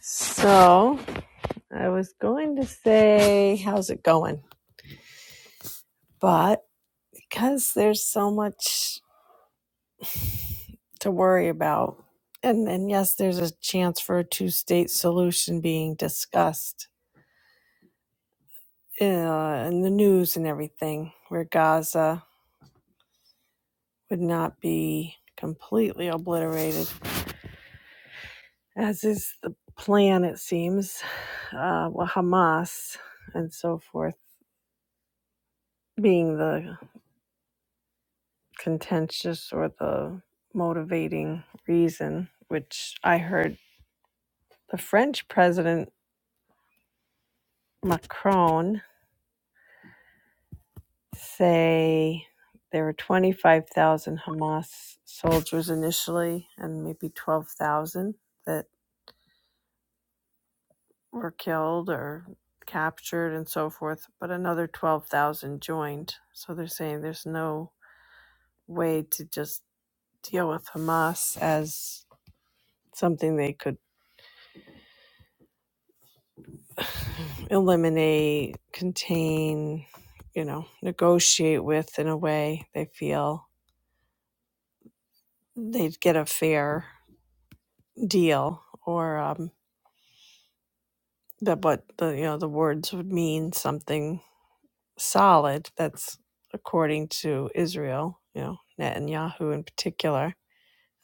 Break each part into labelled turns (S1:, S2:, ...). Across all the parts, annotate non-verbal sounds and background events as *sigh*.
S1: So I was going to say, how's it going? But because there's so much to worry about, and, and yes, there's a chance for a two state solution being discussed uh, in the news and everything, where Gaza would not be completely obliterated, as is the plan, it seems, uh, with Hamas and so forth being the contentious or the motivating reason, which I heard the French President Macron say there were 25,000 Hamas soldiers initially and maybe 12,000 that were killed or captured and so forth, but another 12,000 joined. So they're saying there's no way to just deal with Hamas as something they could eliminate, contain, you know, negotiate with in a way they feel they'd get a fair deal or um, that what the you know the words would mean something solid that's according to Israel, you know, Netanyahu in particular.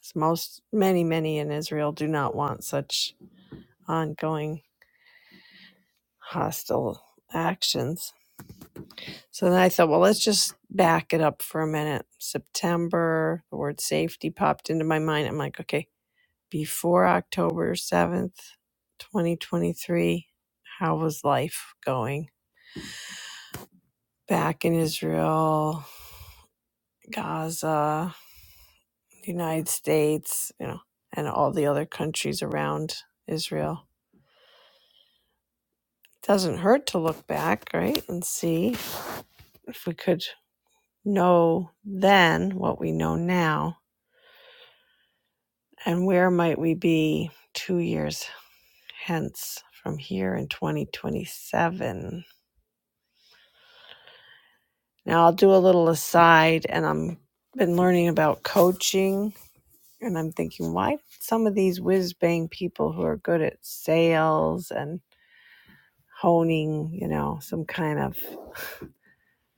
S1: As Most many many in Israel do not want such ongoing hostile actions So then I thought, well, let's just back it up for a minute. September, the word safety popped into my mind. I'm like, okay, before October 7th, 2023, how was life going? Back in Israel, Gaza, the United States, you know, and all the other countries around Israel. It Doesn't hurt to look back, right? And see if we could know then what we know now And where might we be two years hence from here in 2027? Now, I'll do a little aside, and I'm been learning about coaching, and I'm thinking, why some of these whiz bang people who are good at sales and honing, you know, some kind of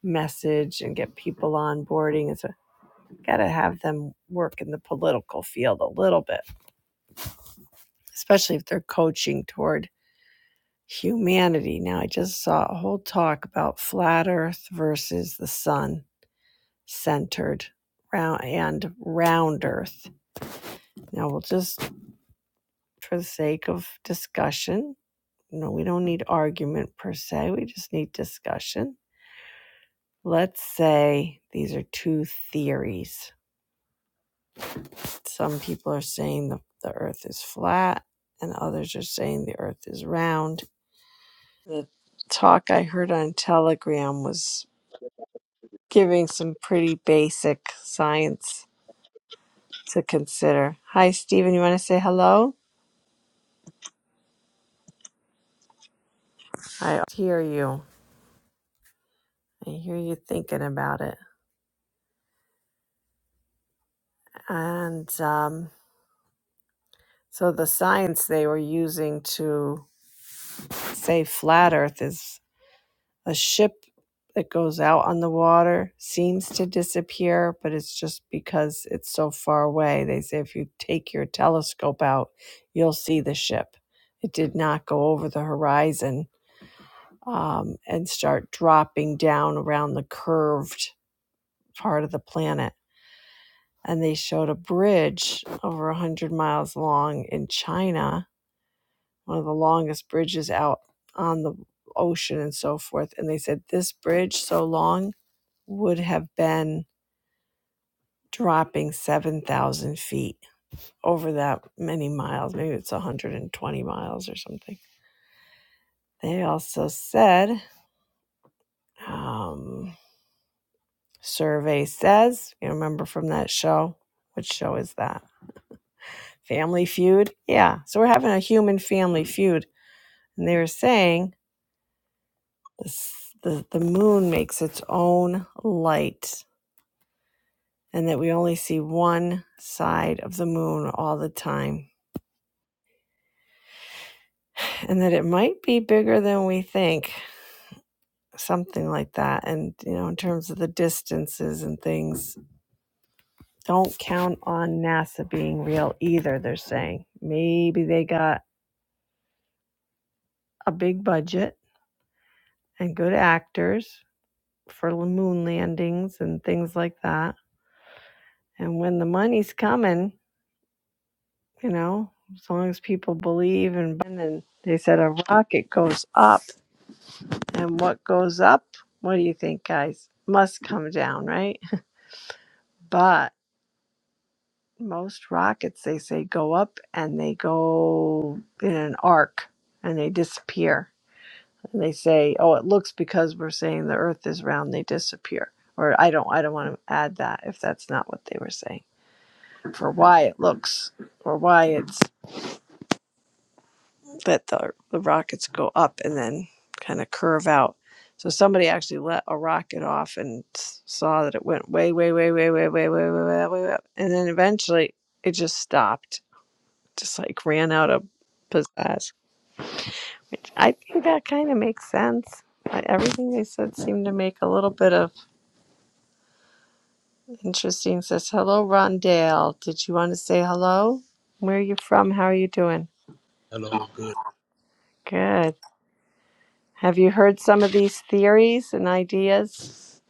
S1: message and get people onboarding and so got to have them work in the political field a little bit especially if they're coaching toward humanity. Now, I just saw a whole talk about flat Earth versus the sun centered round and round Earth. Now, we'll just, for the sake of discussion, you know, we don't need argument per se. We just need discussion. Let's say these are two theories. Some people are saying the, the Earth is flat, and others are saying the Earth is round. The talk I heard on Telegram was giving some pretty basic science to consider. Hi, Stephen. You want to say hello? I hear you. I hear you thinking about it. And um, so the science they were using to say flat Earth is a ship that goes out on the water seems to disappear, but it's just because it's so far away. They say if you take your telescope out, you'll see the ship. It did not go over the horizon um, and start dropping down around the curved part of the planet. And they showed a bridge over 100 miles long in China, one of the longest bridges out on the ocean and so forth. And they said this bridge, so long, would have been dropping 7,000 feet over that many miles. Maybe it's 120 miles or something. They also said, um, survey says. You remember from that show? What show is that? Family Feud? Yeah. So we're having a human family feud. And they were saying this, the, the moon makes its own light and that we only see one side of the moon all the time and that it might be bigger than we think something like that and you know in terms of the distances and things don't count on nasa being real either they're saying maybe they got a big budget and good actors for moon landings and things like that. And when the money's coming, you know, as long as people believe and and then they said a rocket goes up, and what goes up, what do you think, guys? Must come down, right? But most rockets, they say, go up and they go in an arc and they disappear. and they say, "Oh, it looks because we're saying the Earth is round, they disappear." Or I don't, I don't want to add that if that's not what they were saying for why it looks or why it's that the the rockets go up and then kind of curve out. So somebody actually let a rocket off and saw that it went way, way, way, way, way, way, way, way, way, way way up, and then eventually it just stopped, just like ran out of pizzazz. I think that kind of makes sense. everything they said seemed to make a little bit of Interesting. Says hello, Rondale. Did you want to say hello? Where are you from? How are you doing?
S2: Hello, good.
S1: Good. Have you heard some of these theories and ideas?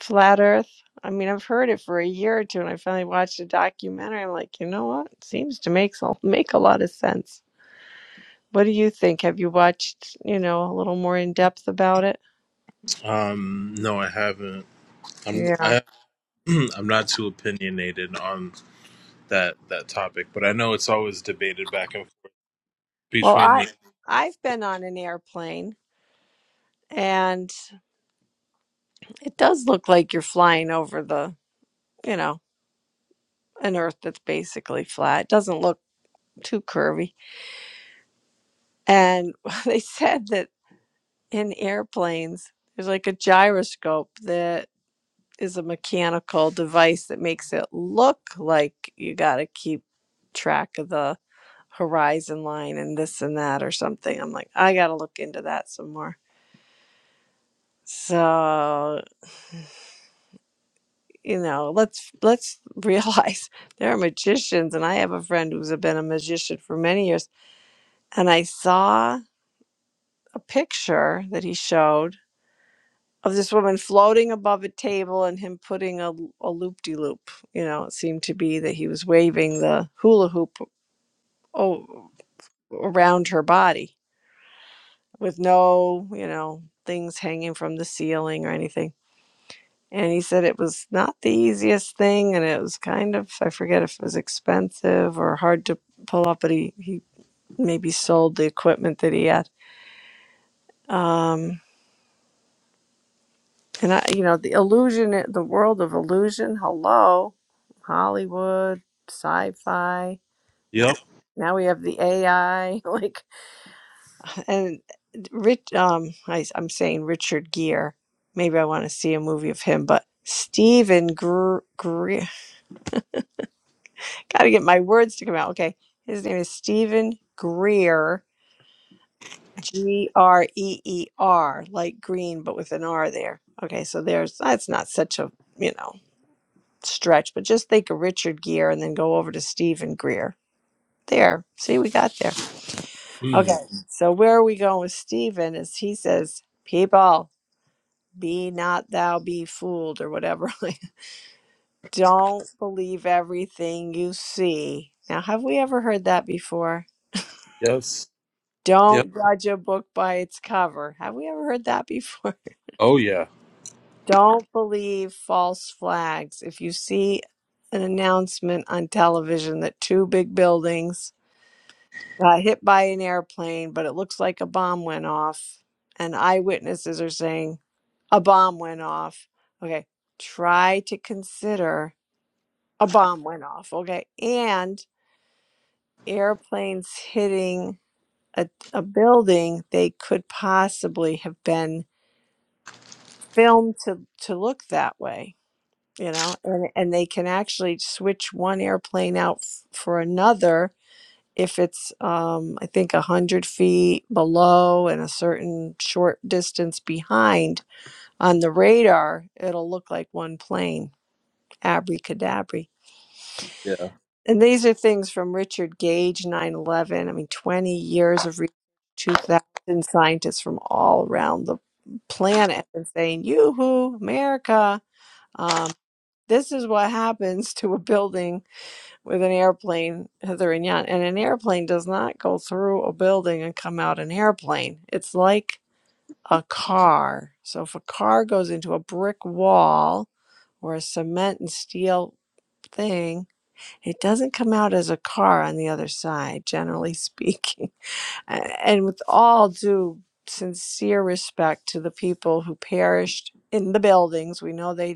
S1: Flat Earth. I mean, I've heard it for a year or two, and I finally watched a documentary. I'm like, you know what? It seems to make so- make a lot of sense. What do you think? Have you watched, you know, a little more in depth about it?
S2: Um, no, I haven't. I'm
S1: Yeah.
S2: I, *clears throat* I'm not too opinionated on that that topic, but I know it's always debated back and forth
S1: Well,
S2: between
S1: I
S2: the.
S1: I've been on an airplane, and it does look like you're flying over the, you know. an earth that's basically flat. It doesn't look too curvy. And *laughs* they said that in airplanes, there's like a gyroscope that is a mechanical device that makes it look like you got to keep track of the horizon line and this and that or something. I'm like, I got to look into that some more. So, you know, let's let's realize *laughs* there are magicians and I have a friend who's been a magician for many years and I saw a picture that he showed of this woman floating above a table and him putting a, a loop-de-loop you know it seemed to be that he was waving the hula hoop o- around her body with no you know things hanging from the ceiling or anything and he said it was not the easiest thing and it was kind of i forget if it was expensive or hard to pull up but he, he maybe sold the equipment that he had Um, And I, you know, the illusion, the world of illusion. Hello, Hollywood, sci-fi. Now,
S2: Yep.
S1: now we have the AI. *laughs* Like, and Rich, um, I, I'm saying Richard Gere. Maybe I want to see a movie of him, but Stephen Gre- Greer. Gotta get my words to come out. Okay, his name is Stephen Greer. G R E E R, like green, but with an R there. Okay, so there's that's not such a you know. stretch, but just think of Richard Gere and then go over to Stephen Greer. There. See, we got there.
S2: Mm,
S1: Okay. So where are we going with Stephen? Is he says, people, be not thou be fooled or whatever. *laughs* Don't believe everything you see. Now, have we ever heard that before?
S2: yes. Yep.
S1: Don't judge a book by its cover. Have we ever heard that before?
S2: Oh yeah.
S1: *laughs* Don't believe false flags. If you see an announcement on television that two big buildings got hit by an airplane, but it looks like a bomb went off. And eyewitnesses are saying a bomb went off. Okay, try to consider a bomb went off. Okay, and airplanes hitting a, a building, they could possibly have been filmed to, to look that way. You know, and, and they can actually switch one airplane out f- for another if it's um, I think a hundred feet below and a certain short distance behind on the radar, it'll look like one plane, abracadabra.
S2: Yeah.
S1: And these are things from Richard Gage, 9/11. I mean, 20 years of research, 2,000 scientists from all around the planet, and saying, "Yoo-hoo, America! Um, this is what happens to a building." with an airplane hither and yon. And an airplane does not go through a building and come out an airplane. It's like a car. So if a car goes into a brick wall or a cement and steel thing, it doesn't come out as a car on the other side, generally *laughs* speaking. And with all due sincere respect to the people who perished in the buildings, we know they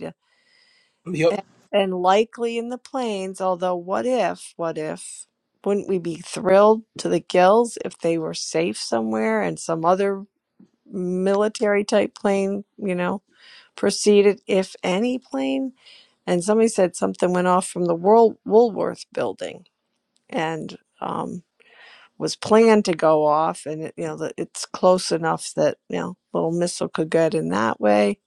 S2: Yep.
S1: and, and likely in the plains, although what if, what if, wouldn't we be thrilled to the gills if they were safe somewhere and some other military type plane, you know, proceeded, if any plane? And somebody said something went off from the World Woolworth building and um, was planned to go off. And, it, you know, that it's close enough that, you know, little missile could get in that way.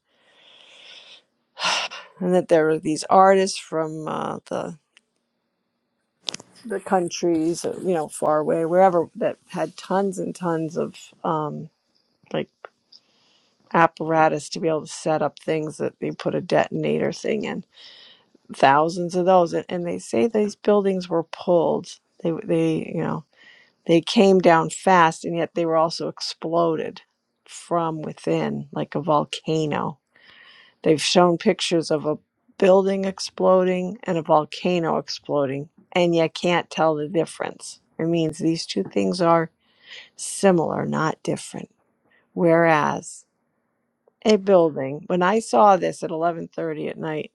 S1: And that there were these artists from uh, the the countries, uh, you know, far away, wherever that had tons and tons of um, like apparatus to be able to set up things that they put a detonator thing in, thousands of those, and, and they say these buildings were pulled. They they you know they came down fast, and yet they were also exploded from within, like a volcano They've shown pictures of a building exploding and a volcano exploding, and you can't tell the difference. It means these two things are similar, not different. Whereas a building, when I saw this at 11:30 at night,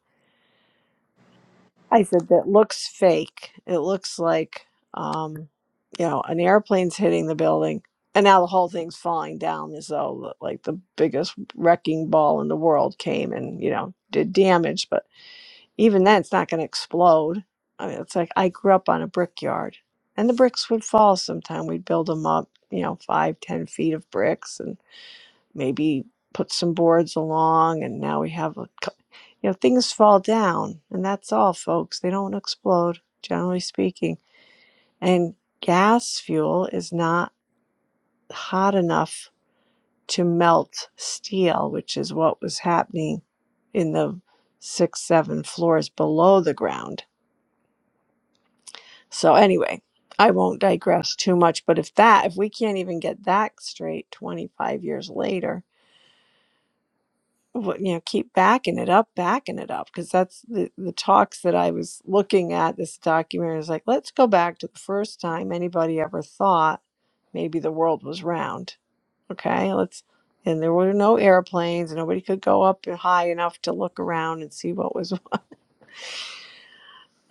S1: I said that looks fake. It looks like um, you know, an airplane's hitting the building and now the whole thing's falling down as though like the biggest wrecking ball in the world came and, you know, did damage, but Even then, it's not going to explode. I mean, it's like I grew up on a brickyard, and the bricks would fall sometime. We'd build them up, you know, five, ten feet of bricks, and maybe put some boards along. And now we have, a, cou- you know, things fall down, and that's all, folks. They don't explode, generally speaking. And gas fuel is not hot enough to melt steel, which is what was happening in the six, seven floors below the ground So anyway, I won't digress too much, but if that if we can't even get that straight 25 years later, what- you know, keep backing it up, backing it up because that's the the talks that I was looking at this documentary is like, let's go back to the first time anybody ever thought maybe the world was round. Okay? Let's and there were no airplanes, nobody could go up high enough to look around and see what was *laughs*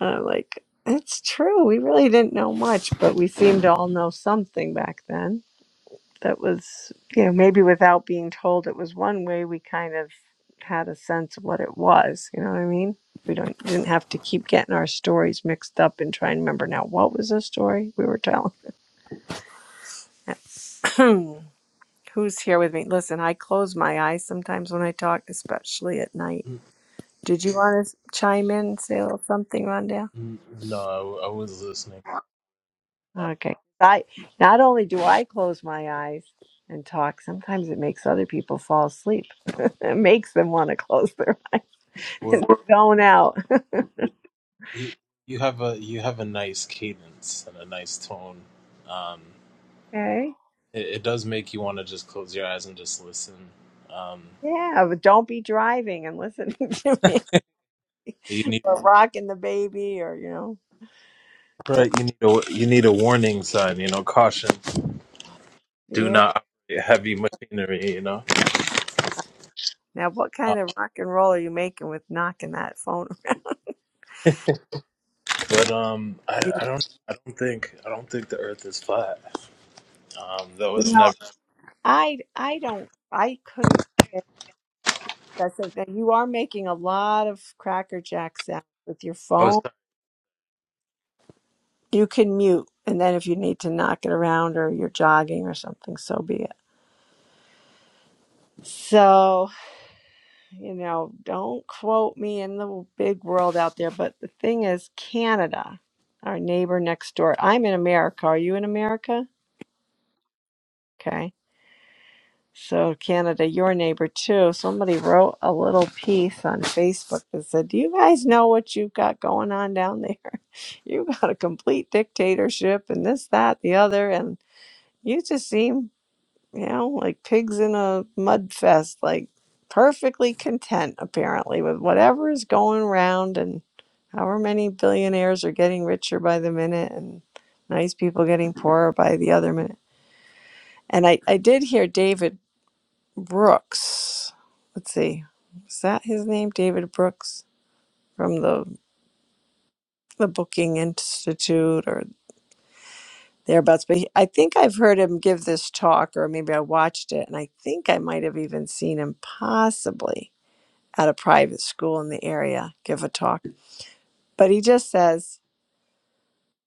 S1: uh, like it's true. We really didn't know much, but we seemed to all know something back then that was, you know, maybe without being told it was one way, we kind of had a sense of what it was. You know what I mean? We don't didn't have to keep getting our stories mixed up and try and remember now what was the story we were telling. *clears throat* Who's here with me? Listen, I close my eyes sometimes when I talk, especially at night.
S2: Mm,
S1: Did you want to chime in, and say a little something, Rondell?
S2: mm, No, I, w- I was listening. Uh,
S1: Okay. I not only do I close my eyes and talk, sometimes it makes other people fall asleep. *laughs* it makes them want to close their *laughs* eyes
S2: well,
S1: and zone out.
S2: you you have a you have a nice cadence and a nice tone. Um,
S1: Okay.
S2: it, it does make you want to just close your eyes and just listen. Um,
S1: Yeah, but don't be driving and listening *laughs* to me
S2: You
S1: or rocking the baby or you know, don't
S2: Right, you need a you need a warning sign, you know, caution, do
S1: yeah.
S2: not operate heavy machinery, you know.
S1: Now what
S2: Uh,
S1: kind of rock and roll are you making with knocking that phone around?
S2: but um, I,
S1: *laughs*
S2: I don't I don't think I don't think the Earth is flat. Um, that
S1: You you
S2: was
S1: know,
S2: never.
S1: I I don't I couldn't that's the thing. You are making a lot of cracker jack sounds with your
S2: Oh,
S1: phone
S2: sorry.
S1: You can mute, and then if you need to knock it around or you're jogging or something, so be it. So, you know, don't quote me in the big world out there, but the thing is, Canada, our neighbor next door, I'm in America. Are you in America? Okay. So, Canada, your neighbor too. Somebody wrote a little piece on Facebook that said, Do you guys know what you've got going on down there? *laughs* You've got a complete dictatorship and this, that, the other. And you just seem you know, like pigs in a mud fest, like perfectly content apparently with whatever is going around and however many billionaires are getting richer by the minute and nice people getting poorer by the other minute. And I, I did hear David Brooks. Let's see, is that his name? David Brooks from the the Booking Institute or thereabouts. But he, I think I've heard him give this talk, or maybe I watched it, and I think I might have even seen him possibly at a private school in the area give a talk. But he just says,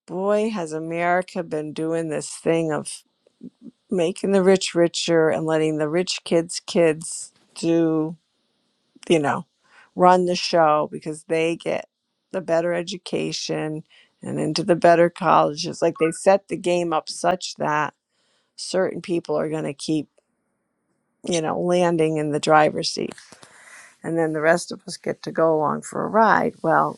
S1: Boy, has America been doing this thing of making the rich richer and letting the rich kids' kids do, you know, run the show because they get the better education and into the better colleges. Like they set the game up such that certain people are going to keep, you know, landing in the driver's seat. And then the rest of us get to go along for a ride. Well,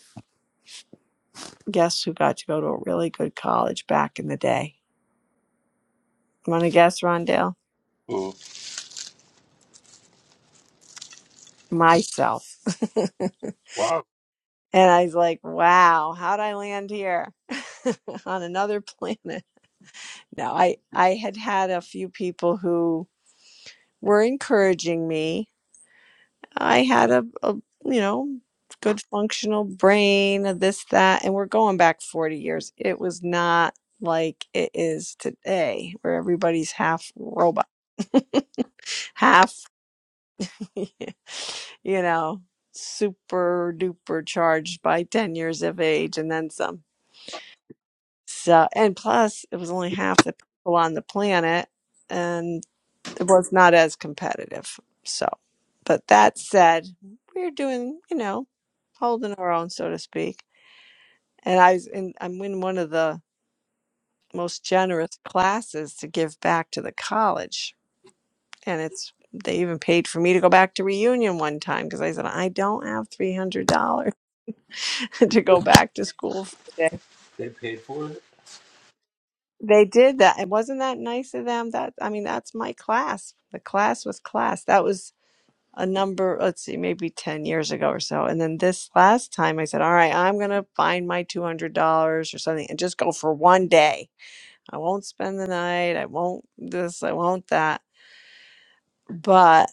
S1: Guess who got to go to a really good college back in the day? Want to guess, Rondale?
S2: Ooh,
S1: Myself. *laughs*
S2: wow,
S1: And I was like, wow, how'd I land here *laughs* on another planet? No, I, I had had a few people who were encouraging me. I had a, a, you know, good functional brain, a this, that, and we're going back 40 years. It was not like it is today where everybody's half robot, half *laughs* you know, super duper charged by 10 years of age and then some. So, and plus, it was only half the people on the planet and it was not as competitive. So, but that said, we're doing, you know, holding our own, so to speak. And I was in, I'm in one of the most generous classes to give back to the college. And it's, they even paid for me to go back to reunion one time because I said, I don't have $300 *laughs* to go back to school for the day.
S2: they paid for it.
S1: They did that. And wasn't that nice of them? That I mean, that's my class. The class was class. That was a number, let's see, maybe 10 years ago or so. And then this last time I said, all right, I'm going to find my $200 or something and just go for one day. I won't spend the night. I won't this, I won't that. But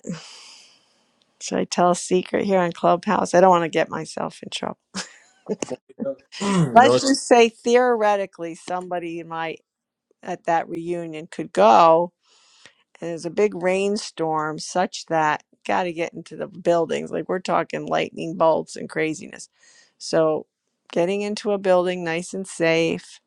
S1: should I tell a secret here on Clubhouse? I don't want to get myself in trouble.
S2: *clears throat* you
S1: Let's
S2: know.
S1: just say theoretically somebody in my at that reunion could go and it's a big rainstorm such that got to get into the buildings like we're talking lightning bolts and craziness so getting into a building nice and safe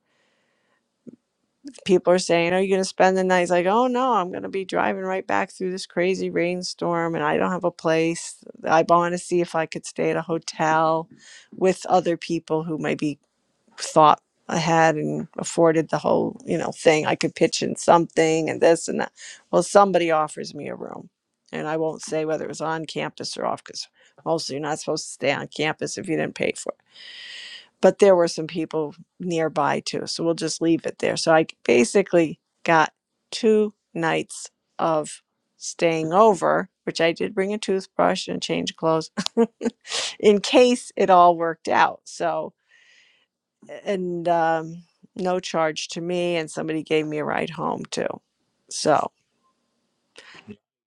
S1: people are saying are you going to spend the night it's like oh no i'm going to be driving right back through this crazy rainstorm and i don't have a place i want to see if i could stay at a hotel with other people who maybe thought I had and afforded the whole, you know, thing. I could pitch in something and this and that. Well, somebody offers me a room. And I won't say whether it was on campus or off because mostly you're not supposed to stay on campus if you didn't pay for it. But there were some people nearby too. So we'll just leave it there. So I basically got two nights of staying over, which I did bring a toothbrush and change clothes *laughs* in case it all worked out. So and um, no charge to me. And somebody gave me a ride home too. So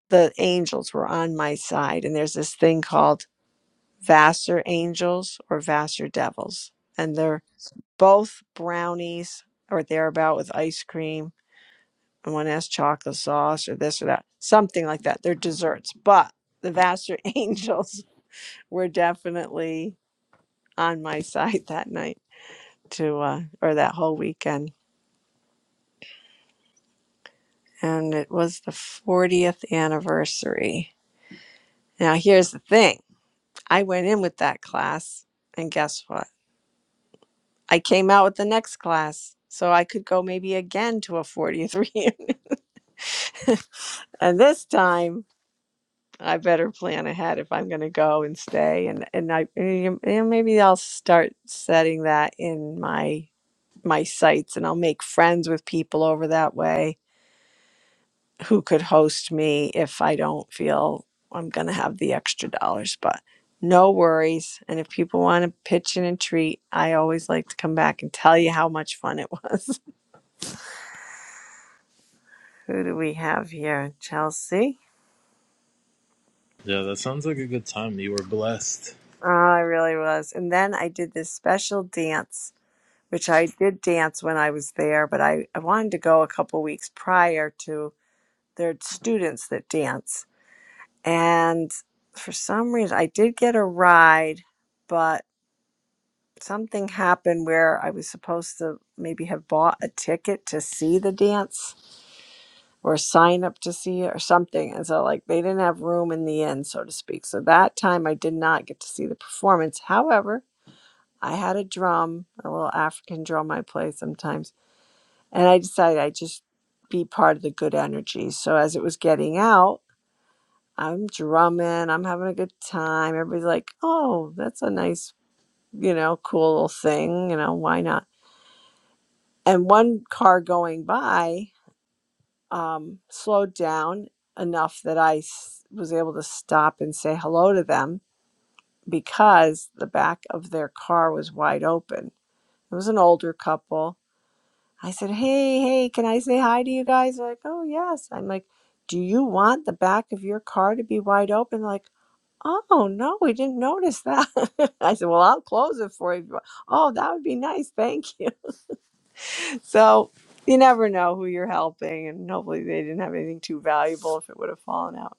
S1: the angels were on my side. And there's this thing called Vassar angels or Vassar devils. And they're both brownies or thereabout with ice cream. And one has chocolate sauce or this or that, something like that. They're desserts. But the Vassar *laughs* angels were definitely on my side that night to, uh, or that whole weekend and it was the 40th anniversary. Now, here's the thing I went in with that class, and guess what? I came out with the next class, so I could go maybe again to a 40th reunion. *laughs* And this time, I better plan ahead if I'm going to go and stay. And and I and maybe I'll start setting that in my my sights, and I'll make friends with people over that way who could host me if I don't feel I'm going to have the extra dollars. But no worries. And if people want to pitch in and treat, I always like to come back and tell you how much fun it was. *laughs* Who do we have here? Chelsea?
S2: Yeah, that sounds like a good time. You were blessed,
S1: Oh, I really was. And then I did this special dance, which I did dance when I was there, but I, I wanted to go a couple weeks prior to their students that dance. And for some reason, I did get a ride, but something happened where I was supposed to maybe have bought a ticket to see the dance or sign up to see it or something. And so, like, they didn't have room in the end, so to speak. So that time I did not get to see the performance. However, I had a drum, a little African drum I play sometimes, and I decided I'd just be part of the good energy. So as it was getting out, I'm drumming, I'm having a good time. Everybody's like, oh, that's a nice, you know, cool little thing, you know, why not? and one car going by um, slowed down enough that I s- was able to stop and say hello to them because the back of their car was wide open. It was an older couple. I said, "Hey, hey, can I say hi to you guys?" They're like, "Oh, yes." I'm like, "Do you want the back of your car to be wide open?" They're like, "Oh, no, we didn't notice that." *laughs* I said, "Well, I'll close it for you." if you want." Oh, that would be nice. Thank you. So you never know who you're helping, and hopefully they didn't have anything too valuable if it would have fallen out.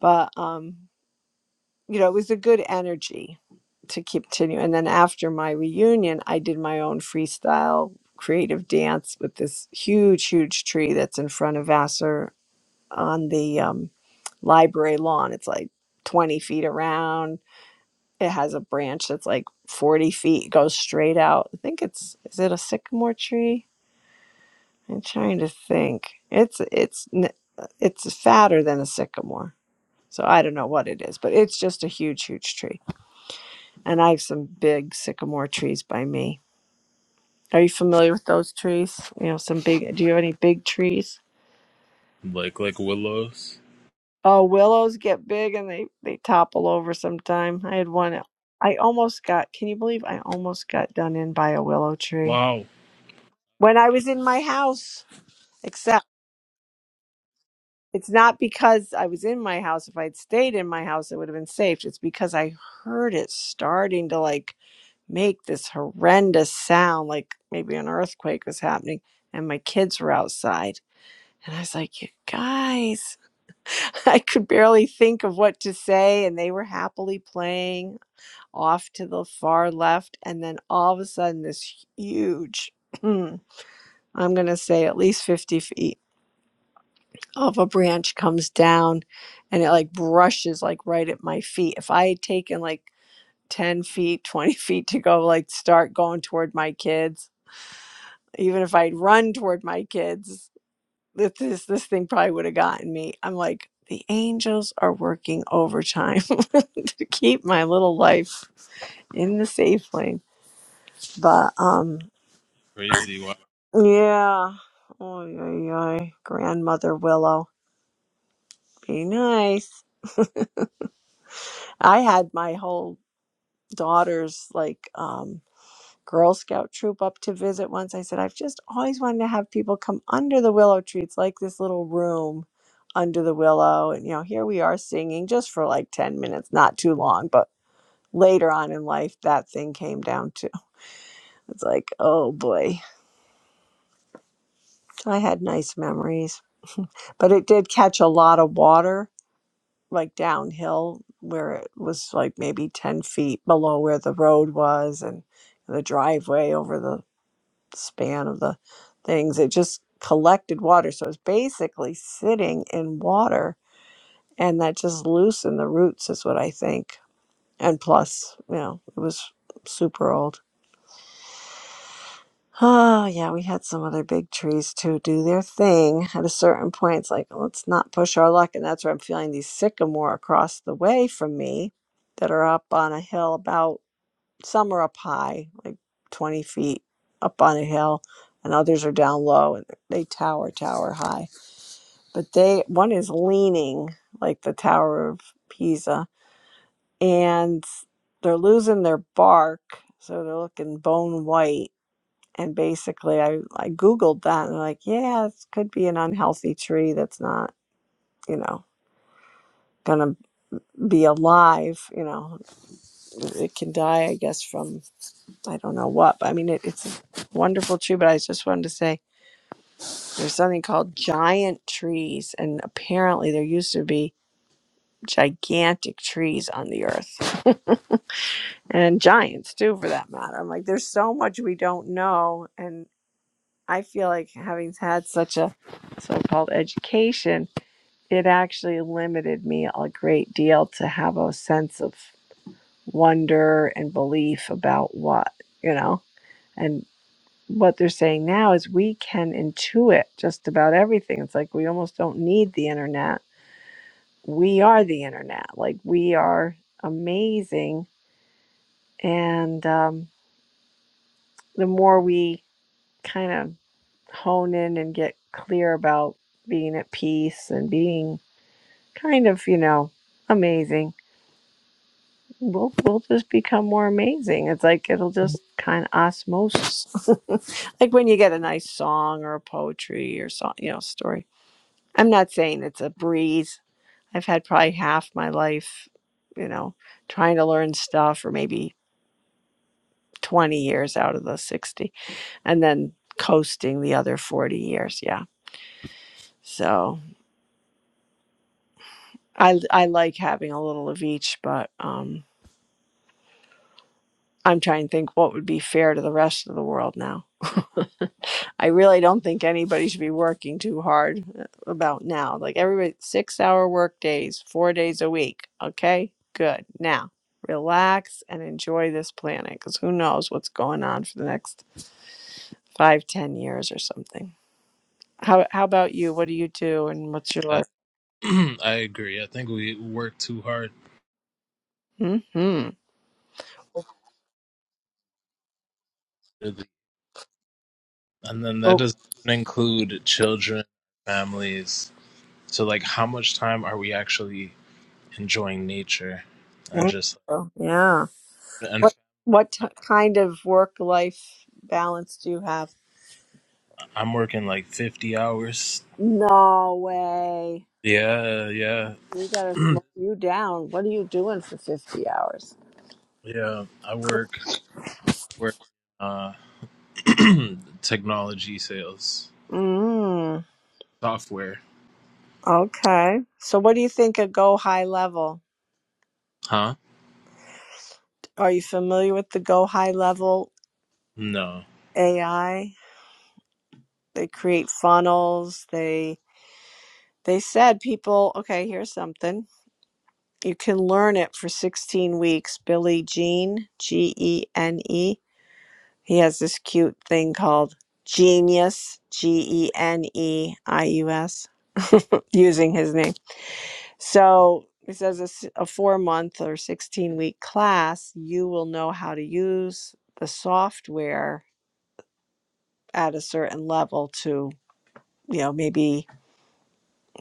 S1: But um, you know, it was a good energy to continue. And then after my reunion, I did my own freestyle creative dance with this huge, huge tree that's in front of Vassar on the um, library lawn. It's like 20 feet around. It has a branch that's like 40 feet, goes straight out. I think it's, is it a sycamore tree? I'm trying to think. It's it's n- it's fatter than a sycamore. So I don't know what it is, but it's just a huge huge tree. And I have some big sycamore trees by me. Are you familiar with those trees? You know, some big Do you have any big trees?
S2: like like willows.
S1: Oh, willows get big and they they topple over sometime. I had one I almost got Can you believe I almost got done in by a willow tree
S2: Wow,
S1: when I was in my house? It's not because I was in my house. If I'd stayed in my house, it would have been safe. It's because I heard it starting to like make this horrendous sound, like maybe an earthquake was happening, and my kids were outside. And I was like, you guys, *laughs* I could barely think of what to say. And they were happily playing off to the far left. And then all of a sudden, this huge, *clears throat* I'm going to say at least 50 feet of a branch comes down and it like brushes like right at my feet. If I had taken like 10 feet, *laughs* 20 feet to go, like start going toward my kids, even if I'd run toward my kids, that this this thing probably would have gotten me. I'm like, the angels are working overtime *laughs* to keep my little life in the safe lane. But um
S2: crazy. Wow,
S1: yeah. Oh, grandmother Willow. Be nice. I had my whole daughter's like um Girl Scout troop up to visit once. I said, I've just always wanted to have people come under the willow tree. It's like this little room under the willow. And, you know, here we are singing just for like 10 minutes, not too long. But later on in life, that thing came down too. It's like, oh boy. So I had nice memories. But it did catch a lot of water, like downhill, where it was like maybe 10 feet below where the road was. And the driveway over the span of the things. It just collected water. So it's basically sitting in water and that just loosened the roots, is what I think. And plus, you know, it was super old. *sighs* Oh, yeah, we had some other big trees too do their thing. At a certain point, it's like, let's not push our luck. And that's where I'm feeling these sycamore across the way from me that are up on a hill about some are up high, like 20 feet up on a hill, and others are down low and they tower, tower high. But they, one is leaning like the Tower of Pisa, and they're losing their bark, so they're looking bone white. And basically, I, I Googled that and I'm like, yeah, it could be an unhealthy tree that's not, you know, gonna be alive. You know, it can die, I guess, from I don't know what, but I mean, it, it's a wonderful tree. But I just wanted to say there's something called giant trees, and apparently there used to be gigantic trees on the earth and giants too, for that matter. I'm like, there's so much we don't know, and I feel like having had such a so-called education, it actually limited me a great deal to have a sense of wonder and belief about what you know. and. what they're saying now is we can intuit just about everything. It's like we almost don't need the internet. We are the internet. Like we are amazing. And um, the more we kind of hone in and get clear about being at peace and being kind of, you know, amazing, we'll, we'll just become more amazing. It's like it'll just kind of osmosis. *laughs* like when you get a nice song or a poetry or song, you know, story I'm not saying it's a breeze. I've had probably half my life, you know, trying to learn stuff, or maybe 20 years out of the 60, and then coasting the other 40 years. Yeah. So I, I like having a little of each, but um, I'm trying to think what would be fair to the rest of the world now. I really don't think anybody should be working too hard uh, about now. Like everybody, six hour work days, four days a week. Okay, good. Now relax and enjoy this planet because who knows what's going on for the next five, ten years or something. How, how about you? What do you do and what's your
S2: I,
S1: life?
S2: *clears throat* I agree. I think we work too hard,
S1: Mm-hmm.
S2: really. and then that
S1: Oh,
S2: doesn't include children, families. So like how much time are we actually enjoying nature and
S1: thank
S2: just
S1: you. Yeah.
S2: and
S1: What, what t- kind of work life balance do you have?
S2: I'm working like 50 hours.
S1: No way.
S2: Yeah, yeah.
S1: We gotta
S2: *clears throat*
S1: slow you down. What are you doing for fifty hours?
S2: yeah, I work work uh *clears throat* technology sales,
S1: Mm.
S2: software.
S1: Okay. So what do you think of Go High Level?
S2: Huh?
S1: Are you familiar with the Go High Level
S2: No.
S1: AI? They create funnels. They they said people, okay, here's something. You can learn it for 16 weeks. Billy Jean, G E N E. He has this cute thing called Genius, G E N E I U S, using his name. So he says a, s- a four month or 16 week class, you will know how to use the software at a certain level to, you know, maybe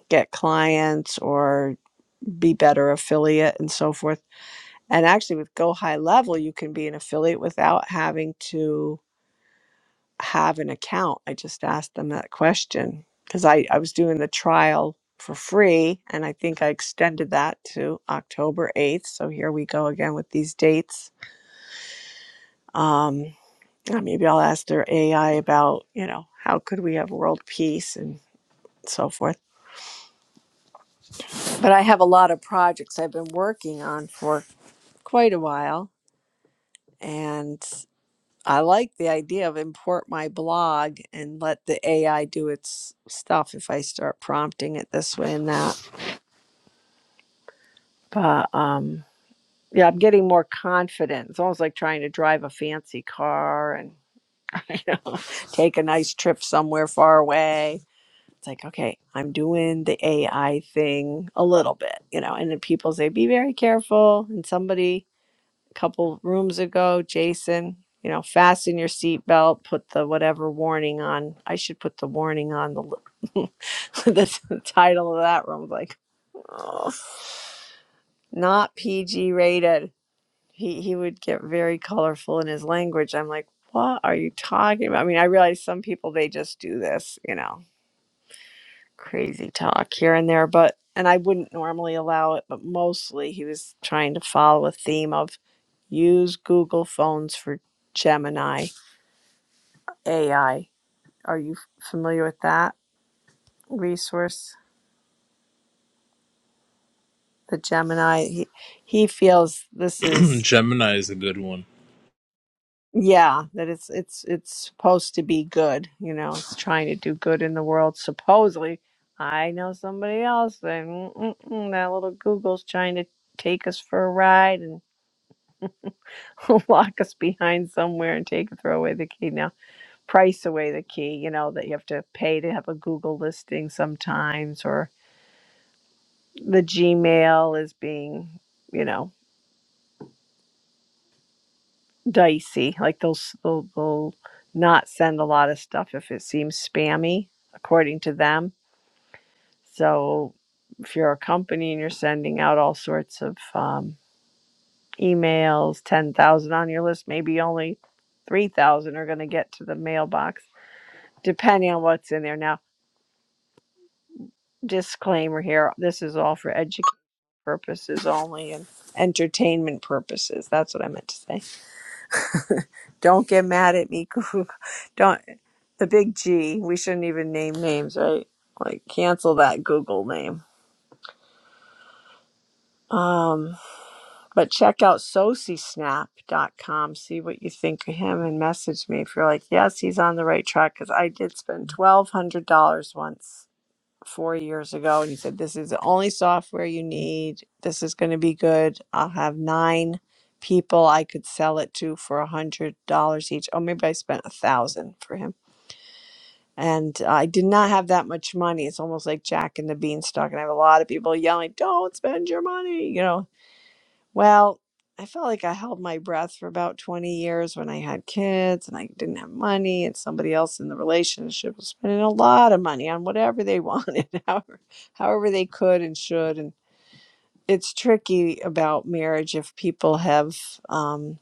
S1: get clients or be better affiliate and so forth. And actually, with Go High Level, you can be an affiliate without having to have an account. I just asked them that question because I, I was doing the trial for free and I think I extended that to October 8th. So here we go again with these dates. Um, uh, maybe I'll ask their AI about, you know, how could we have world peace and so forth. But I have a lot of projects I've been working on for quite a while. And I like the idea of import my blog and let the AI do its stuff if I start prompting it this way and that. But um, yeah, I'm getting more confident. It's almost like trying to drive a fancy car and you know, *laughs* take a nice trip somewhere far away. It's like, okay, I'm doing the AI thing a little bit, you know, and then people say, be very careful. And somebody couple rooms ago, Jason, you know, fasten your seatbelt, put the whatever warning on. I should put the warning on the li- *laughs* that's the title of that room. Like, oh, not PG rated. He he would get very colorful in his language. I'm like, what are you talking about? I mean, I realize some people they just do this, you know, crazy talk here and there, but and I wouldn't normally allow it, but mostly he was trying to follow a theme of Use Google Phones for Gemini AI. Are you familiar with that resource? The Gemini. He, he feels
S2: *clears throat*
S1: this is
S2: Gemini is a good one.
S1: yeah that it's it's it's supposed to be good. You know, it's trying to do good in the world. Supposedly, I know somebody else that mm mm that little Google's trying to take us for a ride and *laughs* lock us behind somewhere and take throw away the key. now. price away the key, you know, that you have to pay to have a Google listing sometimes, or the Gmail is being, you know, dicey. Like they'll, s- they'll, they'll not send a lot of stuff if it seems spammy, according to them. So if you're a company and you're sending out all sorts of um, emails, 10,000 on your list, maybe only 3,000 are going to get to the mailbox, depending on what's in there. Now, disclaimer here this is all for education purposes only and entertainment purposes. That's what I meant to say. Don't get mad at me. *laughs* Goo. Don't the big G. We shouldn't even name names, right? Like cancel that Google name. Um, but check out soci snap dot com. See what you think of him and message me if you're like, yes, he's on the right track. Because I did spend twelve hundred dollars once four years ago, and you said, This is the only software you need. This is going to be good. I'll have nine people I could sell it to for a hundred dollars each. Oh, maybe I spent a thousand for him. And I did not have that much money. It's almost like Jack and the Beanstalk. And I have a lot of people yelling, Don't spend your money, you know well, I felt like I held my breath for about 20 years when I had kids and I didn't have money, and somebody else in the relationship was spending a lot of money on whatever they wanted, *laughs* however, however they could and should. And it's tricky about marriage if people have. um,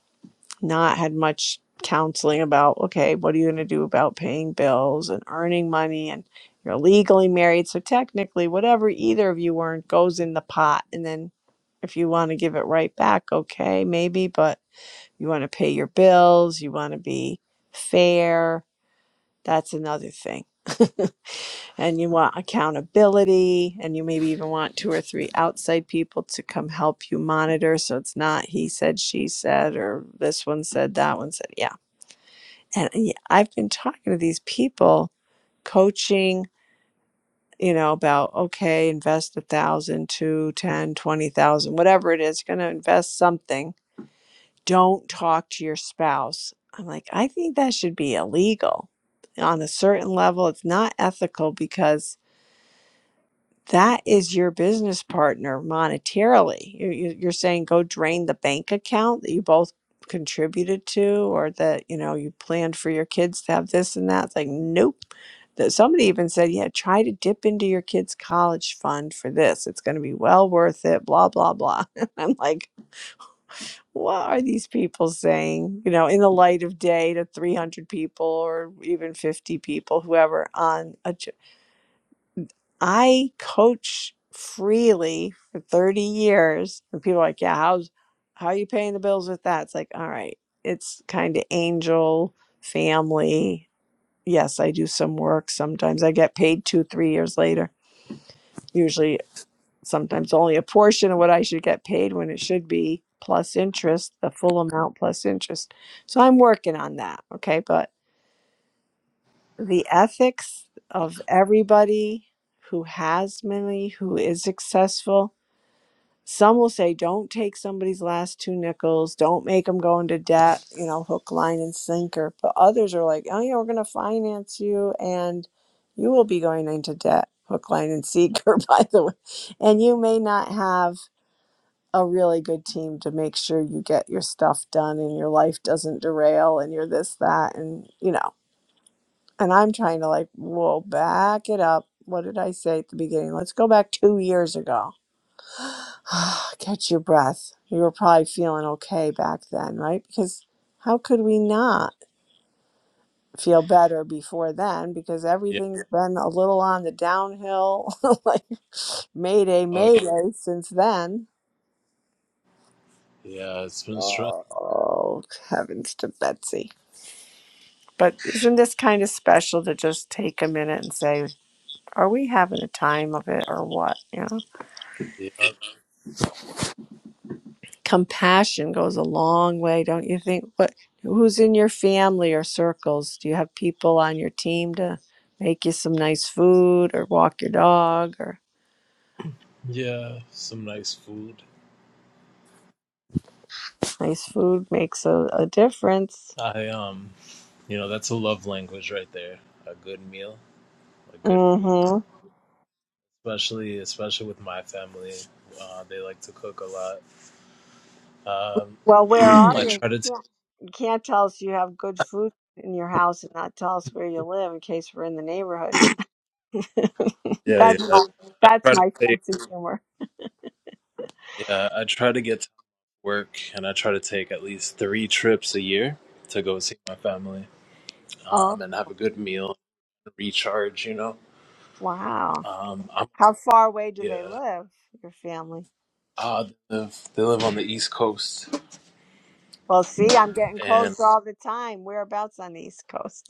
S1: not had much counseling about okay what are you going to do about paying bills and earning money and you're legally married so technically whatever either of you earn goes in the pot and then if you want to give it right back okay maybe but you want to pay your bills you want to be fair that's another thing *laughs* and you want accountability and you maybe even want two or three outside people to come help you monitor so it's not he said she said or this one said that one said yeah and y- I've been talking to these people, coaching, you know, about okay, invest a thousand, two, ten, twenty thousand, whatever it is, going to invest something. Don't talk to your spouse. I'm like, I think that should be illegal. On a certain level, it's not ethical because that is your business partner monetarily. You- you- You're saying go drain the bank account that you both contributed to, or that you know you planned for your kids to have this and that. It's like, nope. That somebody even said, yeah, try to dip into your kids' college fund for this. It's going to be well worth it. Blah blah blah. *laughs* And I'm like, what are these people saying? You know, in the light of day to 300 people or even 50 people, whoever on a I coach freely for 30 years. And people are like, yeah, how's, how are you paying the bills with that? It's like, all right, it's kind of angel family. Yes, I do some work. Sometimes I get paid two, three years later. Usually, sometimes only a portion of what I should get paid when it should be plus interest, the full amount plus interest. So I'm working on that. Okay. But the ethics of everybody who has money, who is successful, Some will say, don't take somebody's last two nickels, don't make them go into debt, you know, hook, line, and sinker. But others are like, oh, yeah, we're going to finance you and you will be going into debt, hook, line, and sinker, *laughs* by the way. And you may not have a really good team to make sure you get your stuff done and your life doesn't derail and you're this, that, and, you know. And I'm trying to like, whoa, back it up. What did I say at the beginning? Let's go back two years ago *sighs* Catch your breath. You were probably feeling okay back then, right? Because how could we not feel better before then? Because
S2: Yeah.
S1: everything's been a little on the downhill, *laughs* like mayday,
S2: Oh yeah.
S1: mayday since then.
S2: Yeah, it's been stressful.
S1: Oh, heavens to Betsy. But isn't this kind of special to just take a minute and say, are we having a time of it or what? You know?
S2: Yeah.
S1: compassion goes a long way, don't you think? What who's in your family or circles? Do you have people on your team to make you some nice food or walk your dog or
S2: Yeah, some nice food.
S1: nice food makes a, a difference.
S2: I um you know, that's a love language right there. A good meal, a good food.
S1: Mhm.
S2: especially especially with my family. Uh, they like to cook a lot. Um,
S1: Well, where
S2: *clears throat*
S1: are
S2: I
S1: you?
S2: try
S1: You
S2: to take
S1: can't, you can't tell us you have good food in your house and not tell us where you live in case we're in the neighborhood.
S2: yeah
S1: That's
S2: yeah.
S1: my,
S2: I
S1: that's
S2: try to
S1: my
S2: take
S1: sense of humor.
S2: yeah. I try to get to work, and I try to take at least three trips a year to go see my family,
S1: Oh,
S2: um, and have a good meal, recharge. You know,
S1: wow.
S2: um, I'm
S1: How far away do they
S2: yeah.
S1: live, your family?
S2: Uh, they live they live on the East Coast
S1: Well, see, I'm getting
S2: and
S1: close all the time. Whereabouts on the East Coast?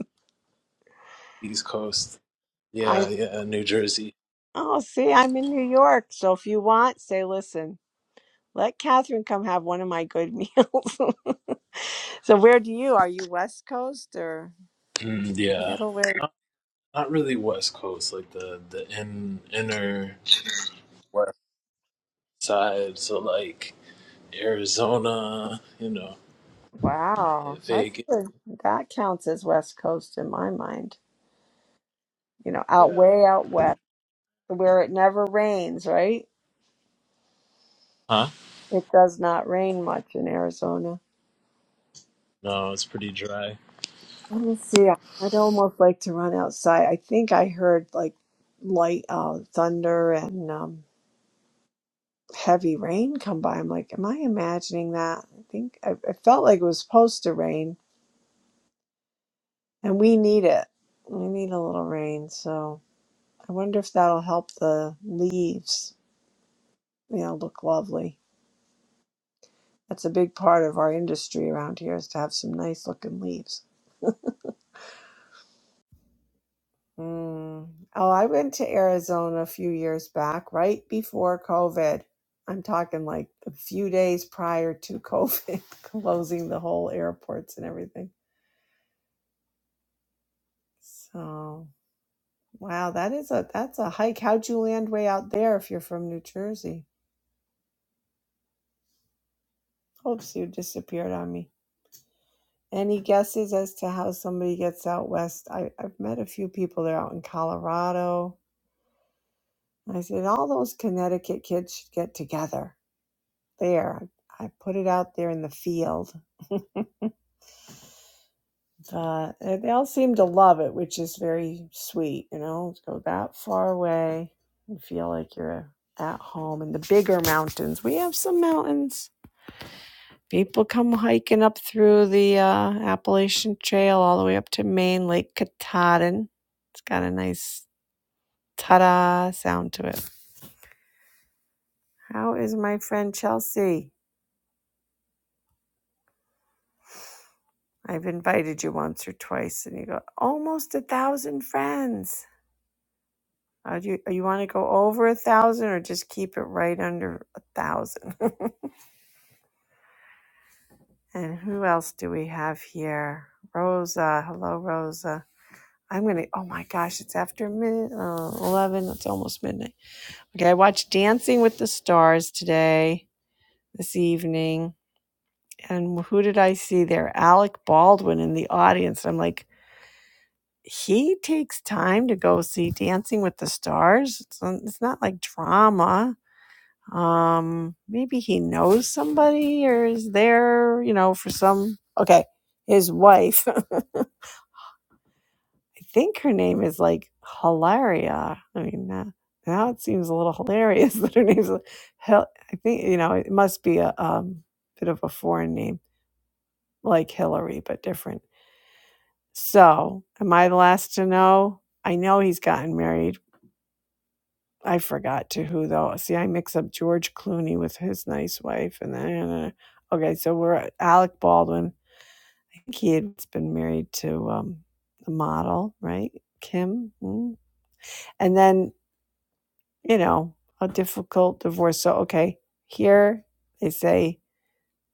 S2: East Coast.
S1: *laughs* I
S2: Yeah yeah. New Jersey.
S1: oh, see, I'm in New York. So if you want, say, listen, let Catherine come have one of my good *laughs* meals. so where do you? Are you West Coast or
S2: Mm, yeah.
S1: Middle? Where?
S2: Not not really West Coast, like the the in, inner. west side, so like Arizona, you know,
S1: Wow, that's
S2: Vegas.
S1: good. That counts as West Coast in my mind. You know, out
S2: Yeah.
S1: way out west, where it never rains. Right?
S2: Huh?
S1: It does not rain much in Arizona.
S2: No, it's pretty dry.
S1: Let me see. I- I'd almost like to run outside. I think I heard like light, uh, thunder and um, heavy rain come by. I'm like, am I imagining that? I think I, I felt like it was supposed to rain, and we need it. We need a little rain. So I wonder if that'll help the leaves, you know, look lovely. That's a big part of our industry around here is to have some nice looking leaves. Mm. Oh, I went to Arizona a few years back, right before COVID. I'm talking like a few days prior to COVID, *laughs* closing the whole airports and everything. So, wow, that is a that's a hike. How'd you land way out there if you're from New Jersey? Oops, you disappeared on me. Any guesses as to how somebody gets out west? I, I've met a few people. They're out in Colorado. I said all those Connecticut kids should get together there. I put it out there in the field. Uh, they all seem to love it, which is very sweet. You know, go that far away and feel like you're at home in the bigger mountains. We have some mountains. People come hiking up through the uh, Appalachian Trail all the way up to Maine, Lake Katahdin. It's got a nice ta da sound to it. How is my friend Chelsea? I've invited you once or twice, and you go, almost a thousand friends. Uh, do you, uh, you want to go over a thousand or just keep it right under a thousand? *laughs* and who else do we have here? Rosa. Hello, Rosa. I'm going to, oh my gosh, it's after mid, uh, 11. It's almost midnight. Okay, I watched Dancing with the Stars today, this evening. And who did I see there? Alec Baldwin in the audience. I'm like, he takes time to go see Dancing with the Stars. It's, it's not like drama Um, maybe he knows somebody or is there, you know, for some. Okay, his wife. *laughs* I think her name is like Hilaria. I mean, uh, now it seems a little hilarious *laughs* that her name's Hell. I think you know it must be a um, bit of a foreign name, like Hillary, but different. So, am I the last to know? I know he's gotten married I forgot to who though. See, I mix up George Clooney with his nice wife, and then uh, okay, so we're Alec Baldwin. I think he had been married to um, the model, right, Kim, mm. and then you know a difficult divorce. So okay, here they say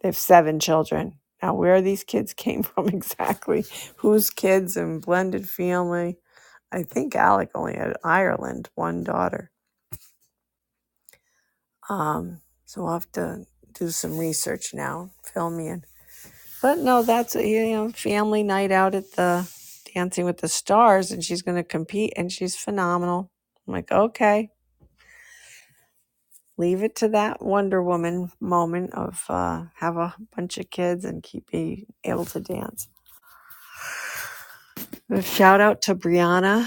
S1: they have seven children. Now, where these kids *laughs* came from exactly? *laughs* Whose kids and blended family? I think Alec only had Ireland, one daughter Um, so I'll have to do some research now, fill me in. But no, that's a you know, family night out at the Dancing with the Stars, and she's going to compete, and she's phenomenal. I'm like, okay, leave it to that Wonder Woman moment of uh, have a bunch of kids and keep being able to dance. shout out to Brianna,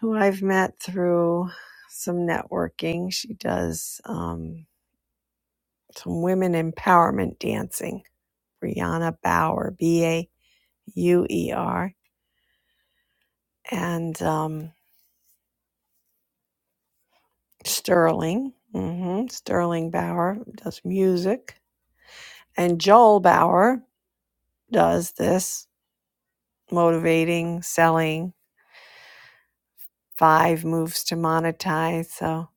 S1: who I've met through some networking. She does um, some women empowerment dancing Brianna Bauer, B A U E R, and um, Sterling. hmm Sterling Bauer does music. And Joel Bauer does this motivating, selling, five moves to monetize. So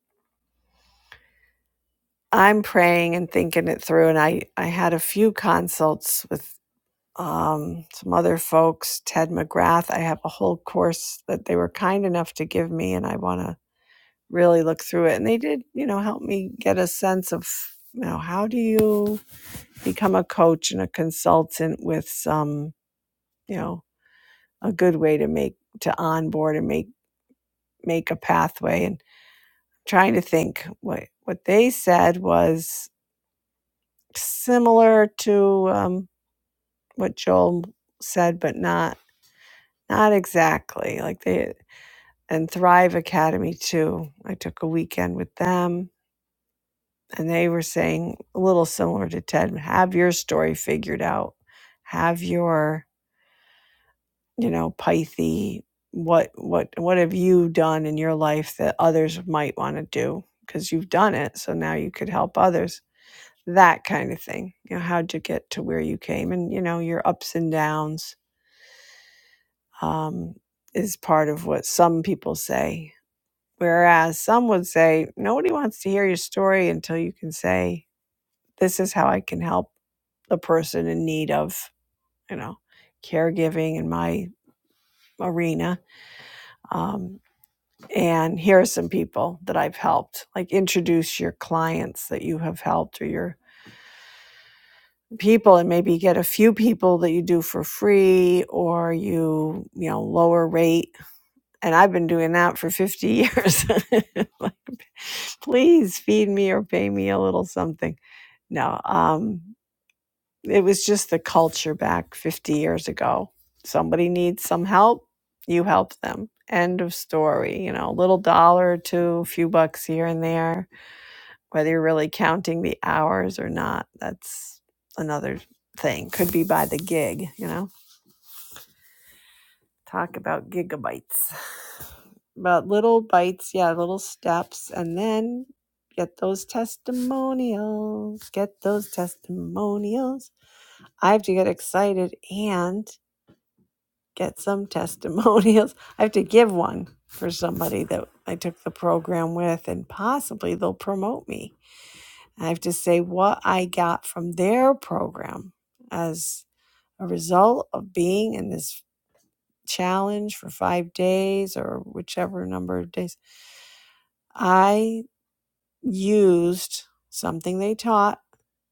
S1: I'm praying and thinking it through. And I, I had a few consults with um, some other folks, Ted McGrath. I have a whole course that they were kind enough to give me, and I want to really look through it and they did you know help me get a sense of you know how do you become a coach and a consultant with some you know a good way to make to onboard and make make a pathway and trying to think what what they said was similar to um, what joel said but not not exactly like they and thrive academy too i took a weekend with them and they were saying a little similar to Ted, have your story figured out. Have your, you know, Pythe, what what what have you done in your life that others might want to do? Because you've done it, so now you could help others. That kind of thing. You know, how'd you get to where you came? And you know, your ups and downs um, is part of what some people say. Whereas some would say, nobody wants to hear your story until you can say, this is how I can help a person in need of, you know, caregiving in my arena. Um, and here are some people that I've helped. Like introduce your clients that you have helped or your people and maybe get a few people that you do for free or you you know lower rate and i've been doing that for 50 years *laughs* like please feed me or pay me a little something no um, it was just the culture back 50 years ago. Somebody needs some help, you help them. End of story. You know, little dollar or two, a few bucks here and there, whether you're really counting the hours or not. That's another thing. Could be by the gig, you know. Talk about gigabytes. *sighs* But little bites, yeah, little steps. And then get those testimonials. Get those testimonials. I have to get excited and get some *laughs* testimonials. I have to give one for somebody that I took the program with, and possibly they'll promote me. I have to say what I got from their program as a result of being in this challenge for five days or whichever number of days. I used something they taught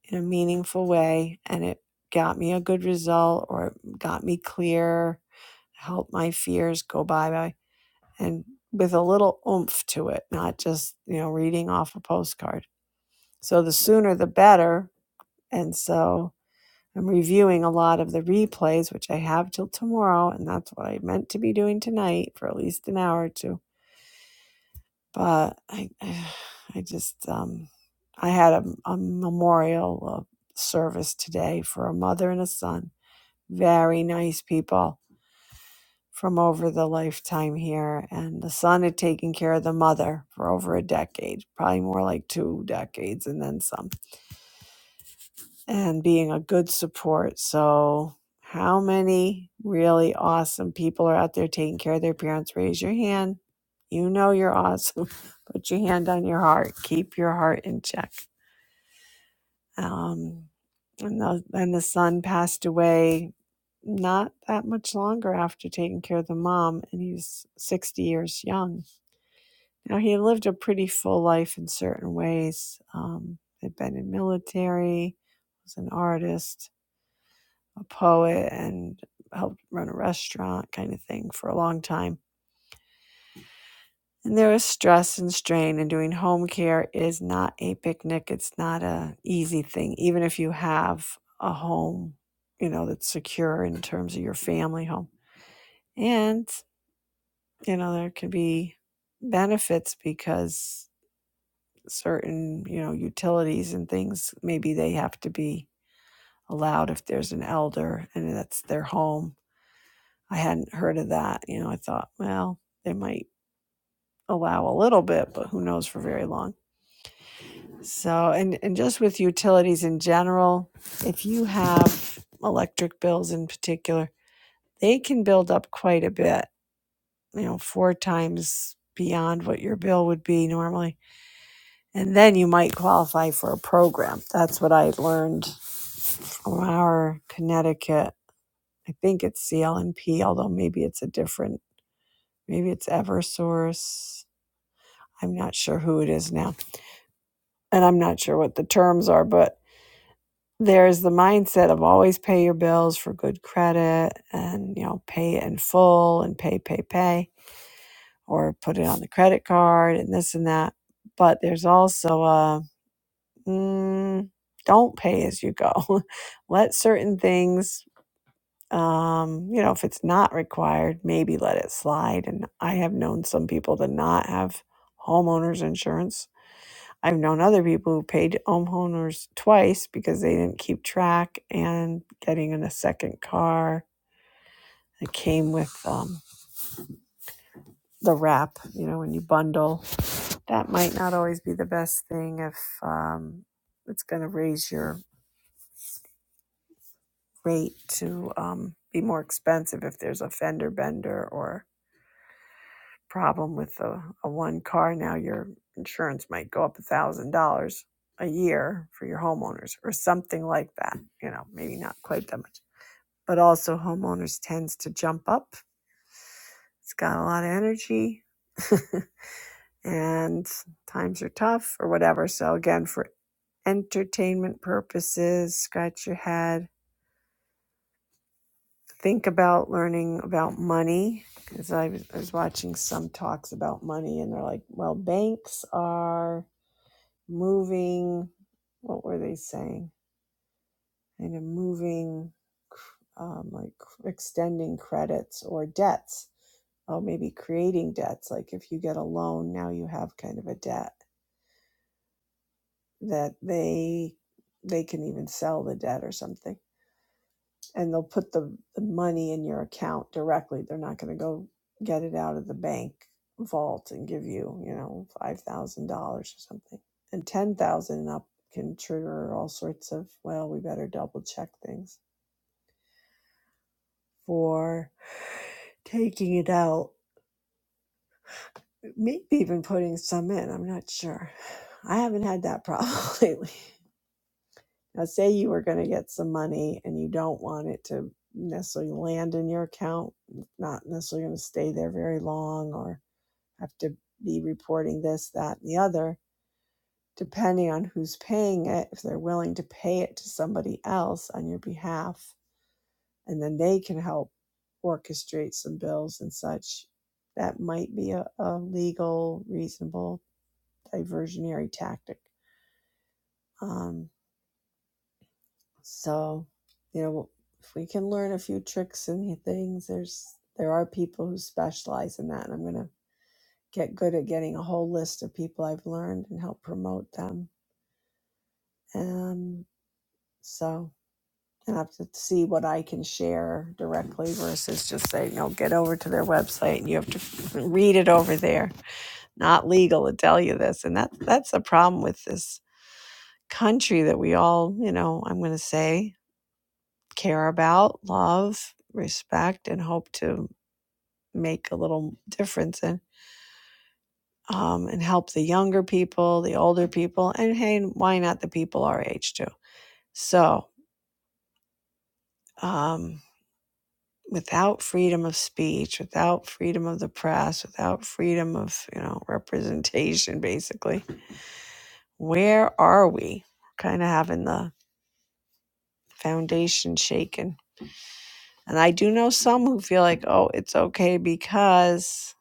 S1: in a meaningful way, and it got me a good result or it got me clear helped my fears go bye bye and with a little oomph to it, not just, you know, reading off a postcard. So the sooner the better. And so I'm reviewing a lot of the replays, which I have till tomorrow. And that's what I meant to be doing tonight for at least an hour or two. But I, *sighs* I just, um, I had a, a memorial uh, service today for a mother and a son. Very nice people from over the lifetime here. And the son had taken care of the mother for over a decade, probably more like two decades and then some, and being a good support. So, how many really awesome people are out there taking care of their parents? Raise your hand. You know you're awesome. *laughs* Put your hand on your heart. Keep your heart in check. Um, and, the, and the son passed away not that much longer after taking care of the mom, and he was 60 years young. Now, he lived a pretty full life in certain ways. Um, had been in military, was an artist, a poet, and helped run a restaurant kind of thing for a long time And there is stress and strain, and doing home care is not a picnic. It's not a easy thing, even if you have a home, you know, that's secure in terms of your family home. And, you know, there could be benefits because certain, you know, utilities and things, maybe they have to be allowed if there's an elder and that's their home. I hadn't heard of that. You know, I thought, well, they might allow a little bit, but who knows for very long So, and, and just with utilities in general, if you have electric bills in particular, they can build up quite a bit, you know, four times beyond what your bill would be normally. And then you might qualify for a program. That's what I learned from our Connecticut. I think it's CLNP, although maybe it's a different, maybe it's Eversource. I'm not sure who it is now. And I'm not sure what the terms are, but there's the mindset of always pay your bills for good credit and you know pay in full and pay pay pay or put it on the credit card and this and that but there's also a mm, don't pay as you go *laughs* let certain things um, you know if it's not required maybe let it slide and i have known some people to not have homeowners insurance I've known other people who paid homeowners twice because they didn't keep track and getting in a second car. that came with um, the wrap, you know, when you bundle. That might not always be the best thing if um, it's going to raise your rate to um, be more expensive if there's a fender bender or problem with a, a one car. Now your insurance might go up a thousand dollars a year for your homeowners or something like that. You know, maybe not quite that much but also homeowners tends to jump up. It's got a lot of energy *laughs* and times are tough or whatever. So again, for entertainment purposes, scratch your head. Think about learning about money because I was, I was watching some talks about money and they're like, well, banks are moving. What were they saying? Kind of moving, um, like extending credits or debts oh, maybe creating debts. Like if you get a loan, now you have kind of a debt that they they can even sell the debt or something, and they'll put the, the money in your account directly. They're not going to go get it out of the bank vault and give you, you know, five thousand dollars or something, and ten thousand dollars and up can trigger all sorts of well, we better double check things for taking it out maybe even putting some in. I'm not sure. *sighs* I haven't had that problem *laughs* lately. Now, say you were going to get some money and you don't want it to necessarily land in your account, not necessarily going to stay there very long or have to be reporting this, that, and the other, depending on who's paying it, if they're willing to pay it to somebody else on your behalf, and then they can help orchestrate some bills and such, that might be a, a legal, reasonable diversionary tactic. Um, So, you know, if we can learn a few tricks and things, there's there are people who specialize in that, and I'm gonna get good at getting a whole list of people I've learned and help promote them. And so, I have to see what I can share directly versus just saying, no, get over to their website and you have to read it over there. Not legal to tell you this, and that that's the problem with this country that we all, you know, I'm gonna say care about, love, respect, and hope to make a little difference in um, and help the younger people, the older people, and hey, why not the people our age too? So, um, without freedom of speech, without freedom of the press, without freedom of you know representation, basically, where are we? Kind of having the foundation shaken. And I do know some who feel like, oh, it's okay because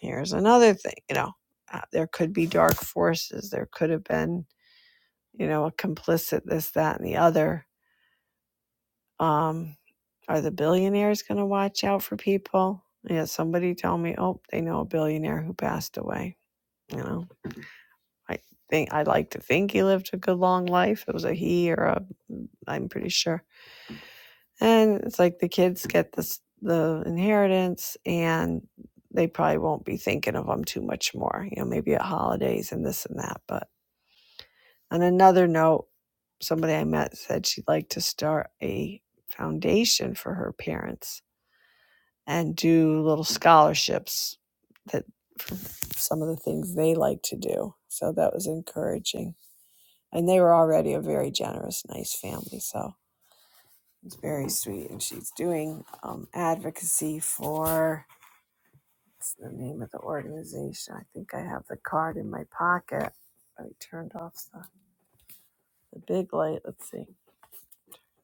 S1: here's another thing you know uh, there could be dark forces there could have been you know a complicit this that and the other um are the billionaires going to watch out for people yeah you know, somebody told me oh they know a billionaire who passed away you know i think i like to think he lived a good long life it was a he or a i'm pretty sure and it's like the kids get this the inheritance and they probably won't be thinking of them too much more you know maybe at holidays and this and that but On another note, somebody I met said she'd like to start a foundation for her parents and do little scholarships that for some of the things they like to do. So that was encouraging. And they were already a very generous, nice family. So it's very sweet. And she's doing um, advocacy for what's the name of the organization? I think I have the card in my pocket. I turned off the, the big light. Let's see.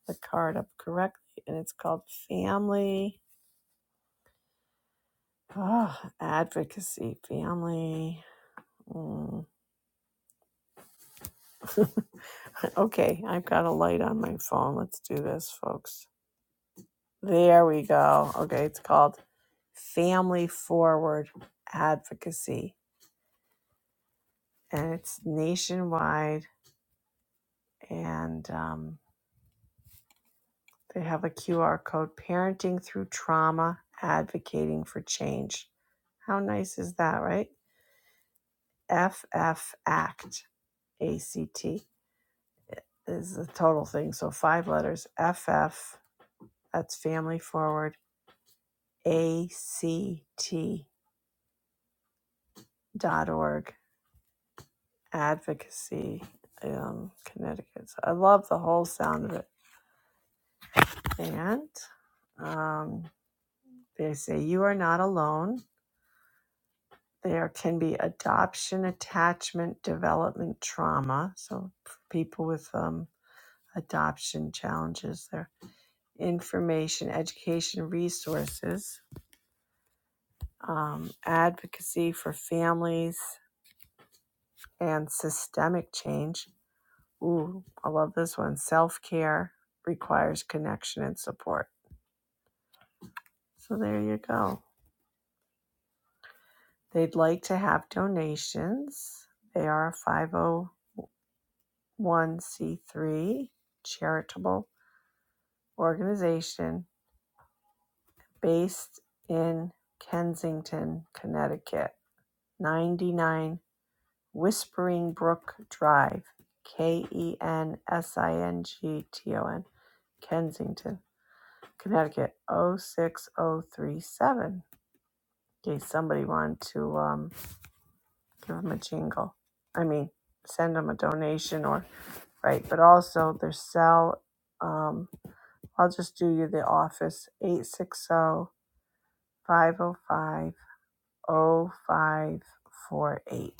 S1: the card up correctly, and it's called Family ah, Advocacy. Family. mm. *laughs* Okay, I've got a light on my phone. Let's do this, folks. There we go. Okay, it's called Family Forward Advocacy, and it's nationwide, and um, they have a QR code Parenting Through Trauma, Advocating for Change. How nice is that, right? F F Act, ACT. is the total thing. So five letters F F that's Family Forward, ACT dot org, advocacy um, Connecticut. So I love the whole sound of it. And um, they say, You are not alone. There can be adoption, attachment, development, trauma. So for people with um, adoption challenges, there information, education, resources um, advocacy for families and systemic change. Ooh, I love this one. Self care requires connection and support. So there you go. They'd like to have donations. They are a 501c3 charitable organization based in Kensington, Connecticut. ninety nine. Whispering Brook Drive, K E N S I N G T O N, Kensington, Connecticut O six O three seven. Okay, somebody wanted to um, give them a jingle. I mean, send them a donation or, right, but also their cell. Um, I'll just do you the office eight six zero five zero five zero five four eight.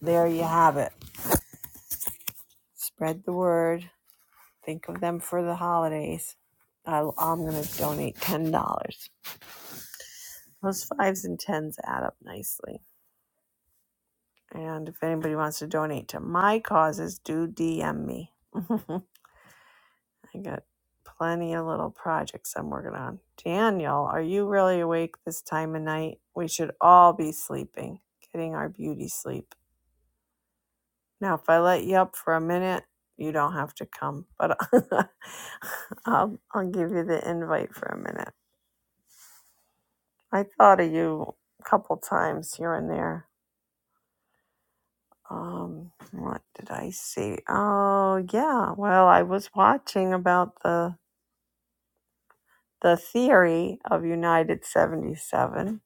S1: There you have it. Spread the word Think of them for the holidays. I, I'm going to donate $10. Those fives and tens add up nicely. And if anybody wants to donate to my causes, do DM me. *laughs* I got plenty of little projects I'm working on. Daniel, are you really awake this time of night? We should all be sleeping, getting our beauty sleep. Now, if I let you up for a minute, you don't have to come, but *laughs* I'll, I'll give you the invite for a minute. I thought of you a couple times here and there. Um, what did I see? Oh, yeah. Well, I was watching about the the theory of United 77,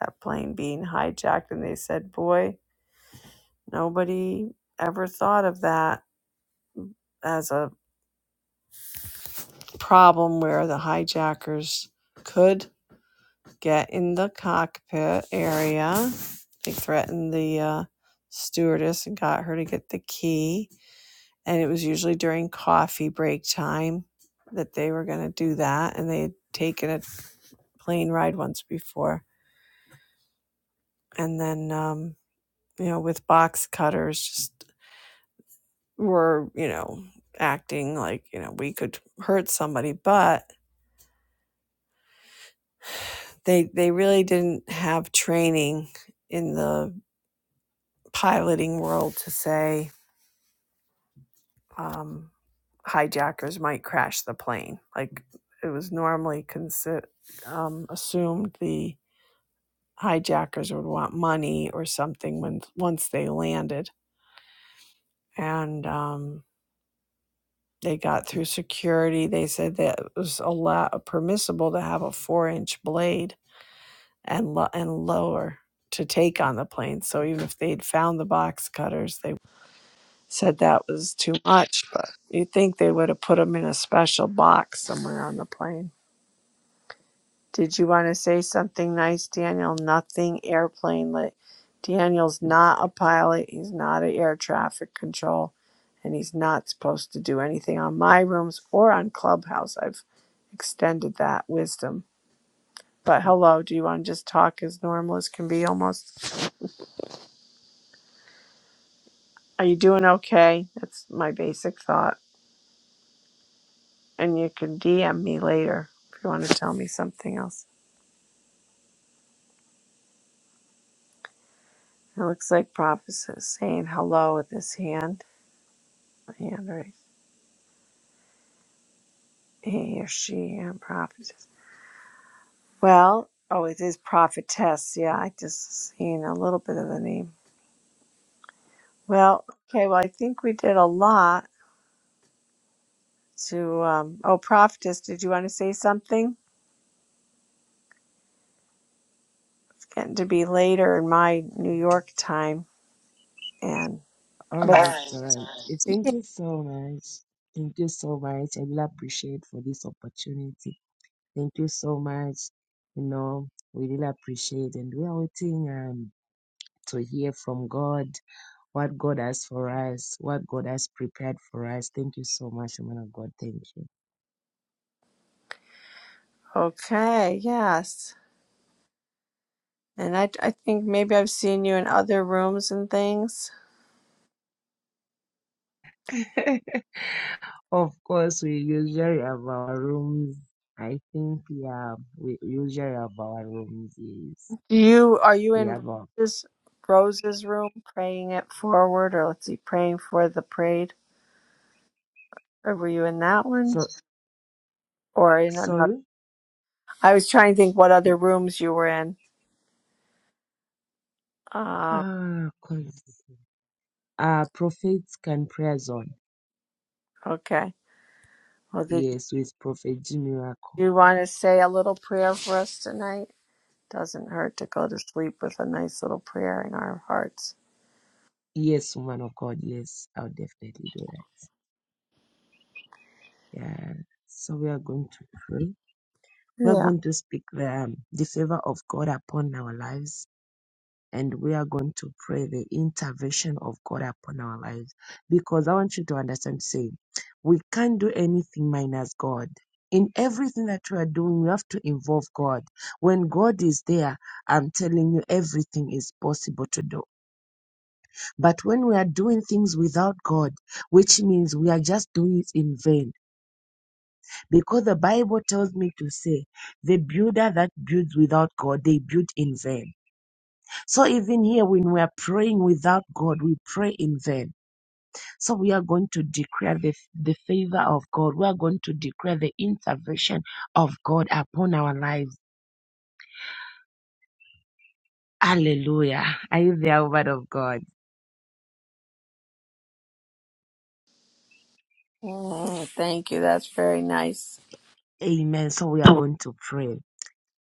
S1: that plane being hijacked, and they said, boy, nobody ever thought of that as a problem where the hijackers could get in the cockpit area. They threatened the uh, stewardess and got her to get the key and it was usually during coffee break time that they were going to do that and they had taken a plane ride once before and then um you know with box cutters just were you know acting like you know we could hurt somebody but they they really didn't have training in the piloting world to say um hijackers might crash the plane like it was normally consider um assumed the hijackers would want money or something when once they landed and um, they got through security they said that it was allow- permissible to have a four inch blade and lo- and lower to take on the plane so even if they'd found the box cutters they said that was too much but you'd think they would have put them in a special box somewhere on the plane Did you want to say something nice, Daniel? Nothing airplane lit. Daniel's not a pilot. He's not an air traffic control, and he's not supposed to do anything on my rooms or on Clubhouse. I've extended that wisdom. But hello, do you want to just talk as normal as can be almost? Are you doing okay? That's my basic thought. And you can DM me later if you want to tell me something else. It looks like Prop is saying hello with his hand. Hand raised. He or she a prophetess. Well, oh, it is prophetess. Yeah, I just seen a little bit of the name. Well, okay. Well, I think we did a lot to. Um, oh, prophetess, did you want to say something? It's getting to be later in my New York time, and
S3: All
S1: but
S3: right,
S1: all
S3: all right. Eh, Thank you so much. Thank you so much. I really appreciate for this opportunity. Thank you so much. You know, we really appreciate and we are waiting um to hear from God what God has for us, what God has prepared for us. Thank you so much, man of God. Thank
S1: right. okay, yes. And I, I think maybe I've seen you in other rooms and things.
S3: you. *laughs* of course, we usually have our rooms. I think yeah, we usually have our rooms. Yes,
S1: Do you are you
S3: we
S1: in
S3: have our
S1: Rose's Rose's room praying it forward, or let's see, praying for the prayed? Or were you in that one?
S3: so
S1: Or in another?
S3: sorry.
S1: I was trying to think what other rooms you were in. Um,
S3: Ah, 'cause, uh, Prophet can pray as on.
S1: okay. Well, did
S3: Yes, with Prophet Jimmy Miracle.
S1: you want to say a little prayer for us tonight? Doesn't hurt to go to sleep with a nice little prayer in our hearts.
S3: Yes, woman of God. Yes, I'll definitely do that. Yeah. So we are going to pray. We are
S1: Yeah.
S3: going to speak the, um, the favor of God upon our lives and we are going to pray the intervention of God upon our lives. Because I want you to understand, say, we can't do anything minus God. In everything that we are doing, we have to involve God. When God is there, I'm telling you, everything is possible to do. But when we are doing things without God, which means we are just doing it in vain, because the Bible tells me to say, the builder that builds without God, they build in vain. So even here, when we are praying without God, we pray in vain. So we are going to declare the, the favor of God. We are going to declare the intervention of God upon our lives. Hallelujah. Are you there, word of God?
S1: Mm, thank you. That's very nice.
S3: Amen. So we are going to pray.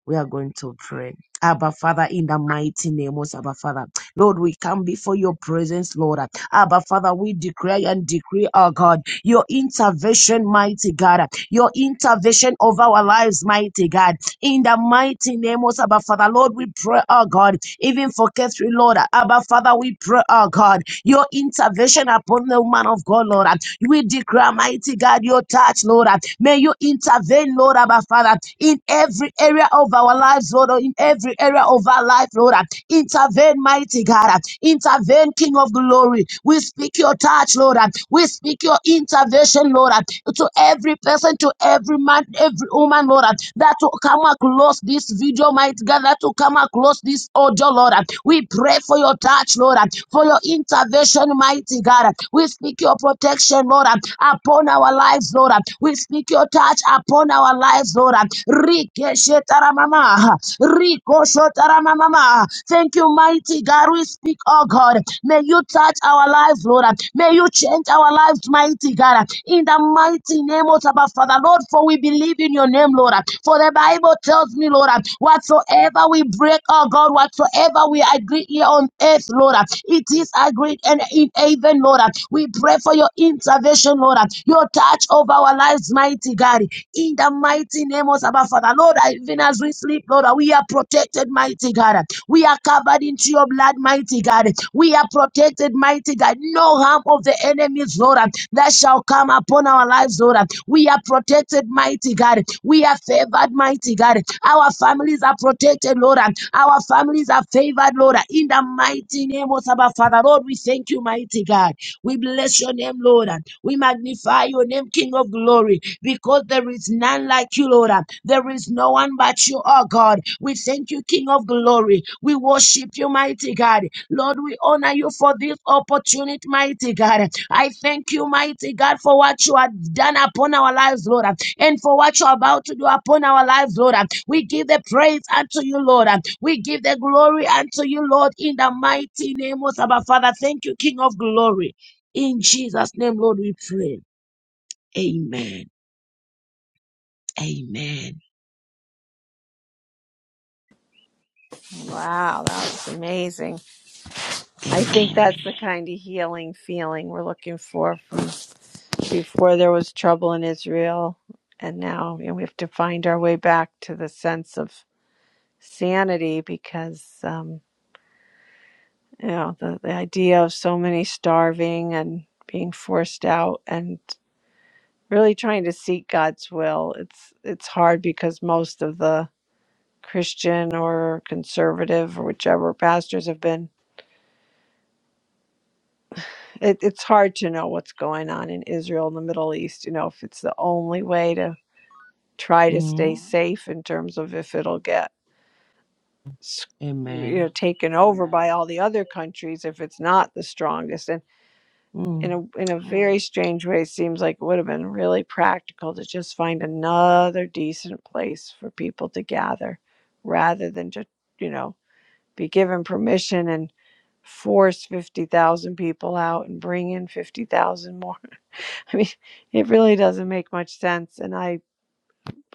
S3: we are going to pray. Abba Father, in the mighty name of Abba Father. Lord, we come before your presence, Lord. Abba Father, we declare and decree, our God, your intervention, mighty God, your intervention of our lives, mighty God. In the mighty name of Abba Father, Lord, we pray, our God, even for Catherine, Lord. Abba Father, we pray, our God, your intervention upon the woman of God, Lord. We declare, mighty God, your touch, Lord. uh, May you intervene, Lord, our Father, in every area of our lives, Lord, or in every area of our life, Lord. uh, Intervene, mighty God. uh, Intervene, King of glory. We speak your touch, Lord. uh, We speak your intervention, Lord, uh, to every person, to every man, every woman, Lord, uh, that will come across this video, mighty God, that will come across this audio, Lord. uh, We pray for your touch, Lord, uh, for your intervention, mighty God. uh, We speak your protection protection, Lord, uh, upon our lives, Lord. uh. We speak your touch upon our lives, Lord. uh. Rikeshetaramama, rikoshotaramamama. Thank you, mighty God. We speak, oh God. May you touch our lives, Lord. uh. May you change our lives, mighty God. uh. In the mighty name of our Father, Lord, for we believe in your name, Lord. uh. For the Bible tells me, Lord, uh, whatsoever we break, oh God, whatsoever we agree here on earth, Lord, uh, it is agreed and in heaven, Lord. uh. We pray pray for your intervention, Lord. uh, Your touch over our lives, mighty God. In the mighty name of our Father, Lord, uh, even as we sleep, Lord, uh, we are protected, mighty God. uh, We are covered into your blood, mighty God. We are protected, mighty God. No harm of the enemies, Lord, uh, that shall come upon our lives, Lord. uh, We are protected, mighty God. We are favored, mighty God. Our families are protected, Lord. uh, Our families are favored, Lord. uh, In the mighty name of our Father, Lord, we thank you, mighty God. We bless your name, Lord. We magnify your name, King of glory, because there is none like you, Lord. There is no one but you, oh God. We thank you, King of glory. We worship you, mighty God. Lord, we honor you for this opportunity, mighty God. I thank you, mighty God, for what you have done upon our lives, Lord, and for what you're about to do upon our lives, Lord. We give the praise unto you, Lord. We give the glory unto you, Lord, in the mighty name of our Father. Thank you, King of glory. In Jesus' name, Lord, we pray. Amen. Amen.
S1: Wow, that was amazing. I think that's
S3: Amen.
S1: the kind of healing feeling we're looking for from before there was trouble in Israel. And now you know, we have to find our way back to the sense of sanity because um, you know the, the idea of so many starving and being forced out and really trying to seek God's will it's it's hard because most of the Christian or conservative or whichever pastors have been it, it's hard to know what's going on in Israel and the Middle East you know if it's the only way to try to stay Mhm.
S3: Mm.
S1: safe in terms of if it'll get s- you know
S3: Amen.
S1: taken over by all the other countries if it's not the strongest and. in
S3: Mm.
S1: a in a very strange way seems like it would have been really practical to just find another decent place for people to gather rather than just you know be given permission and force 50,000 people out and bring in 50,000 more. *laughs* I mean, it really doesn't make much sense and I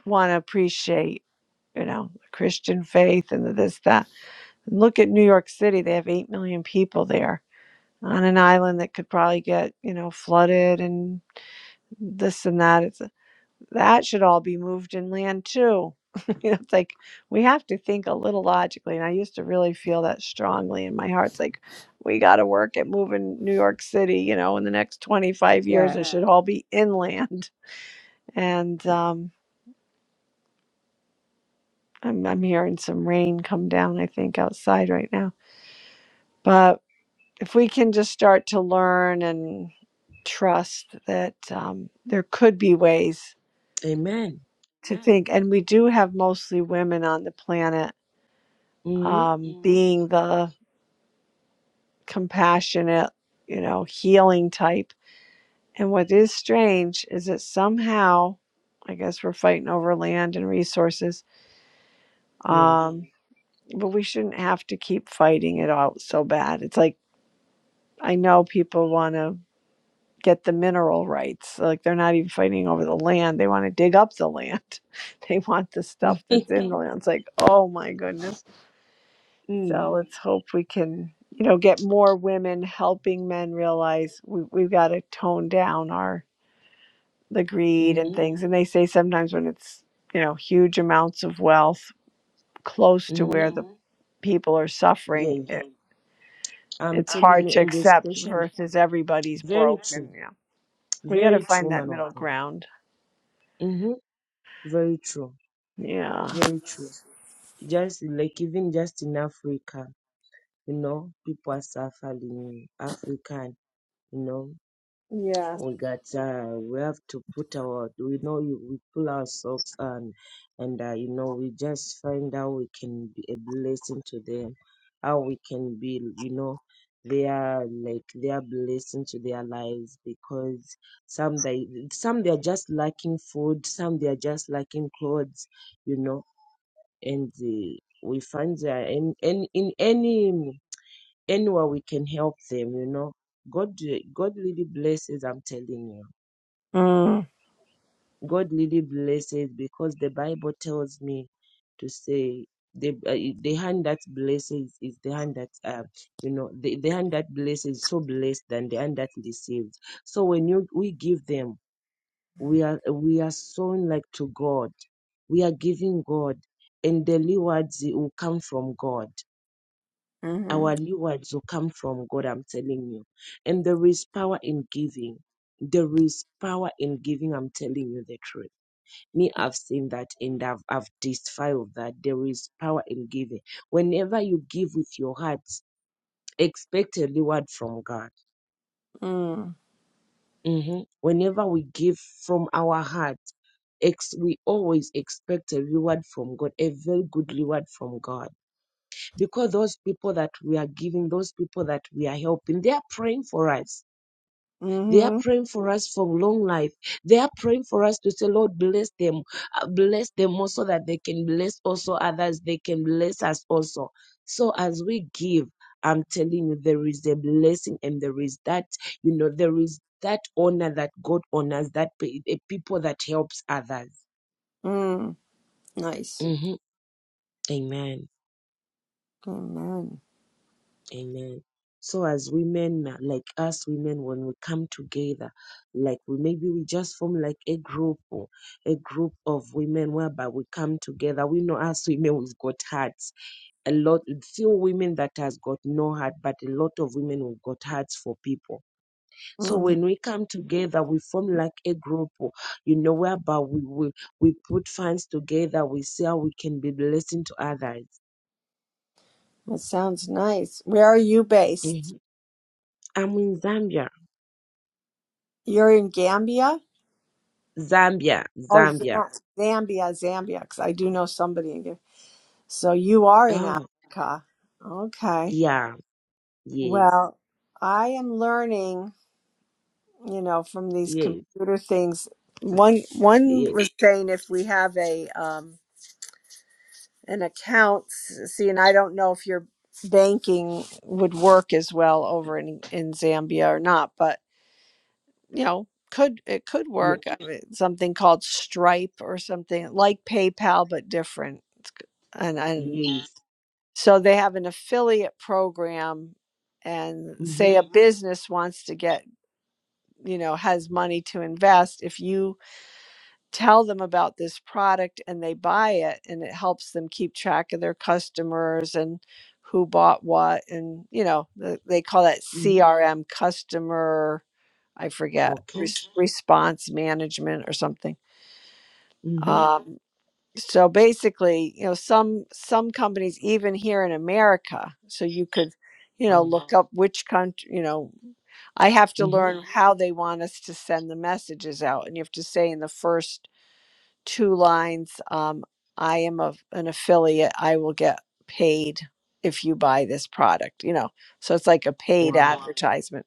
S1: want to appreciate, you know, the Christian faith and the this that. And look at New York City, they have 8 million people there on an island that could probably get, you know, flooded and this and that. It's that should all be moved inland too. *laughs* you know, it's like we have to think a little logically. And I used to really feel that strongly in my heart. It's like we got to work at moving New York City. You know, in the next twenty five years,
S3: Yeah.
S1: it should Yeah. all be inland. And um, I'm I'm hearing some rain come down. I think outside right now. But if we can just start to learn and trust that um, there could be ways
S3: Amen.
S1: to Mm. think and we do have mostly women on the planet
S3: Mm.
S1: um, Mm. being the compassionate you know healing type and what is strange is that somehow i guess we're fighting over land and resources um,
S3: Yes.
S1: Mm. but we shouldn't have to keep fighting it out so bad it's like i know people want to get the mineral rights like they're not even fighting over the land they want to dig up the land *laughs* they want the
S3: *laughs*
S1: stuff that's in the land it's like oh my goodness
S3: mm.
S1: So let's hope we can, you know, get more women helping men realize we, we've got to tone down our the greed and
S3: Mm.
S1: things. And they say sometimes when it's, you know, huge amounts of wealth close to
S3: Mm.
S1: where the Mhm. people are suffering,
S3: Yes.
S1: it,
S3: I'm
S1: it's
S3: telling
S1: hard
S3: you,
S1: to
S3: in this
S1: accept
S3: question,
S1: versus everybody's
S3: very
S1: broke. And
S3: true.
S1: yeah, we got to
S3: Very
S1: find
S3: true,
S1: that
S3: man of
S1: middle
S3: God.
S1: ground.
S3: Mm-hmm. Very true.
S1: Yeah.
S3: Very true. Just like even just in Africa, you know, people are suffering in Africa, you know.
S1: Yes.
S3: we got uh, we have to put our we know you we pull our socks on and uh, you know we just find how we can be a blessing to them how we can be you know they are like they are blessing to their lives because some they some they are just lacking food some they are just lacking clothes you know and they, we find that in, in in any anywhere we can help them you know god god really blesses i'm telling you
S1: Mm,
S3: God really blesses because the Bible tells me to say the uh, the hand that blesses is the hand that uh, you know the, the hand that blesses is so blessed than the hand that deceives. So when you we give them, we are we are sown like to God. We are giving God, and the rewards will come from God. Our rewards will come from God. I'm telling you, and there is power in giving. There is power in giving. I'm telling you the truth me i've seen that and i've, I've despised that there is power in giving whenever you give with your heart expect a reward from god
S1: mm,
S3: Mhm. whenever we give from our heart ex- we always expect a reward from god a very good reward from god because those people that we are giving those people that we are helping they are praying for us They are
S1: mm-hmm,
S3: praying for us for long life. They are praying for us to say, Lord, bless them. Uh, Bless them also that they can bless also others. They can bless us also. So as we give, I'm telling you, there is a blessing and there is that, you know, there is that honor that God honors, that pe- the people that helps others.
S1: mm. Nice.
S3: hmm Amen.
S1: Amen.
S3: Amen. So as women, uh, like us women, when we come together, like we maybe we just form like a group or a group of women whereby we come together. We know us women we've got hearts. A lot few women that has got no heart, but a lot of women who've got hearts for people. So
S1: Mm.
S3: when we come together, we form like a group, or, you know, whereby we we, we put funds together, we see how we can be blessing to others.
S1: That sounds nice. Where are you based?
S3: Mhm. I'm in Zambia.
S1: You're in Gambia?
S3: Zambia,
S1: Oh, Z-
S3: Zambia.
S1: Zambia, Zambia, because I do know somebody in Gambia. So you are in
S3: Oh,
S1: Africa. Okay.
S3: yeah, yes,
S1: Well, I am learning, you know, from these
S3: yes,
S1: computer things. One one
S3: yes,
S1: was saying if we have a um an account, see, and I don't know if your banking would work as well over in in Zambia or not, but you know could it could
S3: yeah,
S1: work I mean, something called stripe or something like paypal but different It's g- and and
S3: yes.
S1: so they have an affiliate program and
S3: Mm-hmm,
S1: say a Mhm. business wants to get you know has money to invest if you tell them about this product and they buy it and it helps them keep track of their customers and who bought what and you know the, they call that
S3: mm-hmm.
S1: crm customer I forget
S3: Okay.
S1: res- response management or something.
S3: Mm-hmm.
S1: Um, so basically, you know, some some companies even here in America, so you could, you know,
S3: Wow.
S1: look up which country. You know, I have to
S3: Mm-hmm.
S1: learn how they want us to send the messages out, and you have to say in the first two lines, um, "I am a, an affiliate. I will get paid if you buy this product." You know, so it's like a paid
S3: Wow.
S1: advertisement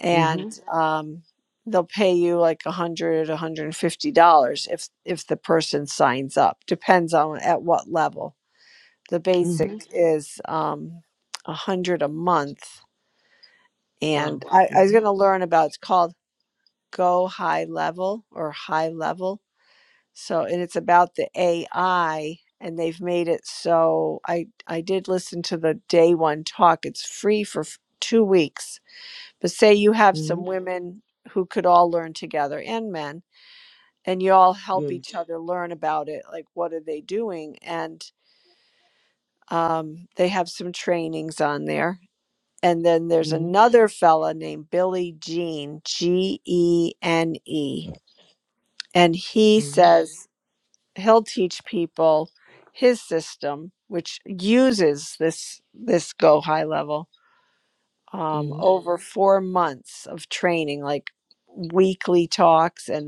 S1: and
S3: Mm-hmm.
S1: um, they'll pay you like a hundred, a hundred and fifty dollars if if the person signs up. Depends on at what level. The
S3: Mm-hmm.
S1: basic is um, a hundred a month,
S3: Wow.
S1: and I, I was
S3: Mm-hmm.
S1: going to learn about. It's called Go High Level or High Level. So, and it's about the AI, and they've made it so I I did listen to the day one talk. It's free for f- two weeks but say you have
S3: Mm-hmm.
S1: some women who could all learn together and men, and you all help
S3: Yes.
S1: each other learn about it. Like, what are they doing? And um, they have some trainings on there. And then there's
S3: Mm-hmm.
S1: another fella named Billy Jean, G E N E. And he
S3: Mm-hmm.
S1: says he'll teach people his system, which uses this this go high level um,
S3: Mm-hmm.
S1: over four months of training, like weekly talks and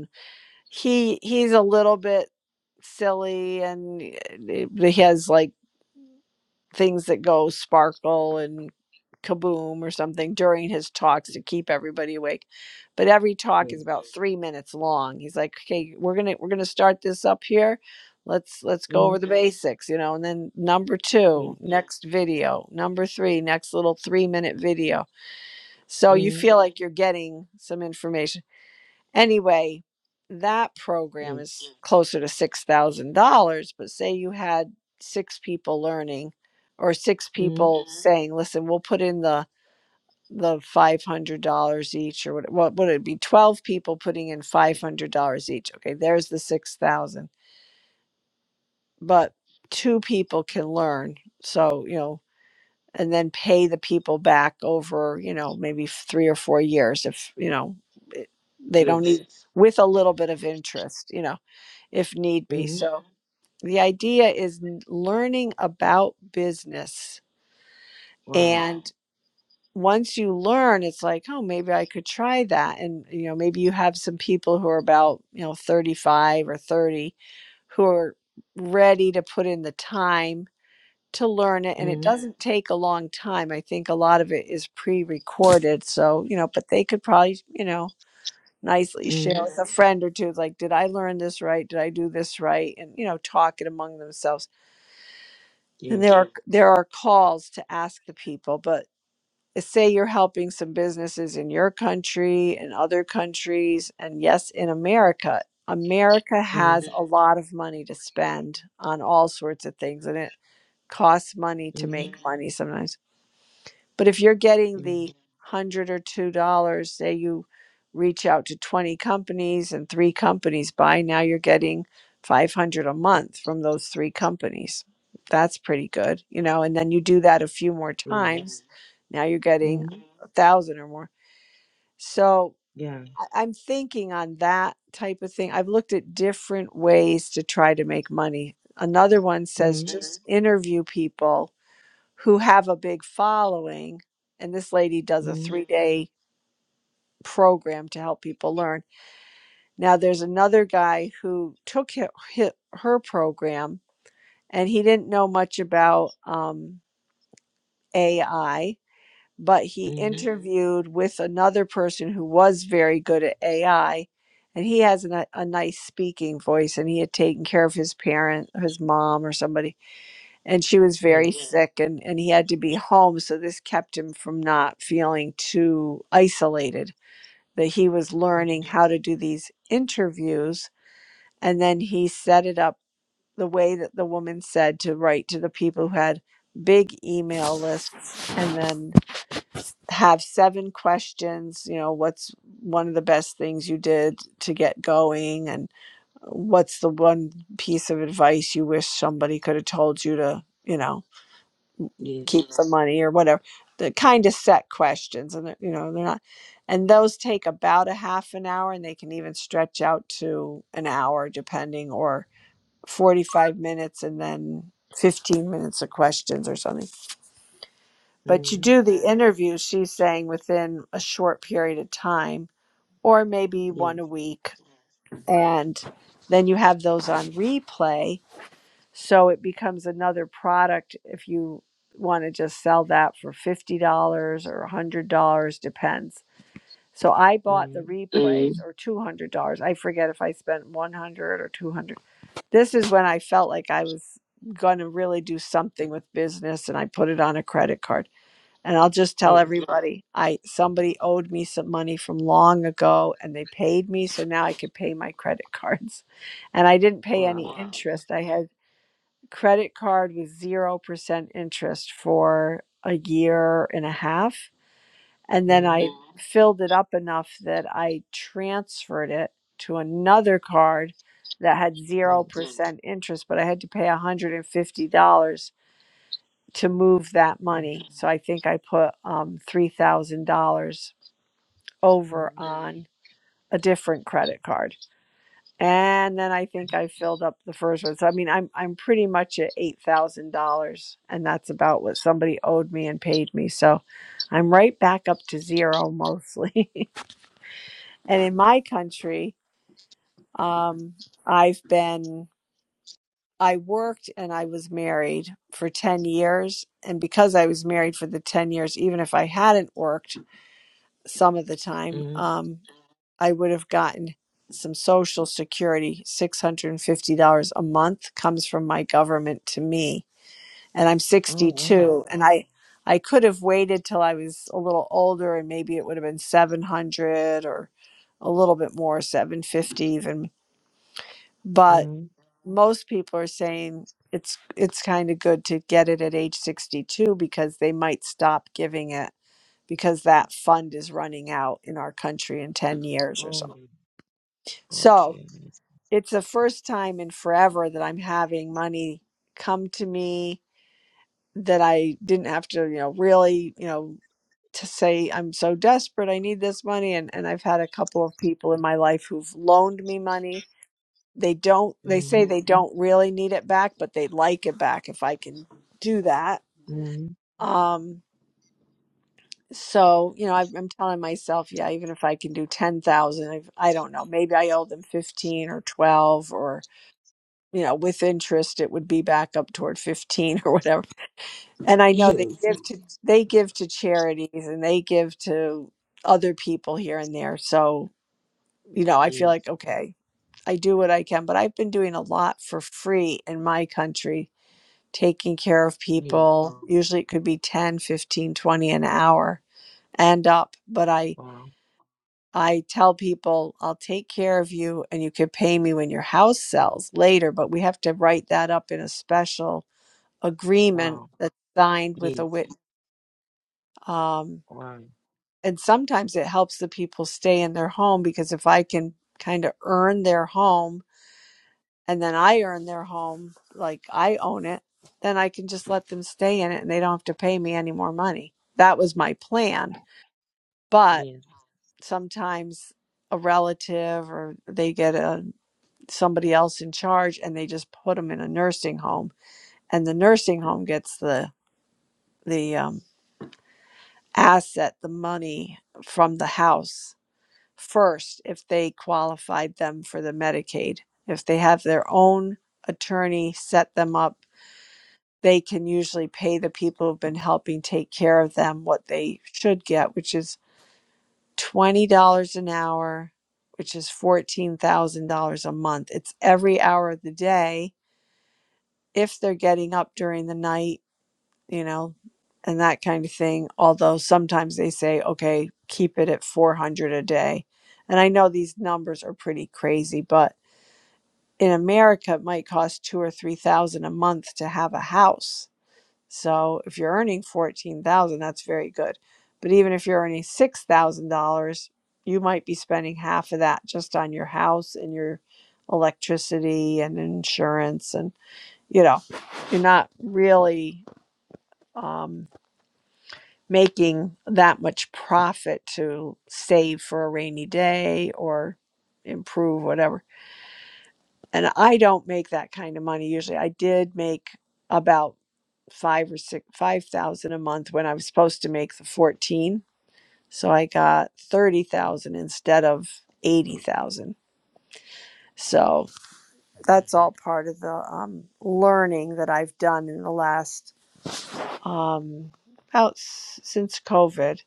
S1: he he's a little bit silly and eh, he has like things that go sparkle and kaboom or something during his talks to keep everybody awake but every talk is
S3: Yes.
S1: about three minutes long he's like okay we're gonna we're gonna start this up here let's let's go over
S3: Mm-hmm.
S1: the basics you know and then number two
S3: Yes.
S1: next video number three next little three minute video so you
S3: Mm-hmm.
S1: feel like you're getting some information Anyway, that program
S3: Yes.
S1: is closer to $6,000, but say you had six people learning or six
S3: Mm-hmm.
S1: people Mhm. saying, "Listen, we'll put in the the $500 each or what what would it be 12 people putting in $500 each. Okay, there's the 6,000. But two people can learn. So, you know, and then pay the people back over, you know, maybe 3 or 4 years if, you know, it- they don't
S3: Yes.
S1: need with a little bit of interest, you know if need be.
S3: Mm-hmm.
S1: So the idea is n- learning about business
S3: Wow.
S1: and once you learn it's like oh maybe i could try that and you know maybe you have some people who are about you know 35 or 30 who are ready to put in the time to learn it and it
S3: Mm-hmm.
S1: Yeah. doesn't take a long time i think a lot of it is pre-recorded so you know but they could probably you know nicely share
S3: Mm-hmm.
S1: with a friend or two like did i learn this right did i do this right and you know talk it among themselves And
S3: Yes.
S1: there are there are calls to ask the people, but eh, say you're helping some businesses in your country and other countries, and yes, in America. America
S3: Mm-hmm.
S1: has a lot of money to spend on all sorts of things, and it costs money to
S3: Mm-hmm.
S1: make money sometimes. But if you're getting
S3: Yeah.
S1: the hundred or two dollars, say you reach out to 20 companies and three companies buy, now you're getting 500 a month from those three companies. That's pretty good, you know, and then you do that a few more
S3: Yeah.
S1: times. Mhm. Now you're getting
S3: Mm-hmm.
S1: a thousand or more. So
S3: Yeah.
S1: I- I'm thinking on that type of thing. I've looked at different ways to try to make money. Another one says
S3: Mm-hmm.
S1: just Mhm. interview people who have a big following. And this lady does a
S3: Mm-hmm.
S1: three day program to help people learn. Now, there's another guy who took hi hi her program and he didn't know much about um, AI, but he Mhm.
S3: Mm-hmm.
S1: interviewed with another person who was very good at AI. And he has a, ni- a nice speaking voice, and he had taken care of his parent, his mom, or somebody and she was very
S3: Yes.
S1: Yeah. sick and, and he had to be home so this kept him from not feeling too isolated that he was learning
S3: Mm-hmm.
S1: how to do these interviews and then he set it up the way that the woman said to write to the people who had big email lists and then have seven questions you know what's one of the best things you did to get going and what's the one piece of advice you wish somebody could have told you to you know
S3: Yes.
S1: keep the money or whatever the kind of set questions and they're- you know they're not and those take about a half an hour and they can even stretch out to an hour depending or 45 minutes and then 15 minutes of questions or something but you
S3: Mm-hmm.
S1: do the interview she's saying within a short period of time or maybe
S3: Yes.
S1: one a week and then you have those on replay so it becomes another product if you want to just sell that for $50 or $100, depends. So I bought the
S3: Mm,
S1: replays Mm. or $200. I forget if I spent 100 or 200. This is when I felt like I was going to really do something with business and I put it on a credit card. And I'll just tell
S3: yes.
S1: everybody, I somebody owed me some money from long ago and they paid me so now I could pay my credit cards. *laughs* And I didn't pay any
S3: Wow.
S1: interest. I had credit card with 0% interest for a year and a half. And then I
S3: Mm,
S1: Mhm. filled it up enough that I transferred it to another card that had
S3: yes.
S1: 0% interest, but I had to pay $150 to move that money. So I think I put um, $3,000 over Mhm.
S3: Mm,
S1: on a different credit card. And then I think I filled up the first one. So I mean, I'm I'm pretty much at eight thousand dollars, and that's about what somebody owed me and paid me. So I'm right back up to zero mostly. *laughs* and in my country, um, I've been I worked and I was married for ten years, and because I was married for the ten years, even if I hadn't worked some of the time,
S3: mm.
S1: um, I would have gotten some Social Security. $650 a month comes from my government to me. And I'm
S3: Oh, wow.
S1: 62. And I, I could have waited till I was a little older and maybe it would have been 700 or a little bit more, 750 even. But
S3: Mm,
S1: most people are saying it's it's kind of good to get it at age 62 because they might stop giving it because that fund is running out in our country in 10 years or
S3: oh,
S1: something. So,
S3: okay. Nice.
S1: it's the first time in forever that I'm having money come to me that I didn't have to, you know, really, you know, to say I'm so desperate, I need this money. And and I've had a couple of people in my life who've loaned me money. They don't they say
S3: Mm,
S1: they don't really need it back, but they'd like it back if I can do that.
S3: mm.
S1: Um so you know I, i'm telling myself yeah even if i can do 10000 I've- i i do not know maybe i owe them 15 or 12 or you know with interest it would be back up toward 15 *laughs* or whatever and i know they
S3: Yes.
S1: give to they give to charities and they give to other people here and there so you know i feel
S3: Yes.
S1: like okay i do what i can but i've been doing a lot for free in my country taking care of
S3: Yes.
S1: people usually it could be 10, 15, 20 an hour and up but i
S3: Wow.
S1: i tell people i'll take care of you and you could pay me when your house sells later but we have to write that up in a special agreement
S3: Wow.
S1: that's signed with a
S3: Yes.
S1: wit. Um,
S3: Wow.
S1: and sometimes it helps the people stay in their home because if I can kind of earn their home and then I earn their home, like I own it, then I can just let them stay in it and they don't have to pay me any more money. That was my plan. But
S3: Yes.
S1: sometimes a relative or they get a somebody else in charge and they just put them in a nursing home and the nursing home gets the the um, asset, the money from the house first if they qualified them for the Medicaid. If they have their own attorney set them up, they can usually pay the people who've been helping take care of them what they should get, which is $20 an hour, which is $14,000 a month. It's every hour of the day. If they're getting up during the night, you know, and that kind of thing. Although sometimes they say, okay, keep it at 400 a day. And I know these numbers are pretty crazy, but in America, it might cost two or 3000 a month to have a house. So if you're earning 14000 that's very good. But even if you're earning $6,000, you might be spending half of that just on your house and your electricity and insurance. And, you know, you're not really. Um, making that much profit to save for a rainy day or improve whatever. And I don't make that kind of money usually. I did make about five or six five thousand a month when I was supposed to make the fourteen. So I got thirty thousand instead of eighty thousand. So that's all part of the um, learning that I've done in the last um, about s- since COVID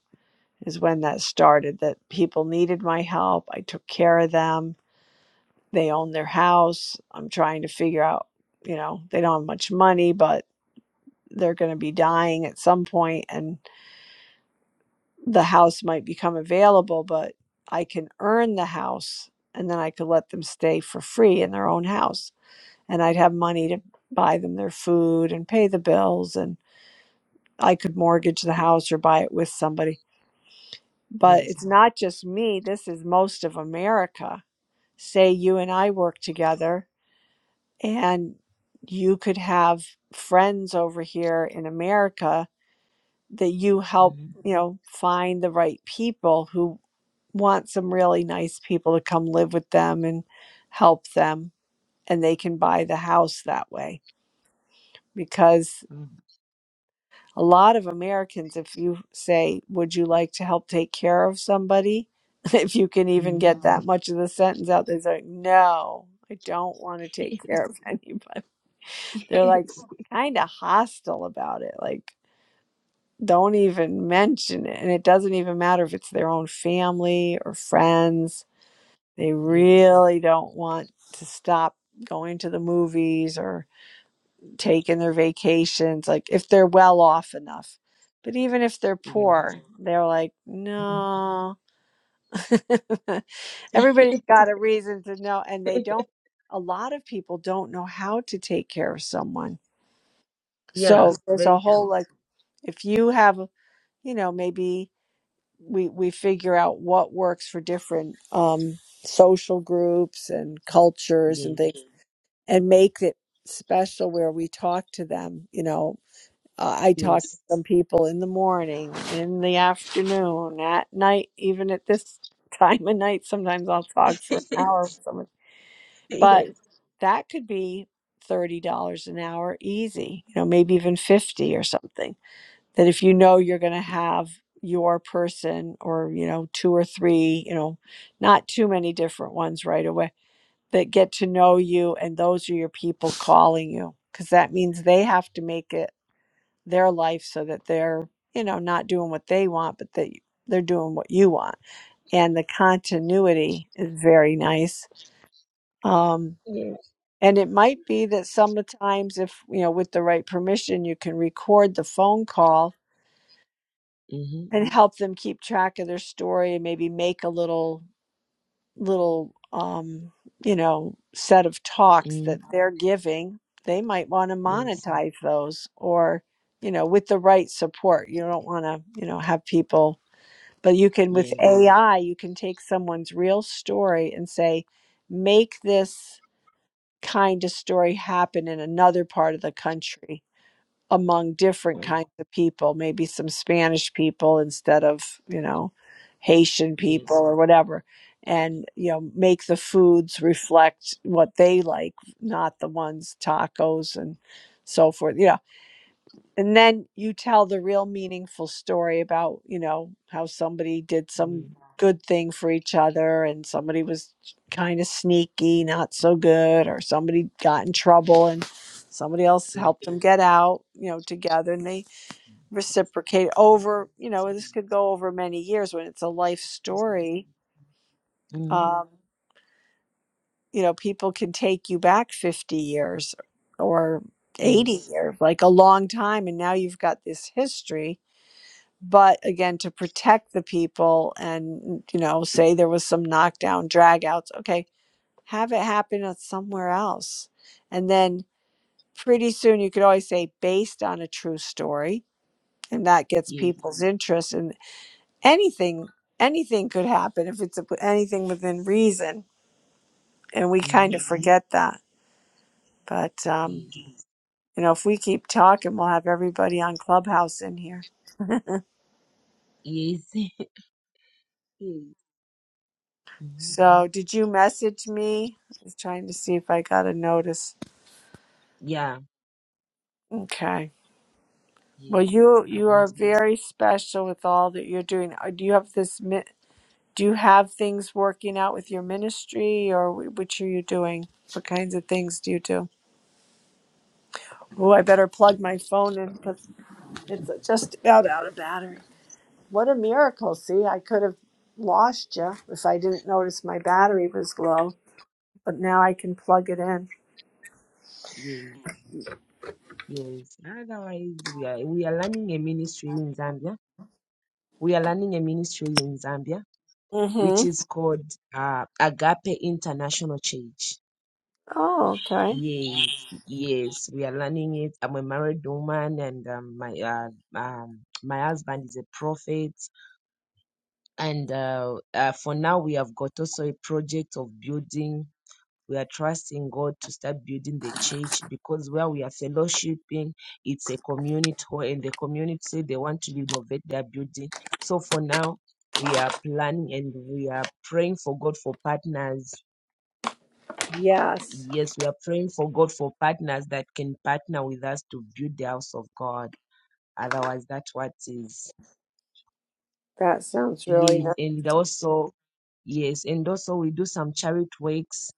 S1: is when that started that people needed my help. I took care of them. They own their house. I'm trying to figure out, you know, they don't have much money, but they're going to be dying at some point and the house might become available, but I can earn the house and then I could let them stay for free in their own house and I'd have money to buy them their food and pay the bills and I could mortgage the house or buy it with somebody. But
S3: Yes.
S1: it's not just me. This is most of America say you and I work together and you could have friends over here in America that you help,
S3: Mm,
S1: you know, find the right people who want some really nice people to come live with them and help them and they can buy the house that way because
S3: mm.
S1: a lot of Americans if you say would you like to help take care of somebody *laughs* if you can even
S3: Mm.
S1: get that much of the sentence out they're like no I don't want to take
S3: *laughs*
S1: care of *laughs* anybody They're like
S3: yes.
S1: kind of hostile about it. Like, don't even mention it. And it doesn't even matter if it's their own family or friends. They
S3: Yes.
S1: really don't want to stop going to the movies or taking their vacations. Like, if they're well off enough. But even if they're
S3: Yes.
S1: poor, they're like,
S3: Mm.
S1: no. *laughs* Everybody's
S3: *laughs*
S1: got a reason to know. And they don't, a lot of people don't know how to take care of someone.
S3: Yeah,
S1: So there's a
S3: very true.
S1: whole like if you have you know maybe we we figure out what works for different um social groups and cultures and
S3: Yes.
S1: things and make it special where we talk to them you know uh, i talk to
S3: Yes.
S1: some people in the morning in the afternoon at night even at this *laughs* time of night sometimes i'll talk
S3: *laughs*
S1: for an hour with someone but
S3: yes.
S1: that could be $30 an hour easy you know maybe even 50 or something that if you know you're going to have your person or you know two or three you know not too many different ones right away that get to know you and those are your people calling you because that means they have to make it their life so that they're you know not doing what they want but that they're doing what you want and the continuity is very nice um
S3: Yes.
S1: and it might be that sometimes if you know with the right permission you can record the phone call
S3: Mm-hmm.
S1: and help them keep track of their story and maybe make a little little um you know set of talks that
S3: Mm.
S1: they're giving they might want to
S3: Yes.
S1: monetize those or you know with the right support you don't want to you know have people but you can with
S3: Yes.
S1: ai you can take someone's real story and say make this kind of story happen in another part of the country among different
S3: Oh,
S1: kinds of people, maybe some Spanish people instead of, you know, Haitian people
S3: yes.
S1: or whatever. And, you know, make the foods reflect what they like, not the ones tacos and so forth. Yeah and then you tell the real meaningful story about you know how somebody did some
S3: Mm,
S1: good thing for each other and somebody was kind of sneaky not so good or somebody got in trouble and somebody else helped them get out you know together and they reciprocate over you know this could go
S3: Yes.
S1: over many years when it's a life story
S3: Mm-hmm.
S1: um, you know people can take you back 50 years or 80
S3: Yes.
S1: years like a long time and now you've got this history but again to protect the people and you know say there was some knockdown dragouts okay have it happen at somewhere else and then pretty soon you could always say based on a true story and that gets
S3: Yes.
S1: people's interest and anything anything could happen if it's a, anything within reason and we kind
S3: Mm-hmm.
S1: of Mhm. forget that but um
S3: Yes.
S1: you know if we keep talking we'll have everybody on clubhouse in here
S3: Yes. *laughs* Yes. Mm-hmm.
S1: so did you message me i was trying to see if i got a notice
S3: Yeah.
S1: Okay. Well,
S3: Yes.
S1: you you
S3: I've
S1: are
S3: mentioned.
S1: very special with all that you're doing. Uh, Do you have this? mi- Do you have things working out with your ministry, or wh- which are you doing? What kinds of things do you do? Oh, I better plug my phone in because it's just about out of battery. What a miracle! See, I could have lost you if I didn't notice my battery was low, but now I can plug it in.
S3: Yes. Yes. Otherwise, we are we are learning a ministry in Zambia. We are learning a ministry in Zambia, which
S1: Mm-hmm.
S3: is called uh, Agape International Church.
S1: Oh, okay.
S3: Yes, yes, we are learning it. I'm a married woman, and um, my uh, um, my husband is a prophet. and uh, uh, for now we have got also a project of building we are trusting god to start building the church because where we are fellowshipping it's a community hall and the community they want to renovate their building so for now we are planning and we are praying for god for partners
S1: Yes,
S3: yes we are praying for god for partners that can partner with us to build the house of god otherwise that's what is
S1: that sounds really
S3: yes,
S1: nice.
S3: and also yes, and also we do some charity works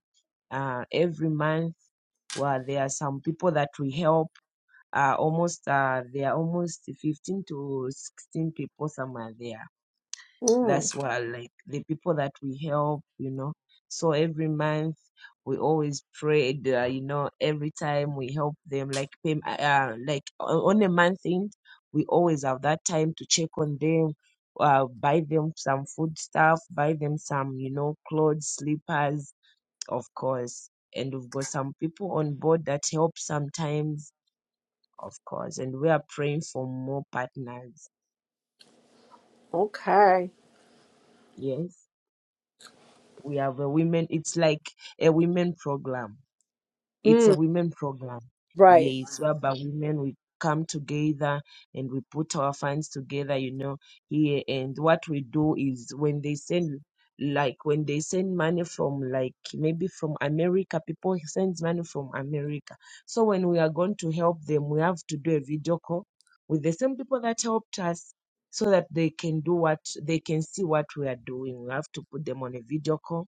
S3: uh, every month. Where there are some people that we help, uh, almost uh, there are almost 15 to 16 people somewhere there.
S1: Mm,
S3: That's why, like, the people that we help, you know. So every month we always prayed, uh, you know, every time we help them, like, pay, uh, uh, like o- on a month end, we always have that time to check on them, uh, buy them some food stuff, buy them some, you know, clothes, slippers, of course. And we've got some people on board that help sometimes, of course. And we are praying for more partners.
S1: okay.
S3: Yes. We have a women. It's like a women program. It's a
S1: Mm,
S3: women program.
S1: right.
S3: Yes, whereby women we come together and we put our funds together. You know here, and what we do is when they send like when they send money from like maybe from America, people sends money from America. So when we are going to help them, we have to do a video call with the same people that helped us so that they can do what they can see what we are doing. We have to put them on a video call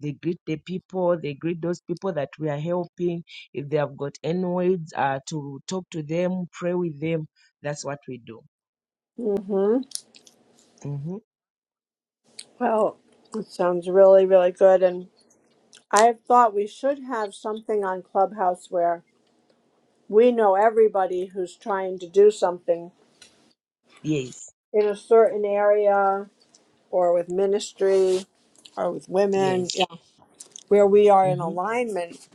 S3: they greet the people, they greet those people that we are helping. If they have got any needs, uh, to talk to them, pray with them. That's what we do.
S1: Mm-hmm.
S3: hmm
S1: Well, it sounds really, really good. And I have thought we should have something on Clubhouse where we know everybody who's trying to do something
S3: Yes,
S1: in a certain area or with ministry or with women,
S3: yes.
S1: yeah, where we are in
S3: hmm
S1: alignment.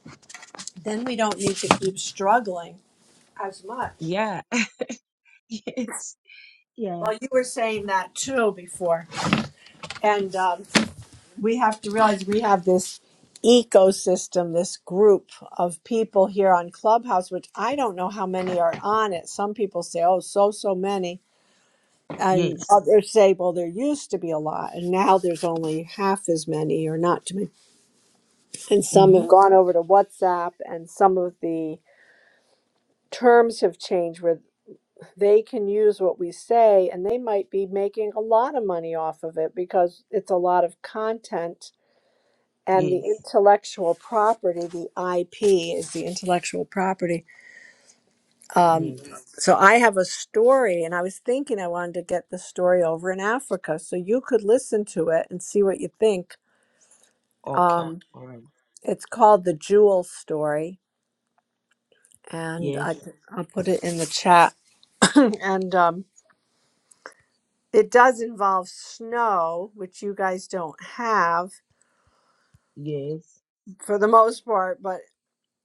S1: Then we don't need to
S3: hmm
S1: keep struggling as much.
S3: Yeah, *laughs* yes, yeah,
S1: Well, you were saying that too before. And um, we have to realize we have this ecosystem, this group of people here on Clubhouse, which I don't know how many are on it. Some people say, oh, so, so many. And
S3: yes.
S1: others say, well, there used to be a lot. And now there's only half as many or not too many. And some
S3: hmm
S1: have gone over to WhatsApp, and some of the terms have changed where they can use what we say and they might be making a lot of money off of it because it's a lot of content and the
S3: Yes,
S1: intellectual property, the IP is the intellectual property. Um,
S3: yes.
S1: so I have a story, and I was thinking I wanted to get the story over in Africa, so you could listen to it and see what you think.
S3: Okay,
S1: Um,
S3: all right.
S1: it's called the Jewel Story, and I,
S3: Yes,
S1: I'll put it in the chat. *laughs* *clears throat* and um, it does involve snow, which you guys don't have
S3: yes.
S1: for the most part, but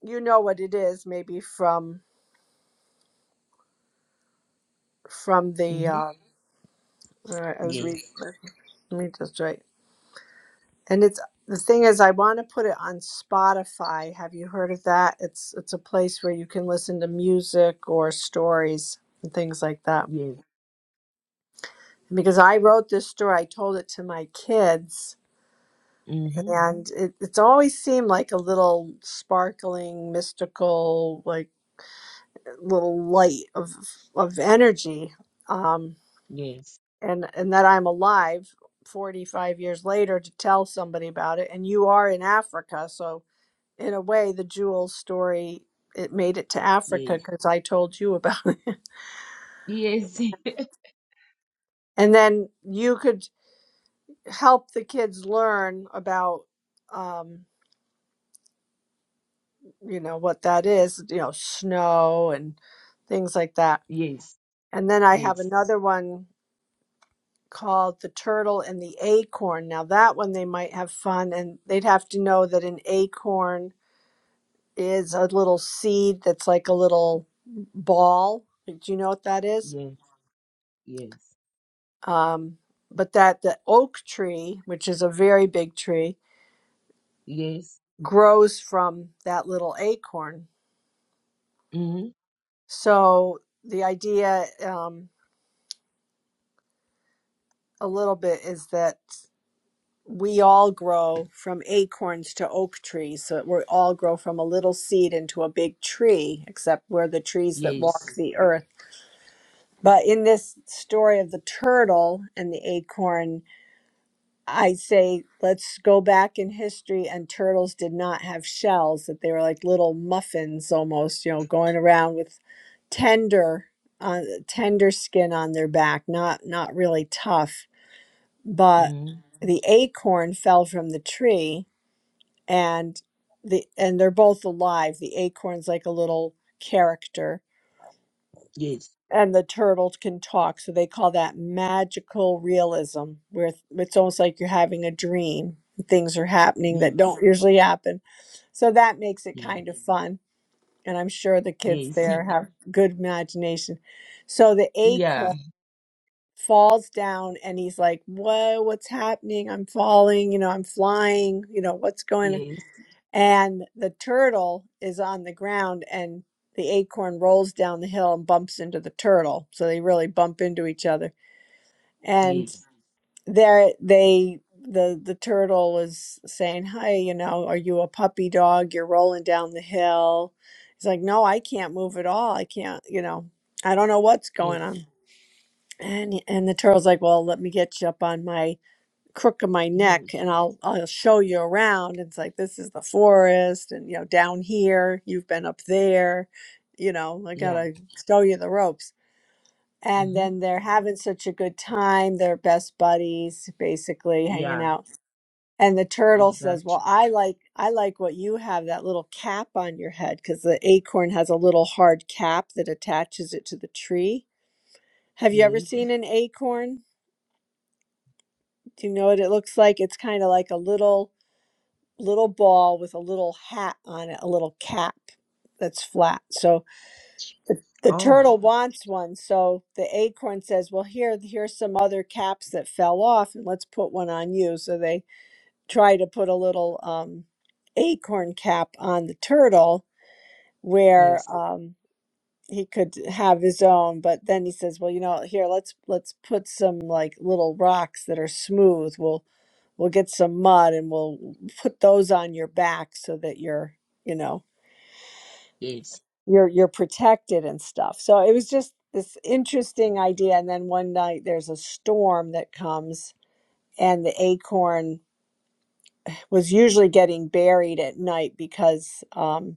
S1: you know what it is, maybe from from the
S3: hmm
S1: uh, All right, I was reading.
S3: Yes,
S1: Let me just write. And it's the thing is, I want to put it on Spotify. Have you heard of that? It's it's a place where you can listen to music or stories and things like that.
S3: yes.
S1: Because I wrote this story, I told it to my kids,
S3: hmm
S1: and it, it's always seemed like a little sparkling, mystical, like little light of of energy. Um,
S3: Yes,
S1: and and that I'm alive 45 years later to tell somebody about it and you are in Africa so in a way the Jules story it made it to Africa
S3: yes,
S1: cuz I told you about *laughs* it
S3: yes, *laughs*
S1: and then you could help the kids learn about um you know what that is you know snow and things like that
S3: yes,
S1: and then I have
S3: yes,
S1: another one called the turtle and the acorn now that one they might have fun and they'd have to know that an acorn is a little seed that's like a little ball. Do you know what that is?
S3: yes, yes,
S1: Um, but that the oak tree, which is a very big tree,
S3: yes.
S1: grows from that little acorn.
S3: hmm
S1: So the idea, um, a little bit, is that we all grow from acorns to oak trees. So we all grow from a little seed into a big tree, except we're the trees that
S3: Yes.
S1: walk the earth. But in this story of the turtle and the acorn, I say, let's go back in history, and turtles did not have shells, that they were like little muffins almost, you know, going around with tender uh, tender skin on their back, not not really tough. But
S3: Mm,
S1: the acorn fell from the tree and the and they're both alive. The acorn's like a little character
S3: yes,
S1: and the turtle can talk so they call that magical realism where th- it's almost like you're having a dream things are happening
S3: yes,
S1: that don't usually happen so that makes it
S3: yes,
S1: kind of fun and i'm sure the kids
S3: yes, *laughs*
S1: there have good imagination so the
S3: yeah,
S1: acorn falls down and he's like whoa what's happening i'm falling you know i'm flying you know what's going on
S3: yes,
S1: and the turtle is on the ground and the acorn rolls down the hill and bumps into the turtle so they really bump into each other and
S3: yes,
S1: there they the the turtle was saying hey you know are you a puppy dog you're rolling down the hill he's like no i can't move at all i can't you know i don't know what's
S3: yes,
S1: going on and and the turtle's like well let me get you up on my crook of my neck
S3: yes,
S1: and I'll I'll show you around. It's like this is the forest and you know down here you've been up there, you know, I got
S3: yeah,
S1: to show you the ropes. And
S3: mm-hmm,
S1: then they're having such a good time. They're best buddies basically hanging
S3: yeah,
S1: out. And the turtle says, "Well,
S3: exactly,
S1: I like I like what you have that little cap on your head cuz the acorn has a little hard cap that attaches it to the tree. Have you ever
S3: yes,
S1: seen an acorn? Do you know what it looks like? It's kind of like a little little ball with a little hat on it, a little cap that's flat. So the
S3: oh,
S1: turtle wants one. So the acorn says, "Well, here, here's some other caps that fell off, and let's put one on you." So they try to put a little um, acorn cap on the turtle, where
S3: yes,
S1: um, he could have his own but then he says well you know here let's let's put some like little rocks that are smooth we'll we'll get some mud and we'll put those on your back so that you're you know
S3: yes,
S1: you're you're protected and stuff so it was just this interesting idea and then one night there's a storm that comes and the acorn was usually getting buried at night because um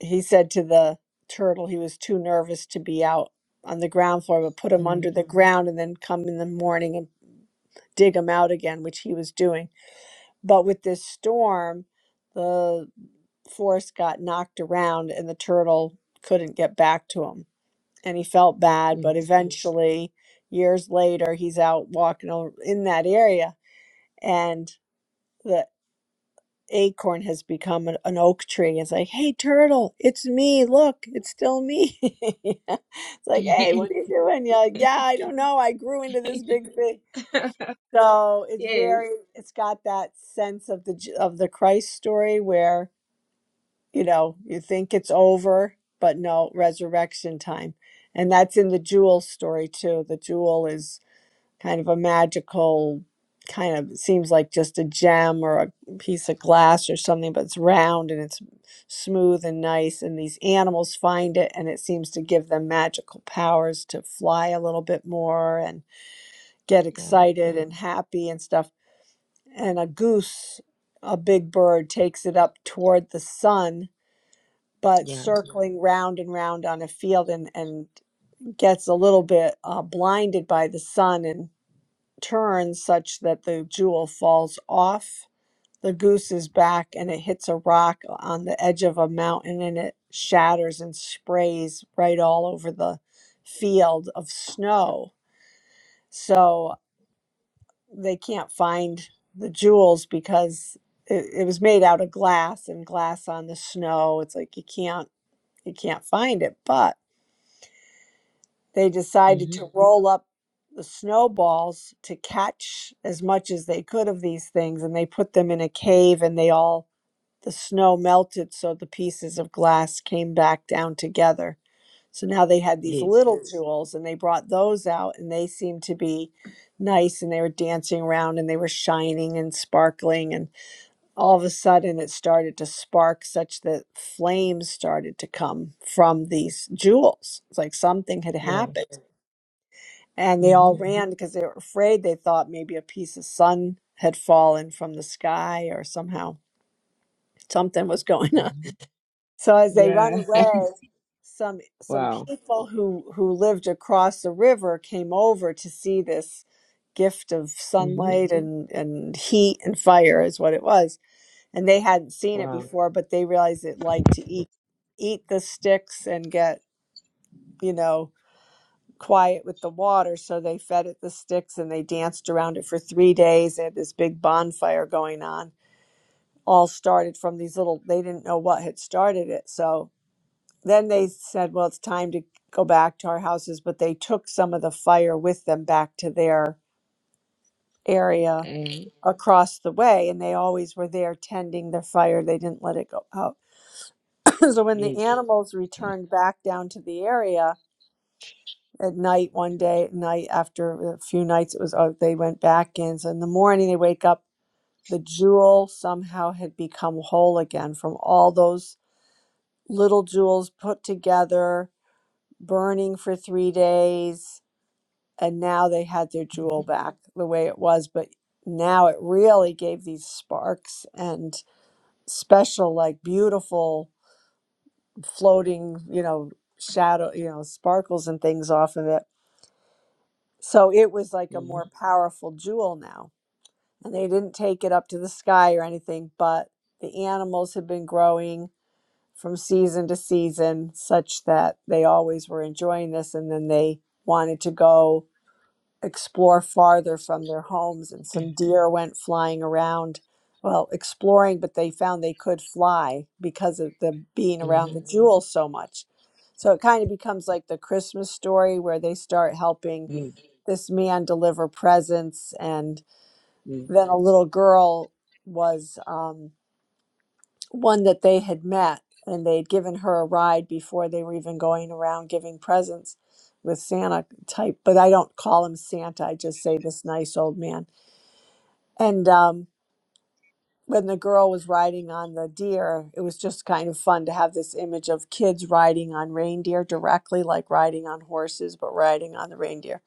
S1: he said to the turtle he was too nervous to be out on the ground floor, but put him
S3: mm,
S1: under the ground and then come in the morning and dig him out again, which he was doing. But with this storm, the forest got knocked around and the turtle couldn't get back to him. And he felt bad, but
S3: yes,
S1: eventually, years later, he's out walking o- in that area and the." acorn has become an, an oak tree. It's like, hey, turtle, it's me. Look, it's still me. *laughs* It's
S3: *laughs*
S1: like, hey,
S3: yes,
S1: what are you doing? You're like,
S3: *laughs*
S1: yeah, I don't know. I grew into this big thing. So it's
S3: yes,
S1: very, it's got that sense of the J- of the Christ story where you know you think it's over, but no, resurrection time, and that's in the jewel story too. The jewel is kind of a magical kind of seems like just a gem or a piece of glass or something but it's round and it's smooth and nice and these animals find it and it seems to give them magical powers to fly a little bit more and get
S3: yeah,
S1: excited and happy and stuff and a goose a big bird takes it up toward the sun but
S3: yeah,
S1: circling round and round on a field and and gets a little bit uh, blinded by the sun and turns such that the jewel falls off the goose's back and it hits a rock on the edge of a mountain and it shatters and sprays right all over the field of snow. So they can't find the jewels because it, it was made out of glass and glass on the snow. It's like you can't you can't find it. But They decided
S3: mm-hmm,
S1: to Mhm. roll up the snowballs to catch as much as they could of these things, and they put them in a cave, and they all the snow melted, so the pieces of glass came back down together. So now they had these
S3: yes,
S1: little Mm. jewels, and they brought those out, and they seemed to be nice, and they were dancing around, and they were shining and sparkling, and all of a sudden it started to spark such that flames started to come from these jewels. It's like something had
S3: yeah,
S1: happened. And they
S3: mm-hmm,
S1: all ran because they were afraid. They thought maybe a piece of sun had fallen from the sky or somehow something was *laughs* going on.
S3: mm-hmm,
S1: So as they run
S3: yeah, *laughs* I
S1: away,
S3: see.
S1: some some
S3: wow,
S1: people who who lived across the river came over to see this gift of
S3: mm-hmm,
S1: sunlight and and heat and fire is what it was. And they hadn't seen it
S3: wow,
S1: before, but they realized it liked to eat eat the sticks and get, you know, quiet with the water. So they fed it the sticks and they danced around it for three days. They had this big bonfire going on. All started from these little, they didn't know what had started it. So then they said, well, it's time to go back to our houses. But they took some of the fire with them back to their area
S3: eh,
S1: across the way. And they always were there tending their fire. They didn't let it go out. *clears throat* so when the
S3: yes,
S1: animals returned back down to the area, at night one day at night after a few nights it was oh they went back in so in the morning they wake up the jewel somehow had become whole again from all those little jewels put together burning for three days and now they had their
S3: mm-hmm,
S1: jewel back the way it was but now it really gave these sparks and special like beautiful floating you know shadow you know sparkles and things off of it So it was like a
S3: mm-hmm,
S1: more powerful jewel now. And they didn't take it up to the sky or anything, but the animals had been growing from season to season such that they always were enjoying this. And then they wanted to go explore farther from their homes. And some deer went flying around, well, exploring, but they found they could fly because of the being around
S3: Mm-hmm.
S1: the jewel so much. So it kind of becomes like the Christmas story where they start helping
S3: yes,
S1: this man deliver presents and
S3: yes,
S1: then a little girl was um, one that they had met and they'd given her a ride before they were even going around giving presents with santa type but i don't call him santa i just say this nice old man and um, when the girl was riding on the deer it was just kind of fun to have this image of kids riding on reindeer directly like riding on horses but riding on the reindeer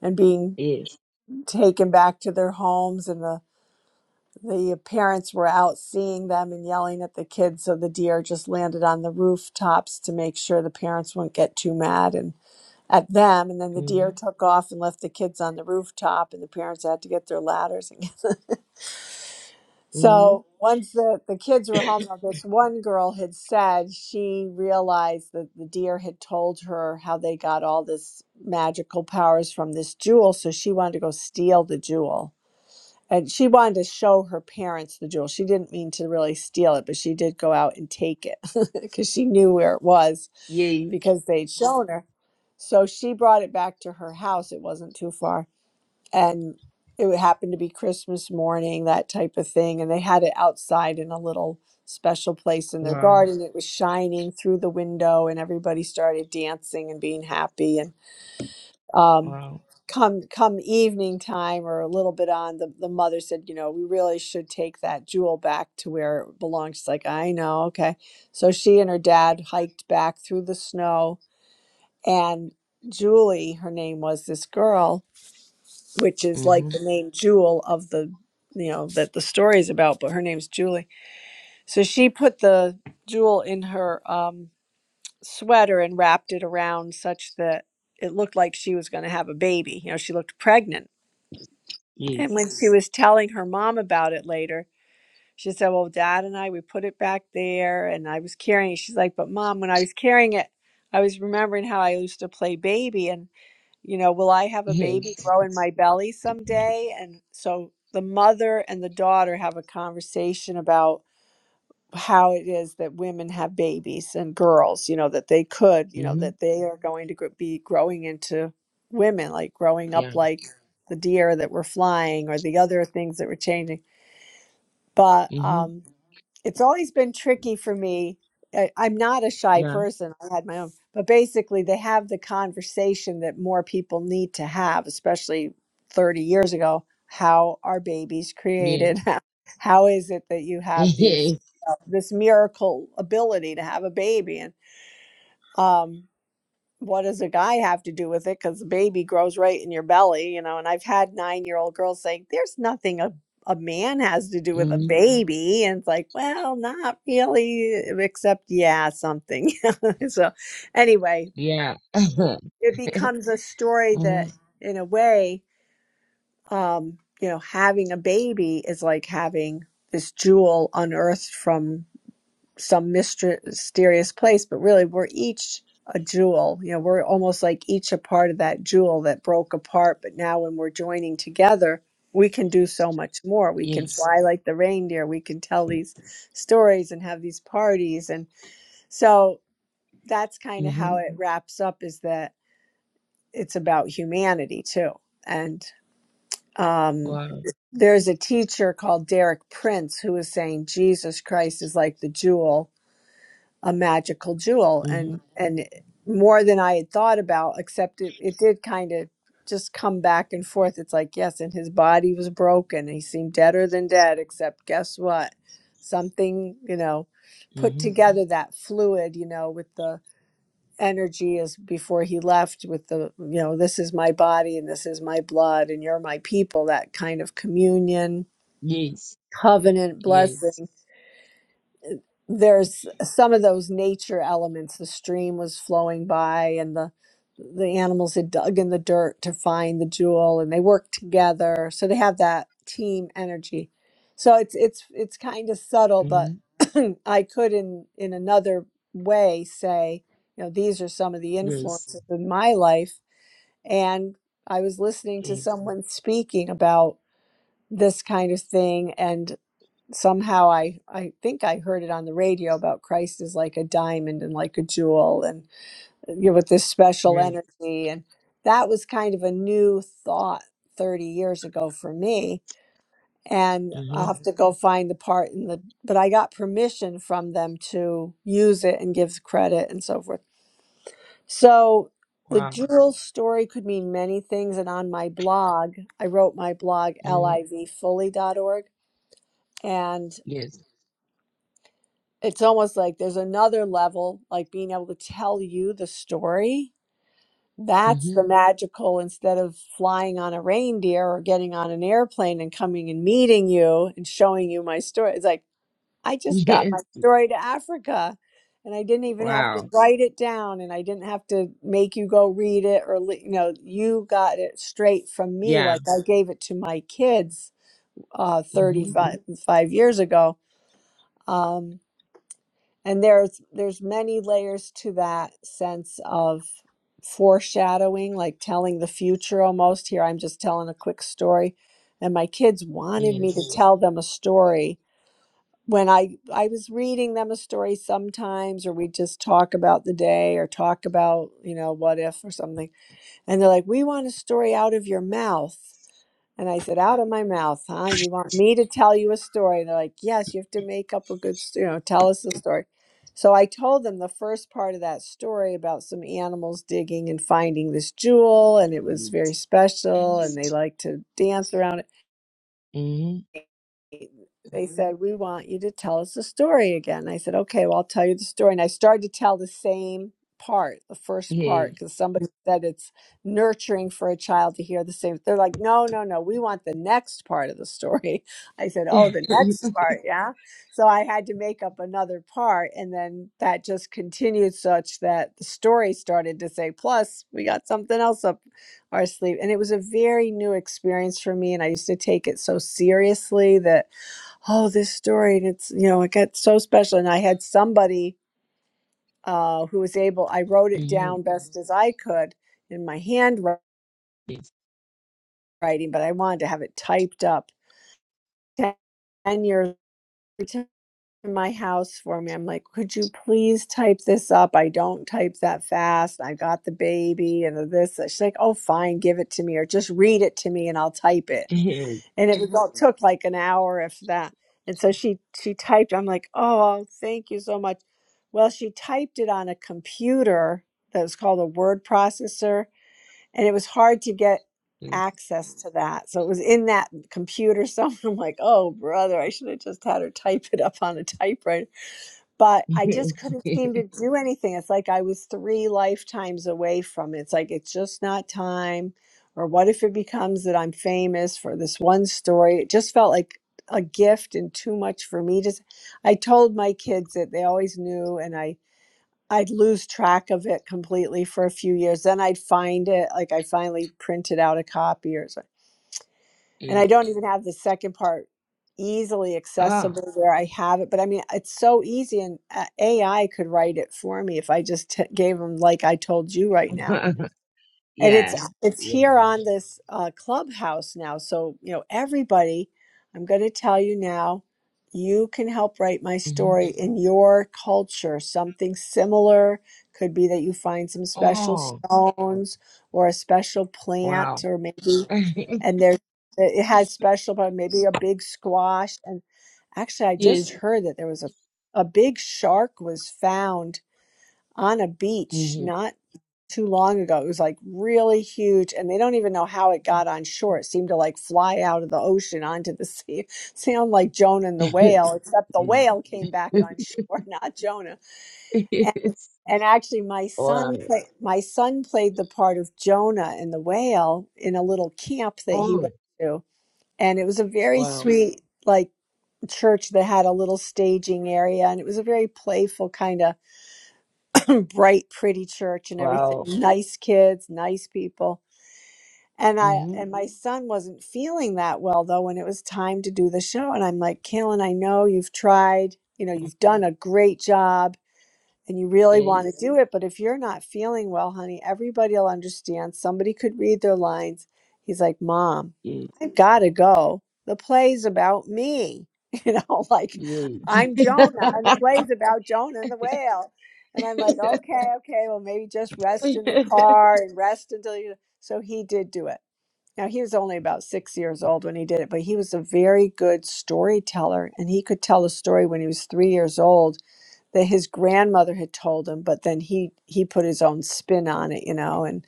S1: and being
S3: yes,
S1: taken back to their homes and the the parents were out seeing them and yelling at the kids so the deer just landed on the rooftops to make sure the parents wouldn't get too mad and at them and then the
S3: mm-hmm.
S1: deer took off and left the kids on the rooftop and the parents had to get their ladders and get- *laughs*
S3: hmm
S1: so once the, the kids were home now this one girl had said she realized that the deer had told her how they got all this magical powers from this jewel so she wanted to go steal the jewel and she wanted to show her parents the jewel. She didn't mean to really steal it, but she did go out and take it *laughs* because she knew where it was
S3: Yes.
S1: because they'd shown her. So she brought it back to her house. It wasn't too far. And it happened to be Christmas morning, that type of thing. And they had it outside in a little special place in their
S3: Wow.
S1: garden. It was shining through the window, and everybody started dancing and being happy. And um,
S3: Wow.
S1: come come evening time or a little bit on the, the mother said you know we really should take that jewel back to where it belongs she's like i know okay so she and her dad hiked back through the snow and julie her name was this girl which is like
S3: Mm-hmm.
S1: the name jewel of the you know that the story is about but her name's julie so she put the jewel in her um, sweater and wrapped it around such that it looked like she was going to have a baby you know she looked pregnant And
S3: Yes.
S1: when she was telling her mom about it later, she said, Well, dad and I, we put it back there and I was carrying it. She's like, But mom, when I was carrying it, I was remembering how I used to play baby and, you know, will I have a
S3: Yes.
S1: baby grow in my belly someday? And so the mother and the daughter have a conversation about how it is that women have babies and girls, you know, that they could, you know,
S3: Mm-hmm.
S1: that they are going to gr- be growing into women, like growing
S3: Yeah.
S1: up like the deer that were flying or the other things that were changing. But
S3: Mm-hmm.
S1: um, it's always been tricky for me. I, I'm not a shy
S3: Yeah.
S1: person. I had my own, but basically, they have the conversation that more people need to have, especially 30 years ago. How are babies created? *laughs*
S3: Yes.
S1: How how is it that you
S3: *laughs*
S1: have these
S3: Yes.
S1: uh, this miracle ability to have a baby? And um, what does a guy have to do with it? Because the baby grows right in your belly, you know. And I've had nine year old girls saying, there's nothing a, a man has to do with a
S3: Mm-hmm.
S1: baby. And it's like, well, not really, uh, except, yeah, something. *laughs* so, anyway,
S3: Yeah. *laughs*
S1: it becomes a story
S3: mm-hmm.
S1: that, in a way, um, you know, having a baby is like having this jewel unearthed from some myster- mysterious place, but really we're each a jewel. You know, we're almost like each a part of that jewel that broke apart, but now when we're joining together, we can do so much more. We can
S3: Yes.
S1: fly like the reindeer. We can tell these stories and have these parties. And so that's kind of
S3: Mm-hmm.
S1: how it wraps up is that it's about humanity too. And um,
S3: Wow.
S1: there's a teacher called Derek Prince who is saying Jesus Christ is like the jewel a magical jewel
S3: Mm-hmm.
S1: and and more than I had thought about, except it, it did kind of just come back and forth. It's like, yes, and his body was broken. He seemed deader than dead, except guess what? Something, you know, put
S3: Mm-hmm.
S1: together that fluid, you know, with the energy as before he left with the, you know, this is my body and this is my blood and you're my people, that kind of communion,
S3: Yes.
S1: covenant blessing
S3: Yes.
S1: there's some of those nature elements the stream was flowing by and the the animals had dug in the dirt to find the jewel and they worked together so they have that team energy so it's it's it's kind of subtle but
S3: Mm-hmm.
S1: *clears throat* i could in in another way say you know these are some of the
S3: Yes.
S1: influences in my life and i was listening to
S3: Yes.
S1: someone speaking about this kind of thing and somehow I I think I heard it on the radio about Christ is like a diamond and like a jewel and you know, with this special
S3: Yes.
S1: energy and that was kind of a new thought 30 years ago for me and
S3: Mm-hmm.
S1: I'll have to go find the part in the but I got permission from them to use it and give credit and so forth. So the
S3: Wow.
S1: jewel story could mean many things and on my blog I wrote my blog l
S3: Mm-hmm.
S1: i v fully dot org and.
S3: Yes.
S1: it's almost like there's another level, like being able to tell you the story. That's
S3: Mm-hmm.
S1: the
S3: *laughs*
S1: magical instead of flying on a reindeer or getting on an airplane and coming and meeting you and showing you my story. It's like, I just got my
S3: Yes.
S1: story to Africa and I didn't even have to
S3: Wow.
S1: write it down and I didn't have to make you go read it or, li- you know, you got it straight from me.
S3: Yeah.
S1: Like I gave it to my kids uh,
S3: Mm-hmm.
S1: 35 five years ago. Um, and there's there's many layers to that sense of foreshadowing like telling the future almost here i'm just telling a quick story and my kids wanted me to
S3: Yes.
S1: Mhm. tell them a story when i i was reading them a story sometimes or we just talk about the day or talk about you know what if or something and they're like we want a story out of your mouth and I said, out of my mouth, huh? You want me to tell you a story? And they're like, yes, you have to make up a good, s- you know, tell us the story. So I told them the first part of that story about some animals digging and finding this jewel, and it was
S3: Mm-hmm.
S1: very special, and
S3: Yes.
S1: they like to dance around it they said, We want you to tell us the story again. I said, Okay, well, I'll tell you the story. And I started to tell the same part, the first part, because somebody said it's nurturing for a child to hear the same. They're like, No, no, no, we want the next part of the story. *laughs* I said, Oh, the
S3: *laughs*
S1: next part, yeah. So I had to make up another part. And then that just continued such that the story started to say, Plus, we got something else up our sleeve. And it was a very new experience for me. And I used to take it so seriously that oh this story and it's you know it got so special and i had somebody uh, who was able i wrote it
S3: Mm-hmm.
S1: down best as i could in my handwriting
S3: Yes.
S1: but i wanted to have it typed up 10 years to my house for me i'm like could you please type this up i don't type that fast i got the baby and this she's like oh fine give it to me or just read it to me and i'll type it
S3: *laughs*
S1: and it was all took like an hour if that and so she she typed i'm like oh thank you so much well she typed it on a computer that was called a word processor and it was hard to get access to that so it was in that computer somewhere *laughs* i'm like oh brother i should have just had her type it up on a typewriter but I
S3: Yes.
S1: just
S3: Yes.
S1: couldn't seem to do anything. It's like I was three lifetimes away from it. It's like it's just not time. Or what if it becomes that I'm famous for this one story? It just felt like a gift and too much for me to. s- I told my kids that they always knew, and I I'd lose track of it completely for a few years. Then I'd find it. Like I finally printed out a copy, or and
S3: Yes.
S1: I don't even have the second part easily
S3: Oh.
S1: accessible where I have it. But I mean, it's so easy, and uh, AI could write it for me if I just t- gave them like I told you right now.
S3: *laughs*
S1: And it's
S3: yeah.
S1: uh, it's
S3: Yeah.
S1: here on this uh, clubhouse now, so you know everybody. I'm going to tell you now. You can help write my
S3: hmm
S1: story in your culture. Something similar could be that you find some special
S3: Oh.
S1: stones or a special
S3: Wow.
S1: plant, or maybe
S3: *laughs*
S1: and there it had special but maybe a big squash and actually i
S3: yes.
S1: just heard that there was a, a big shark was found on a beach
S3: hmm
S1: not too long ago it was like really huge and they don't even know how it got on shore it seemed to like fly out of the ocean onto the sea *laughs* sound like jonah and the
S3: *laughs*
S1: whale except the whale came back on shore *laughs* not jonah and,
S3: yes.
S1: and actually my son
S3: Wow.
S1: play, my son played the part of jonah and the whale in a little camp that he
S3: Oh.
S1: went to and it was a very
S3: Wow.
S1: sweet like church that had a little staging area and it was a very playful kind of bright pretty church and everything
S3: Wow.
S1: nice kids nice people and i
S3: hmm
S1: and my son wasn't feeling that well though when it was time to do the show and i'm like kaylin i know you've tried you know you've done a great job and you really want to
S3: Yes.
S1: do it. But if you're not feeling well, honey, everybody will understand. Somebody could read their lines. He's like, Mom,
S3: Yes.
S1: I've got to go. The play's about me. *laughs* You know, like
S3: Yes.
S1: I'm Jonah, and the play's about Jonah and the whale. And I'm like,
S3: *laughs*
S1: okay, okay, well, maybe just rest in the car and rest until you. So he did do it. Now, he was only about six years old when he did it, but he was a very good storyteller and he could tell a story when he was three years old that his grandmother had told him but then he he put his own spin on it you know and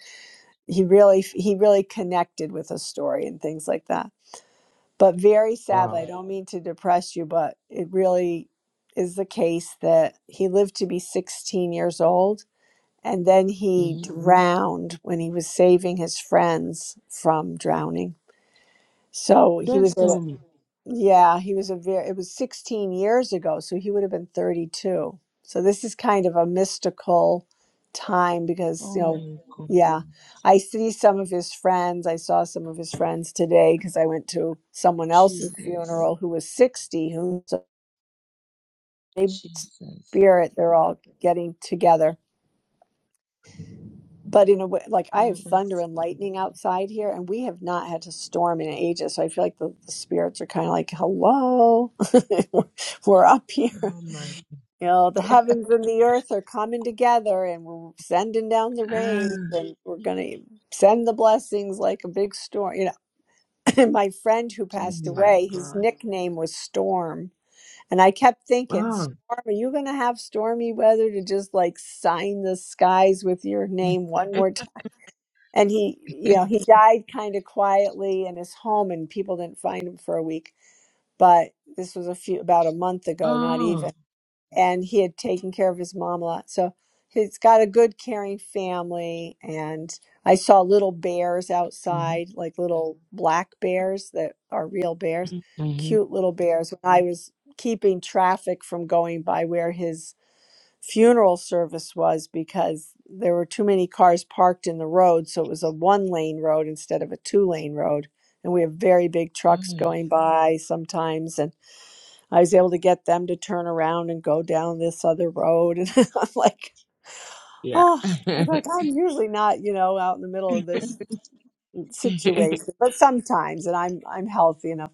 S1: he really he really connected with a story and things like that but very sadly i
S3: wow.
S1: don't mean to depress you but it really is the case that he lived to be 16 years old and then he Mhm.
S3: hmm
S1: drowned when he was saving his friends from drowning so he was
S3: Don't
S1: at a,
S3: tell me.
S1: yeah, he was a very, it was 16 years ago, so he would have been 32. So this is kind of a mystical time because,
S3: Oh
S1: you know,
S3: my God.
S1: yeah, I see some of his friends. I saw some of his friends today because I went to someone else's
S3: Jesus.
S1: funeral who was 60, who so maybe
S3: Jesus.
S1: spirit, they're all getting together. But in a way, like I have
S3: Oh
S1: thunder and
S3: my.
S1: lightning outside here, and we have not had a storm in ages. So I feel like the, the spirits are kind of like, hello, *laughs* we're up here.
S3: Oh my
S1: You know, the heavens and the earth are coming together and we're sending down the
S3: ah,
S1: rain and we're going to send the blessings like a big storm. You know, *laughs* *clears throat* my friend who
S3: oh
S1: passed
S3: my
S1: away, his
S3: god.
S1: nickname was Storm. And I kept thinking,
S3: Oh
S1: Storm, are you going to have stormy weather to just like sign the skies with your
S3: *laughs*
S1: name one more time? And he, you know, he died kind of quietly in his home and people didn't find him for a week. But this was a few, about a month ago, not even
S3: oh
S1: and he had taken care of his mom a lot. So he's got a good, caring family. And I saw little bears
S3: Mhm,
S1: outside, like little black bears that are real bears,
S3: mhm, mhm.
S1: cute little bears. When I was keeping traffic from going by where his funeral service was because there were too many cars parked in the road. So it was a one lane road instead of a two lane road. And we have very big trucks
S3: mhm.
S1: going by sometimes. and. I was able to get them to turn around and go down this other road. *laughs* And I'm like,
S3: yeah.
S1: oh, I was like,
S3: *laughs*
S1: I'm usually not, you know, out in the middle of this situation, but sometimes, and I'm I'm healthy enough.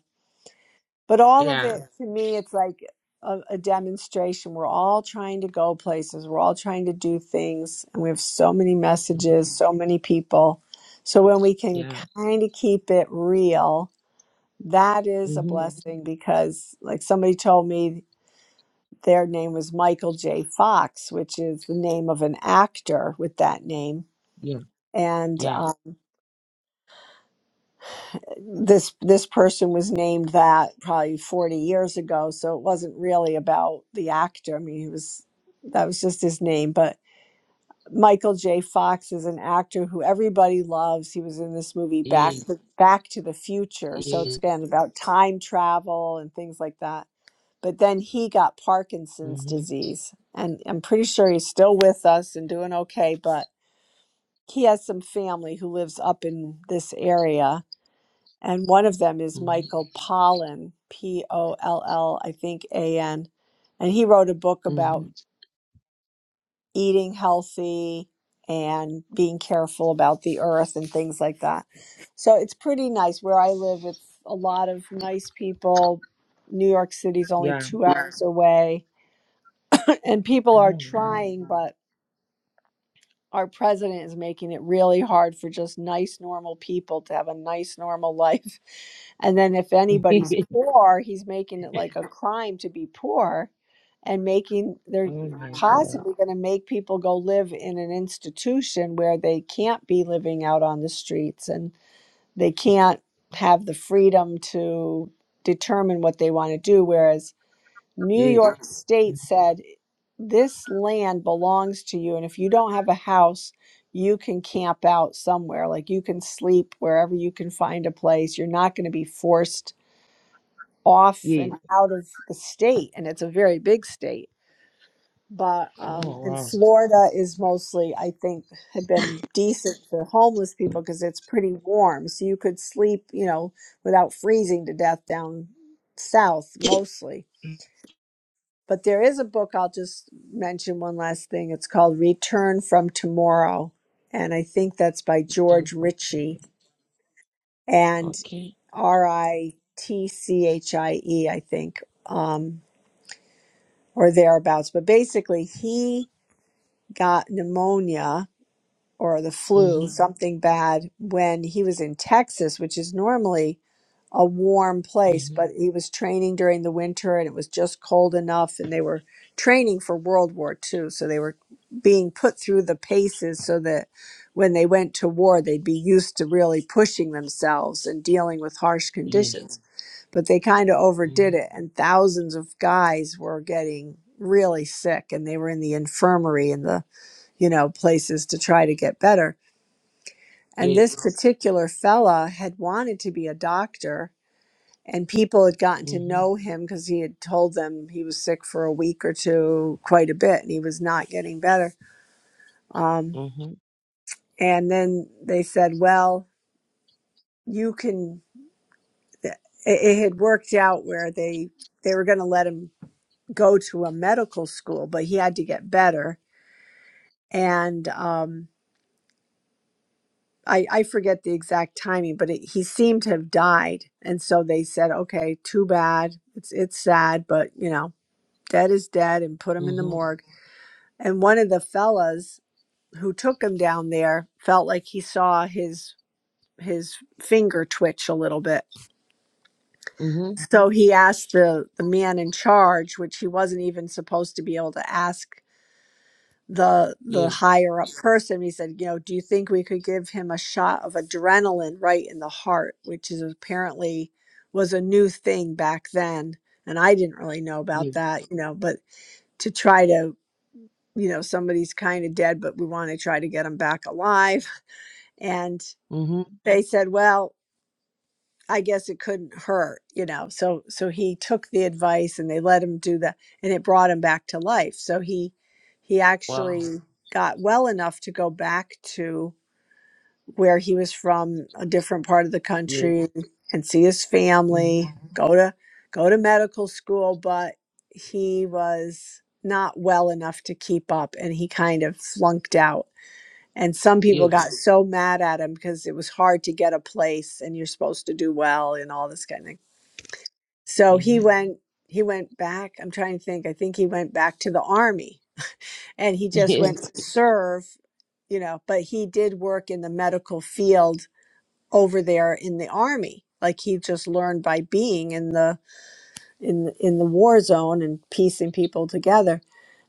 S1: But all of
S3: yeah.
S1: it to me, it's like a, a demonstration. We're all trying to go places. We're all trying to do things, and we have so many
S3: Mhm,
S1: messages, so many people. So when we can
S3: Yeah.
S1: kind of keep it real, that is a
S3: hmm
S1: blessing because, like somebody told me, Their name was Michael J. Fox, which is the name of an actor with that name.
S3: Yeah.
S1: And
S3: Yeah.
S1: uh, this this person was named that probably 40 years ago, so it wasn't really about the actor. I mean, he was that was just his name, but Michael J. Fox is an actor who everybody loves. He was in this movie Back
S3: Yes.
S1: Back to the Future, so it's
S3: Yes.
S1: again about time travel and things like that but then he got Parkinson's
S3: hmm
S1: disease. And I'm pretty sure he's still with us and doing okay, but he has some family who lives up in this area. And one of them is
S3: hmm
S1: Michael Pollan, P O L L, I think A N. And he wrote a book about
S3: hmm
S1: eating healthy and being careful about the earth and things like that. So it's pretty nice where I live. It's a lot of nice people. New York City's only
S3: Yeah.
S1: two hours away And people are
S3: Oh, yeah.
S1: trying, but our president is making it really hard for just nice, normal people to have a nice, normal life. *laughs* And then if anybody's
S3: *laughs*
S1: poor, he's making it like a crime to be poor and making, they're
S3: oh my god.
S1: possibly going to make people go live in an institution where they can't be living out on the streets and they can't have the freedom to determine what they want to do. Whereas New
S3: Yes.
S1: York State
S3: Mhm,
S1: said, This land belongs to you. And if you don't have a house, you can camp out somewhere. Like you can sleep wherever you can find a place. You're not going to be forced off and
S3: Yes.
S1: out of the state. And it's a very big state. But, um,
S3: Oh
S1: and
S3: wow.
S1: Florida is mostly, I think, had been decent for homeless people because it's pretty warm. So you could sleep, you know, without freezing to death down south mostly
S3: Mm,
S1: but there is a book, I'll just mention one last thing. It's called Return from Tomorrow. And I think that's by George Ritchie
S3: Unfortunately.
S1: and
S3: Okay.
S1: R I T C H I E, I think, um, or thereabouts. But basically, he got pneumonia or the flu,
S3: hmm
S1: something bad, when he was in Texas, which is normally a warm place,
S3: hmm
S1: but he was training during the winter and it was just cold enough and they were training for World War II. So they were being put through the paces so that when they went to war, they'd be used to really pushing themselves and dealing with harsh
S3: Yes.
S1: conditions. But they kind of overdid
S3: hmm
S1: it and thousands of guys were getting really sick and they were in the infirmary and the, you know, places to try to get better. And this
S3: Yes.
S1: particular fella had wanted to be a doctor and people had gotten to
S3: hmm
S1: know him because he had told them he was sick for a week or two quite a bit and he was not getting better um,
S3: hmm
S1: and then they said well you can it, it had worked out where they they were going to let him go to a medical school but he had to get better and um, I, I forget the exact timing but it, he seemed to have died and so they said okay too bad it's it's sad but you know dead is dead and put him in the
S3: hmm
S1: morgue and one of the fellas who took him down there felt like he saw his his finger twitch a little bit
S3: Mm-hmm.
S1: so he asked the the man in charge which he wasn't even supposed to be able to ask the the
S3: Yes.
S1: higher up person he said you know do you think we could give him a shot of adrenaline right in the heart which is apparently was a new thing back then and i didn't really know about
S3: Yes.
S1: that you know but to try to you know somebody's kind of dead but we want to try to get him back alive and
S3: Mm-hmm.
S1: they said well i guess it couldn't hurt you know so so he took the advice and they let him do that and it brought him back to life so he he
S3: Wow.
S1: actually got well enough to go back to where he was from a different part of the
S3: Yes.
S1: country and see his
S3: Mm-hmm.
S1: family go to go to medical school but he was not well enough to keep up and he kind of flunked out and some people
S3: Yes.
S1: got so mad at him because it was hard to get a place and you're supposed to do well and all this kind of thing. So he
S3: Mm-hmm. *laughs*
S1: went he went back. I'm trying to think. I think he went back to the army and he just went
S3: Yes.
S1: to serve, you know, but he did work in the medical field over there in the army. Like he just learned by being in the in in the war zone and piecing people together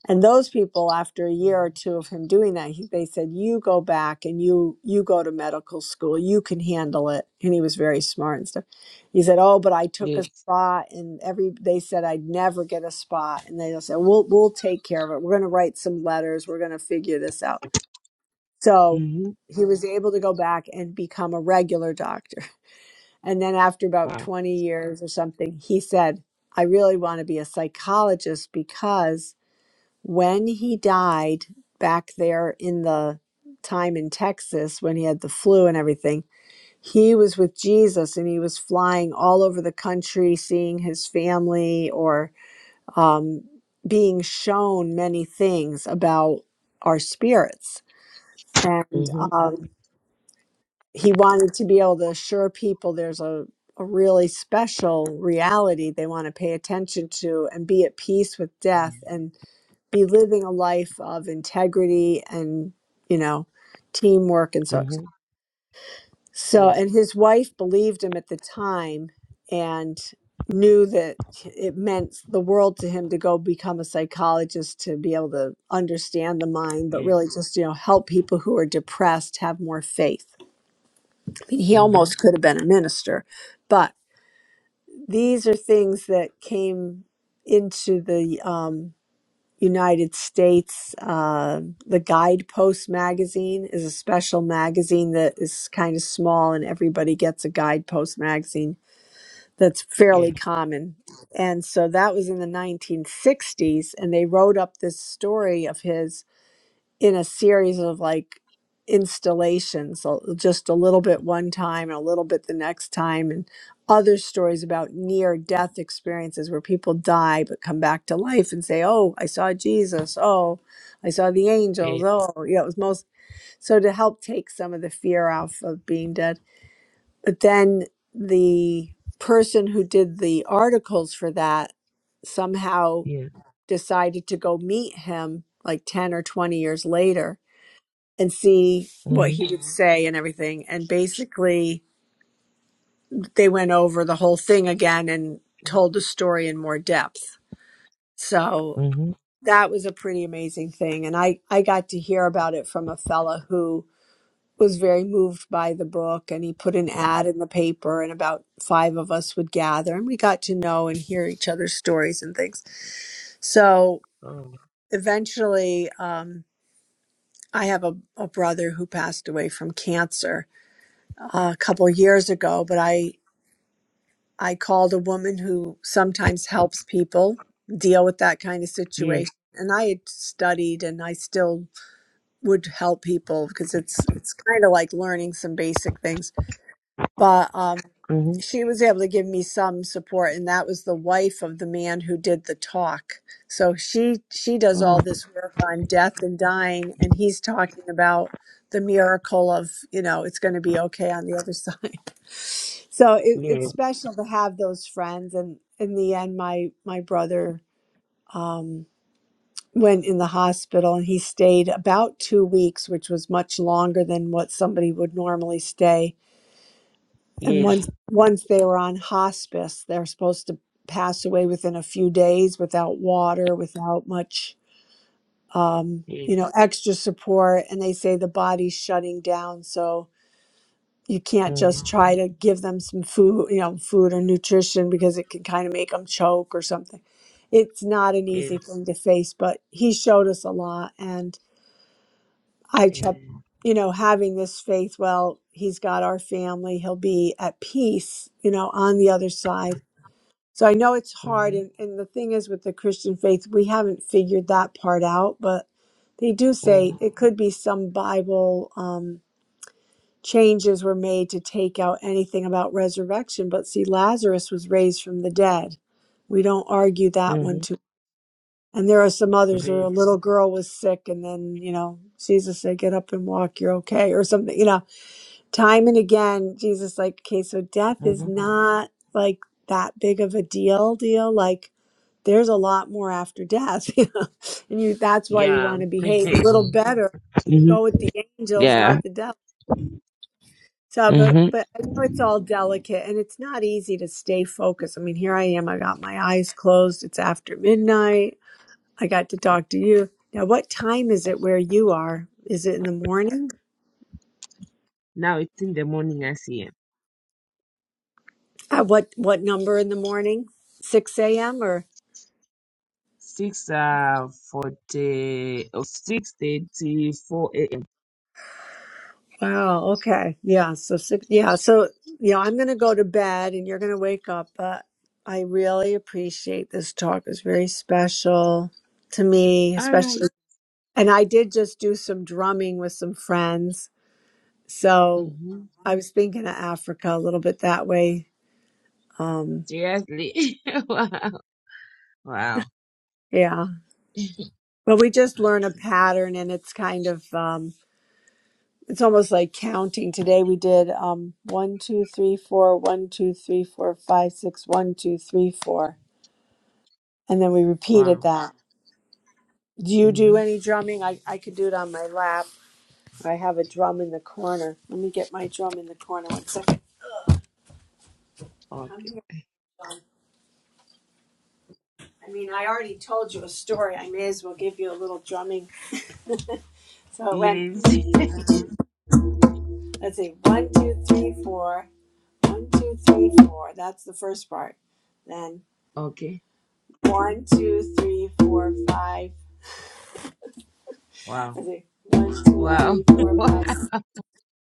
S1: and those people after a year or
S3: Mhm.
S1: two of him doing that he, they said you go back and you you go to medical school you can handle it and he was very smart and stuff he said oh but i took a
S3: Yes.
S1: spot and every they said i'd never get a spot and they said we'll we'll take care of it we're going to write some letters we're going to figure this out so
S3: Mm-hmm.
S1: he was able to go back and become a regular doctor *laughs* and then after about
S3: Wow.
S1: 20 years or something he said i really want to be a psychologist because when he died back there in the time in Texas when he had the flu and everything, he was with Jesus and he was flying all over the country, seeing his family or um, being shown many things about our spirits. And
S3: Mm-hmm.
S1: um, he wanted to be able to assure people there's a, a really special reality they want to pay attention to and be at peace with death. And be living a life of integrity and you know teamwork and so
S3: Mm-hmm.
S1: so
S3: Yes.
S1: and his wife believed him at the time and knew that it meant the world to him to go become a psychologist to be able to understand the mind but
S3: Yes.
S1: really just you know help people who are depressed have more faith I mean, he
S3: Mm-hmm.
S1: almost could have been a minister but these are things that came into the um, United States. Uh, the Guidepost magazine is a special magazine that is kind of small, and everybody gets a Guidepost magazine that's fairly
S3: Yes.
S1: common. And so that was in the 1960s, and they wrote up this story of his in a series of like installations so just a little bit one time and a little bit the next time and other stories about near death experiences where people die but come back to life and say oh i saw jesus oh i saw the angels
S3: Yes.
S1: oh you know it was most so to help take some of the fear off of being dead but then the person who did the articles for that somehow
S3: Yes.
S1: decided to go meet him like 10 or 20 years later and see what
S3: Mm-hmm.
S1: he would Mhm. say and everything. And basically, they went over the whole thing again and told the story in more depth. So
S3: Mm-hmm.
S1: that was a pretty amazing thing. And I, I got to hear about it from a fella who was very moved by the book and he put an ad in the paper and about five of us would gather and we got to know and hear each other's stories and things. So
S3: Oh.
S1: eventually, um, I have a, a brother who passed away from cancer a couple years ago, but I I called a woman who sometimes helps people deal with that kind of
S3: Yes.
S1: situation. And I had studied and I still would help people because it's it's kind of like learning some basic things. But um
S3: Mm-hmm.
S1: she was able to give me some support and that was the wife of the man who did the talk so she she does
S3: Oh.
S1: all this work on death and dying and he's talking about the miracle of you know it's going to be okay on the other side *laughs* so it, it's
S3: Yes.
S1: special to have those friends and in the end my my brother um went in the hospital and he stayed about two weeks which was much longer than what somebody would normally stay and
S3: Yes.
S1: once once they were on hospice, they're supposed to pass away within a few days without water, without much um,
S3: Yes.
S1: you know, extra support. And they say the body's shutting down, so you can't
S3: Mm-hmm.
S1: just try to give them some food, you know, food or nutrition because it can kind of make them choke or something. It's not an
S3: Yes.
S1: easy thing to face, but he showed us a lot. And I kept,
S3: And
S1: you know, having this faith well, he's got our family, he'll be at peace, you know, on the other side So I know it's hard.
S3: Mm-hmm.
S1: And, and the thing is, with the Christian faith, we haven't figured that part out, but they do say
S3: Mm-hmm.
S1: it could be some Bible um, changes were made to take out anything about resurrection. But see, Lazarus was raised from the dead. We don't argue that
S3: Mm-hmm.
S1: one too. And there are some others where a
S3: Very.
S1: little girl was sick, and then, you know, Jesus said, Get up and walk, you're okay, or something. You know, time and again, Jesus, like, okay, so death is
S3: Mm-hmm.
S1: not like that big of a deal, deal. Like, there's a lot more after death *laughs* you know? and you that's why you
S3: Yeah.
S1: want to
S3: *laughs*
S1: behave a
S3: mm-hmm.
S1: little better go with the angels
S3: Yeah.
S1: not the devil so but
S3: Mm-hmm.
S1: but i know it's all delicate and it's not easy to stay focused i mean here i am i got my eyes closed it's after midnight i got to talk to you now what time is it where you are is it in the morning
S3: Now it's in the morning, I see.
S1: at what what number in the morning 6 a.m or?
S3: six uh forty oh, six thirty four a.m.
S1: Wow. Okay. Yeah. So six. Yeah. So you know, I'm going to go to bed, and you're going to wake up. But I really appreciate this talk. It's very special to me,
S3: All
S1: especially.
S3: right.
S1: And I did just do some drumming with some friends. So
S3: Mm-hmm.
S1: I was thinking of Africa a little bit that way. Um,
S3: Seriously. *laughs* wow. Wow.
S1: yeah. But we just learn a
S3: Okay.
S1: pattern, and it's kind of um, it's almost like counting. Today we did um, one, two, three, four, one, two, three, four, five, six, one, two, three, four And then we repeated
S3: Wow.
S1: that. Do you do
S3: Mm-hmm.
S1: any drumming? I, I could do it on my lap. I have a drum in the corner. Let me get my drum in the corner. One second. Come
S3: Okay.
S1: here. I mean, I already told you a story. I may as well give you a little drumming. So it went,
S3: Yes. *laughs* Yes.
S1: let's see, one, two, three, four. One, two, three, four. That's the first part. Then
S3: okay.
S1: one, two, three, four, five. *laughs*
S3: Wow.
S1: Let's see. One, two,
S3: Wow.
S1: three, four,
S3: *laughs*
S1: five, six.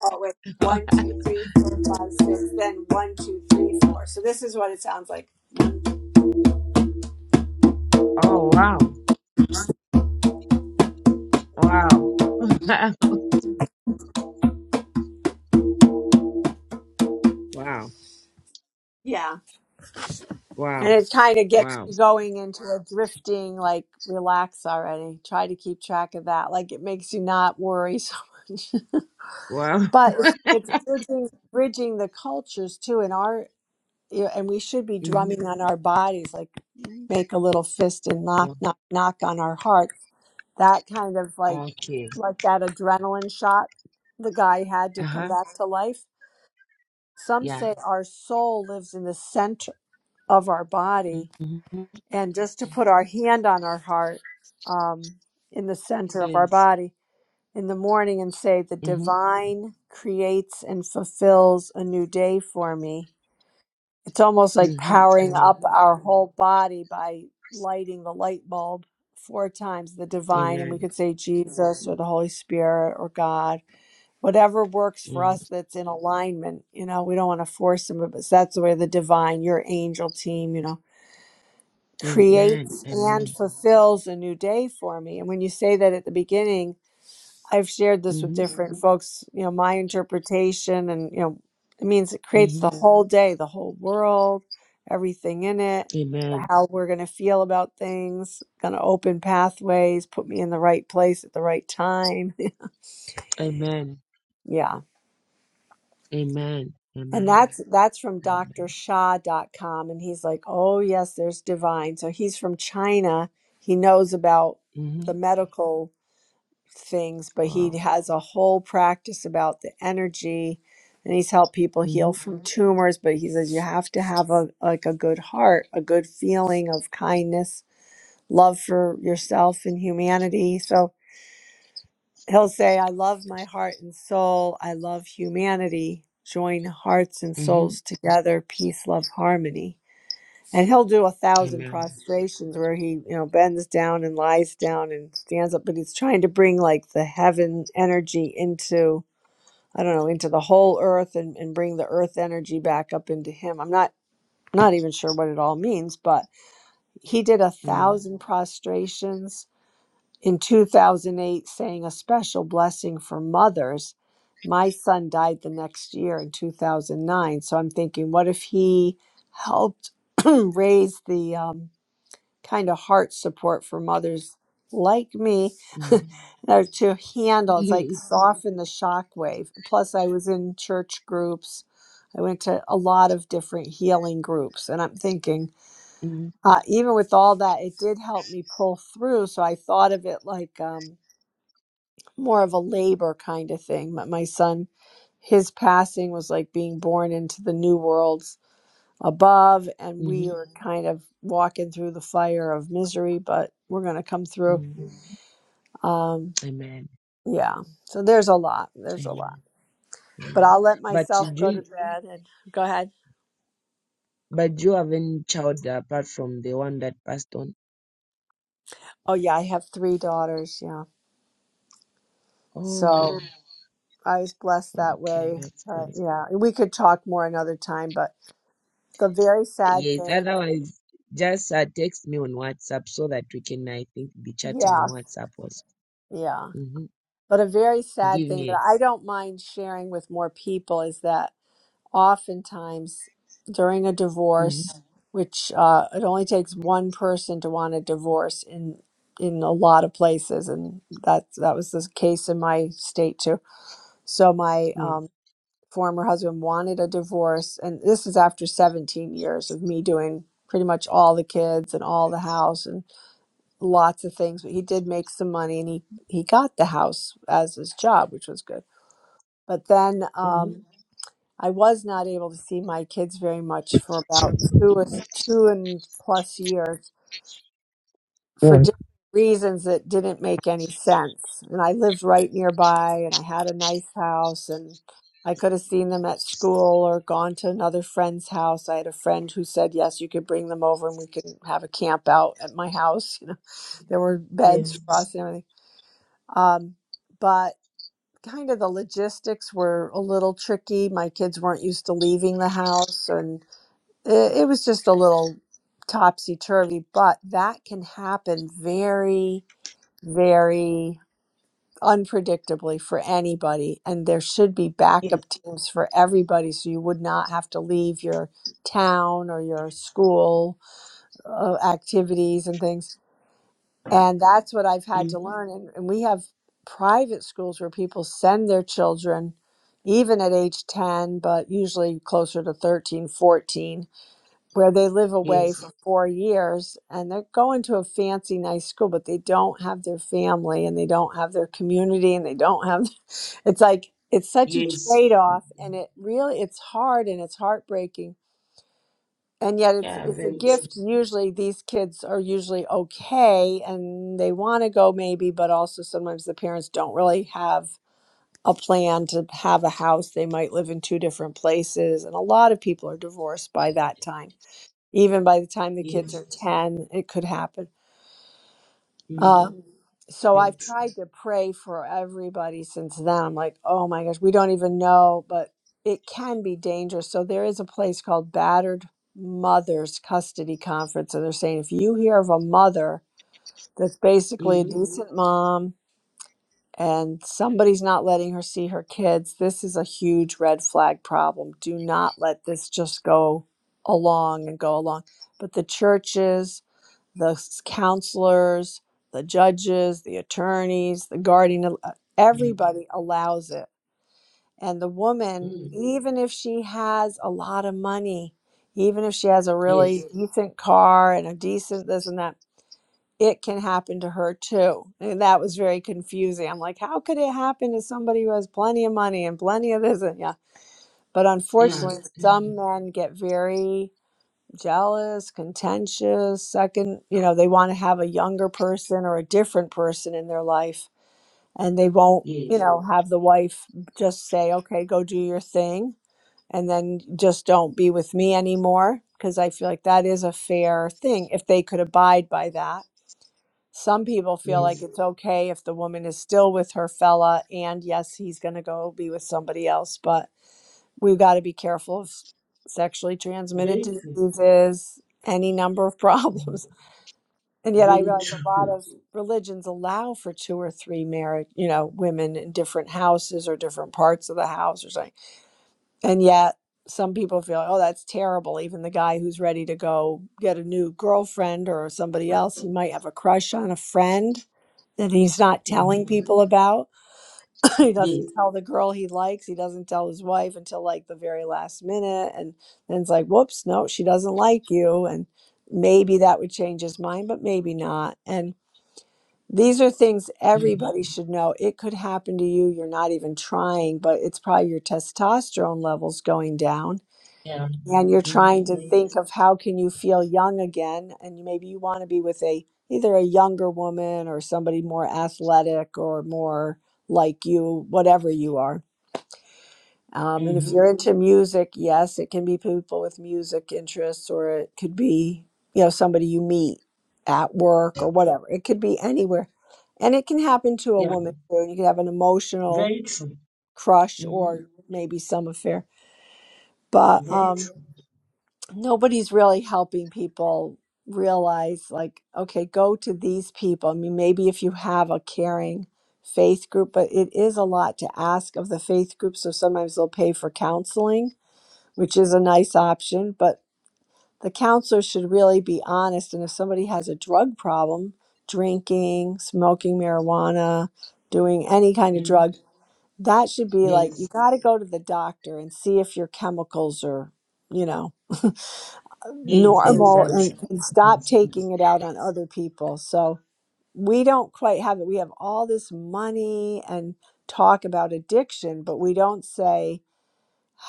S1: Oh, wait.
S3: Wow.
S1: One, two, three, four, five, six. Then one, two, three, four. So this is what it sounds like.
S3: oh wow. Wow. *laughs* wow.
S1: Yeah. And
S3: Wow.
S1: it kind of gets
S3: Wow.
S1: you going into a drifting, like, relax already. Try to keep track of that. Like, it makes you not worry *laughs* so much.
S3: Wow.
S1: But it's, it's bridging, bridging the cultures too. In our, you know, and we should be
S3: Mm-hmm.
S1: drumming on our bodies, like, make a little fist and knock,
S3: Oh,
S1: knock, knock on our heart. that kind of like
S3: Okay.
S1: like that adrenaline shot the guy had to come
S3: Uh-huh.
S1: back to life some
S3: Yeah.
S1: say our soul lives in the center of our body
S3: Mm-hmm.
S1: and just to put our hand on our heart um, in the center of our
S3: Yes.
S1: body in the morning and say the
S3: Mm-hmm.
S1: divine creates and fulfills a new day for me it's almost like
S3: Mm-hmm.
S1: powering
S3: Amen.
S1: up our whole body by lighting the light bulb four times the divine, and we
S3: Amen.
S1: could say Jesus or the Holy Spirit or God, whatever works for
S3: Mm-hmm.
S1: us that's in alignment. You know, we don't want to force them, but that's the way the divine, your angel team, you know,
S3: Amen.
S1: creates and
S3: Amen.
S1: fulfills a new day for me. And when you say that at the beginning, I've shared this with
S3: Mm-hmm.
S1: different Mhm. folks, you know, my interpretation and you know, it means it creates
S3: Mm-hmm.
S1: the Mhm. whole day, the whole world, everything in it,
S3: Amen.
S1: how we're going to feel about things, going to open pathways, put me in the right place at the right time. *laughs*
S3: Amen.
S1: yeah.
S3: Amen.
S1: And
S3: Amen.
S1: that's that's from
S3: Amen.
S1: Dr. dot com, and he's like, "Oh, yes, there's divine." So he's from China. He knows about
S3: Mm-hmm.
S1: the medical things, but he
S3: Wow.
S1: has a whole practice about the energy and he's helped people heal
S3: Mm-hmm.
S1: from Mhm. tumors. But he says you have to have a like a good heart, a good feeling of kindness, love for yourself and humanity. So he'll say, I love my heart and soul, I love humanity. Join hearts and souls
S3: Mm-hmm.
S1: together, peace, love, harmony. And he'll do a thousand
S3: Amen.
S1: prostrations where he, you know, bends down and lies down and stands up, but he's trying to bring like the heaven energy into, I don't know, into the whole earth and, and bring the earth energy back up into him. I'm not not even sure what it all means, but he did a
S3: Mm-hmm.
S1: thousand prostrations in 2008 saying a special blessing for mothers. My son died the next year in 2009. So I'm thinking, what if he helped *clears throat* raise the um, kind of heart support for mothers like me *laughs* or to handle it's like
S3: Mm-hmm.
S1: soften the shock wave plus i was in church groups i went to a lot of different healing groups and i'm thinking
S3: Mm-hmm.
S1: uh, even with all that it did help me pull through so i thought of it like um, more of a labor kind of thing my, my son his passing was like being born into the new world above and we are kind of walking through the fire of misery but we're going to come through
S3: Mm-hmm.
S1: um
S3: Amen.
S1: yeah so there's a lot there's a
S3: Amen.
S1: lot but
S3: Amen.
S1: i'll let
S3: But
S1: myself
S3: do
S1: go to
S3: you,
S1: bed and go ahead
S3: but do you have any child apart from the one that passed on?
S1: oh yeah i have three daughters yeah so Mm.
S3: Oh,
S1: i was blessed that
S3: okay,
S1: way
S3: that's
S1: but
S3: good.
S1: yeah we could talk more another time but the very sad
S3: Yes,
S1: thing
S3: otherwise just uh, text me on WhatsApp so that we can I think be chatting on
S1: yeah
S3: WhatsApp also.
S1: yeah
S3: Mm-hmm.
S1: but a very sad
S3: Give
S1: thing that
S3: me
S1: i don't mind sharing with more people is that oftentimes during a
S3: hmm
S1: divorce, which uh, it only takes one person to want a divorce in in a lot of places, and that that was the case in my state too. So my
S3: Yes.
S1: um, former husband wanted a divorce, and this is after 17 years of me doing pretty much all the kids and all the house and lots of things. But he did make some money, and he he got the house as his job, which was good. But then um,
S3: hmm
S1: I was not able to see my kids very much for about two or two and plus years for
S3: Yeah.
S1: different reasons that didn't make any sense. And I lived right nearby, and I had a nice house, and I could have seen them at school or gone to another friend's house. I had a friend who said yes, you could bring them over, and we could have a camp out at my house. *laughs* You know, there were beds
S3: Yes.
S1: for us and everything. Um, but kind of the logistics were a little tricky. My kids weren't used to leaving the house, and it, it was just a little topsy turvy, but that can happen very, very unpredictably for anybody. And there should be
S3: Yes.
S1: backup teams for everybody so you would not have to leave your town or your school uh, activities and things. And that's what I've had to
S3: hmm
S1: learn. And, and we have private schools where people send their children even at age 10 but usually closer to 13, 14 where they live away
S3: Yes.
S1: for four years and they're going to a fancy nice school but they don't have their family and they don't have their community and they don't have *laughs* it's like it's such a
S3: Yes.
S1: trade-off and it really it's hard and it's heartbreaking and yet it's
S3: Yeah,
S1: it's a
S3: very true.
S1: gift usually these kids are usually okay and they want to go maybe but also sometimes the parents don't really have a plan to have a house they might live in two different places and a lot of people are divorced by that time even by the time the kids
S3: Yes.
S1: are 10 it could happen
S3: Mm-hmm.
S1: uh, Mhm. so
S3: Very
S1: i've
S3: true.
S1: tried to pray for everybody since then i'm like oh my gosh we don't even know but it can be dangerous so there is a place called battered mothers custody conference and they're saying if you hear of a mother that's basically a Mhm. decent mom and somebody's not letting her see her kids this is a huge red flag problem do not let this just go along and go along but the churches the counselors, the judges, the attorneys, the guardian, uh,
S3: Mm-hmm.
S1: everybody allows it. And the woman,
S3: Mm-hmm.
S1: even if she has a lot of money, even if she has a really
S3: Yes.
S1: decent car and a decent this and that, it can happen to her too. And that was very confusing. I'm like, how could it happen to somebody who has plenty of money and plenty of this and yeah? But
S3: Yeah.
S1: unfortunately,
S3: Mhm.
S1: some men get very jealous, contentious. Second, you know, they want to have a younger person or a different person in their life and they won't, you
S3: Yes.
S1: know, have the wife just say, okay, go do your thing and then just don't be with me anymore. Because I feel like that is a fair thing if they could abide by that. Some people feel like
S3: Yes.
S1: it's okay if the woman is still with her fella, and yes, he's going to go be with somebody else, but we've got to be careful of sexually transmitted
S3: Very true.
S1: diseases, any number of problems. *laughs* And yet, I
S3: Very
S1: realize a lot
S3: true.
S1: of religions allow for two or three marriage, you know, women in different houses or different parts of the house or something. And yet, some people feel, oh, that's terrible. Even the guy who's ready to go get a new girlfriend or somebody else, he might have a crush on a friend that he's not
S3: Mm-hmm.
S1: telling people about. *laughs* he
S3: Yes.
S1: doesn't tell the girl he likes. He doesn't tell his wife until like the very last minute. And then it's like, whoops, no, she doesn't like you. And maybe that would change his mind, but maybe not. And these are things
S3: Mm-hmm.
S1: everybody should know. It could happen to you. You're not even trying, but it's probably your testosterone levels going down
S3: Yeah.
S1: and you're trying
S3: Mm-hmm.
S1: to
S3: Very
S1: think of how can you feel young again and you- maybe you want to be with a either a younger woman or somebody more athletic or more like you whatever you are um, and if
S3: Mm-hmm.
S1: you're into music yes it can be people with music interests or it could be you know somebody you meet at work or whatever it could be anywhere and it can happen to a
S3: Yeah.
S1: woman too. you could have an emotional
S3: Very true.
S1: crush
S3: Mm-hmm.
S1: or maybe some affair but
S3: Very
S1: um
S3: true.
S1: nobody's really helping people realize like okay go to these people i mean maybe if you have a caring faith group but it is a lot to ask of the faith group so sometimes they'll pay for counseling which is a nice option but the counselor should really be honest and if somebody has a drug problem drinking smoking marijuana doing any kind of
S3: Mm-hmm.
S1: drug that should be like you
S3: Yes.
S1: got to go to the doctor and see if your chemicals are you know
S3: Yes,
S1: normal and,
S3: exactly.
S1: and stop
S3: Yes.
S1: taking it out on other people. So we don't quite have it. We have all this money and talk about addiction, but we don't say,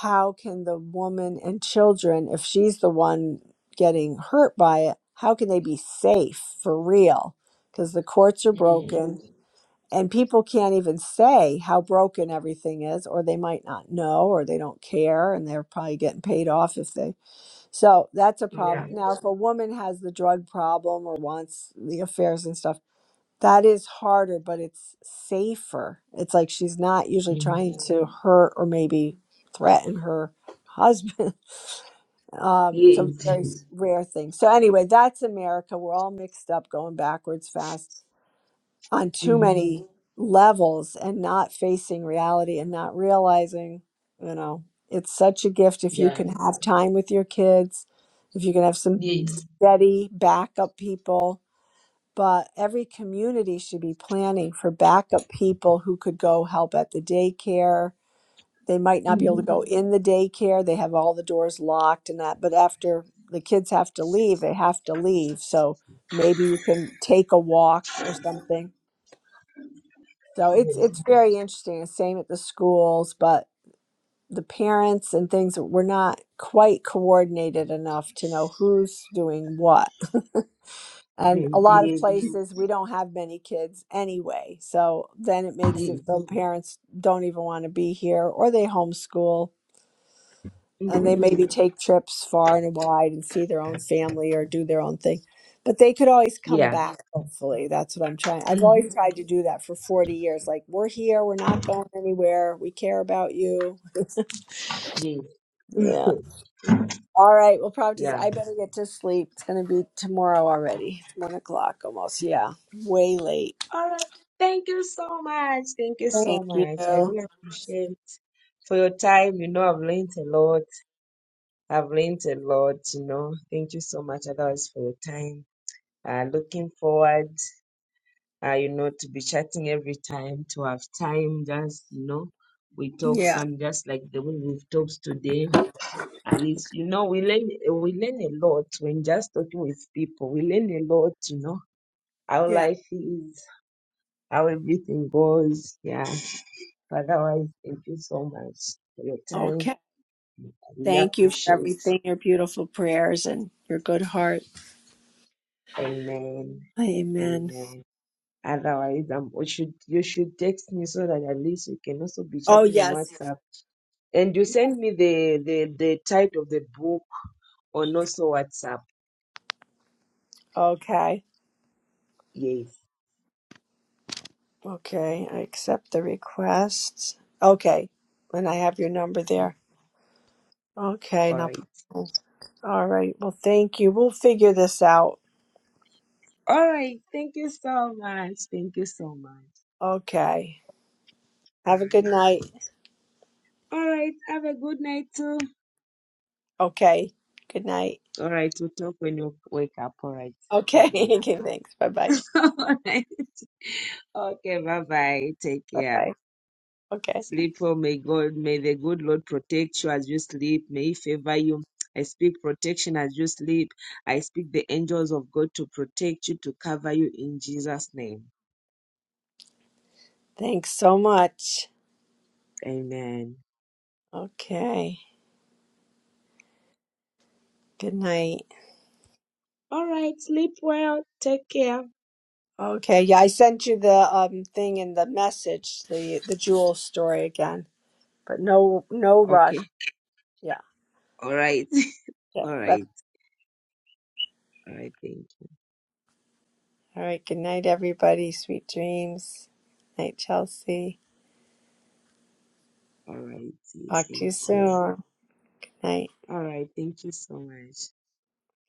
S1: how can the woman and children, if she's the one getting hurt by it, how can they be safe for real? Because the courts are
S3: Mm-hmm.
S1: broken and people can't even say how broken everything is, or they might not know, or they don't care, and they're probably getting paid off if they so that's a problem.
S3: Yeah.
S1: Now, if a woman has the drug problem or wants the affairs and stuff, that is harder, but it's safer. It's like she's not usually
S3: Mm-hmm.
S1: trying to hurt or maybe threaten her husband. *laughs* Um, it's a
S3: Yes.
S1: very s- rare thing. So, anyway, that's America. We're all mixed up, going backwards fast on too
S3: Mm-hmm.
S1: many Mhm. levels and not facing reality and not realizing, you know, it's such a gift if you
S3: Yeah.
S1: can have time with your kids if you can have some
S3: Yes.
S1: steady backup people, but every community should be planning for backup people who could go help at the daycare. They might not be able
S3: Mm-hmm.
S1: to go in the daycare. They have all the doors locked and that, but after the kids have to leave, they have to leave. So maybe you can take a walk or something. So it's it's very interesting. The Same at the schools, but the parents and things we're not quite coordinated enough to know who's doing what And a
S3: Yes,
S1: lot of
S3: yes.
S1: places we don't have many kids anyway. So then it makes it
S3: Yes.
S1: so parents don't even want to be here or they homeschool and they
S3: Mm-hmm.
S1: maybe take trips far and wide and see their own family or do their own thing. But they could always come
S3: Yeah.
S1: back, hopefully. That's what I'm trying. I've
S3: Mm-hmm.
S1: always tried to do that for 40 years. Like, we're here, we're not going anywhere, we care about you.
S3: Yes.
S1: Yeah.
S3: *laughs*
S1: All right. Well, probably just,
S3: Yeah.
S1: I better get to sleep. It's going to be tomorrow already. It's one o'clock almost. Yeah. Way late.
S3: All right. Thank you so much. Thank you
S1: Thank
S3: so
S1: you.
S3: much. I really appreciate for your time. You know, I've learned a lot. I've learned a lot, you know. Thank you so much, others, for your time. Uh, looking forward, uh, you know, to be chatting every time, to have time, just, you know, we talk
S1: Yeah.
S3: some just like the way we've talked today. At least, you know, we learn we learn a lot when just talking with people. We learn a lot, you know, how
S1: Yeah.
S3: life is, how everything goes. Yeah. But otherwise, thank you so much for your time.
S1: Okay.
S3: I really
S1: Thank you for
S3: appreciate.
S1: everything, your beautiful prayers and your good heart.
S3: Amen.
S1: Amen.
S3: Amen. Otherwise, um, you should you should text me so that at least we can also be
S1: Oh,
S3: chatting on
S1: yes.
S3: WhatsApp. And you send me the the the title of the book on also WhatsApp.
S1: Okay.
S3: Yes.
S1: Okay. I accept the requests. Okay. And I have your number there. Okay.
S3: All
S1: No
S3: right.
S1: problem. All right. Well, thank you. We'll figure this out.
S3: All right. Thank you so much. Thank you so much.
S1: Okay.
S3: All
S1: Have a good
S3: right.
S1: night.
S3: All right. Have a good night too.
S1: Okay. Good night.
S3: All right. We'll talk when you wake up. All right. Good
S1: Okay. *laughs*
S3: night.
S1: okay. Thanks. Bye bye.
S3: *laughs* All right. Okay. Bye bye. Take
S1: Bye
S3: care.
S1: bye. Okay.
S3: Sleep well. May God, may the good Lord protect you as you sleep. May He favor you. I speak protection as you sleep. I speak the angels of God to protect you, to cover you in Jesus' name.
S1: Thanks so much.
S3: Amen.
S1: Okay. Good night.
S3: All right. Sleep well. Take care.
S1: Okay, yeah, I sent you the um thing in the message, the the jewel story again, but no no rush.
S3: Okay.
S1: Yeah.
S3: All right. *laughs*
S1: Okay.
S3: All
S1: But
S3: right. All right, thank you.
S1: all right. Good night, everybody. Sweet dreams. Night, Chelsea.
S3: All righty,
S1: Talk to you
S3: thank you.
S1: soon. Night.
S3: All right, thank you so much.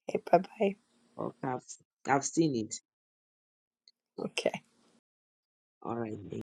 S1: Okay. Bye bye.
S3: Okay, I've, I've seen it.
S1: Okay.
S3: All right, thank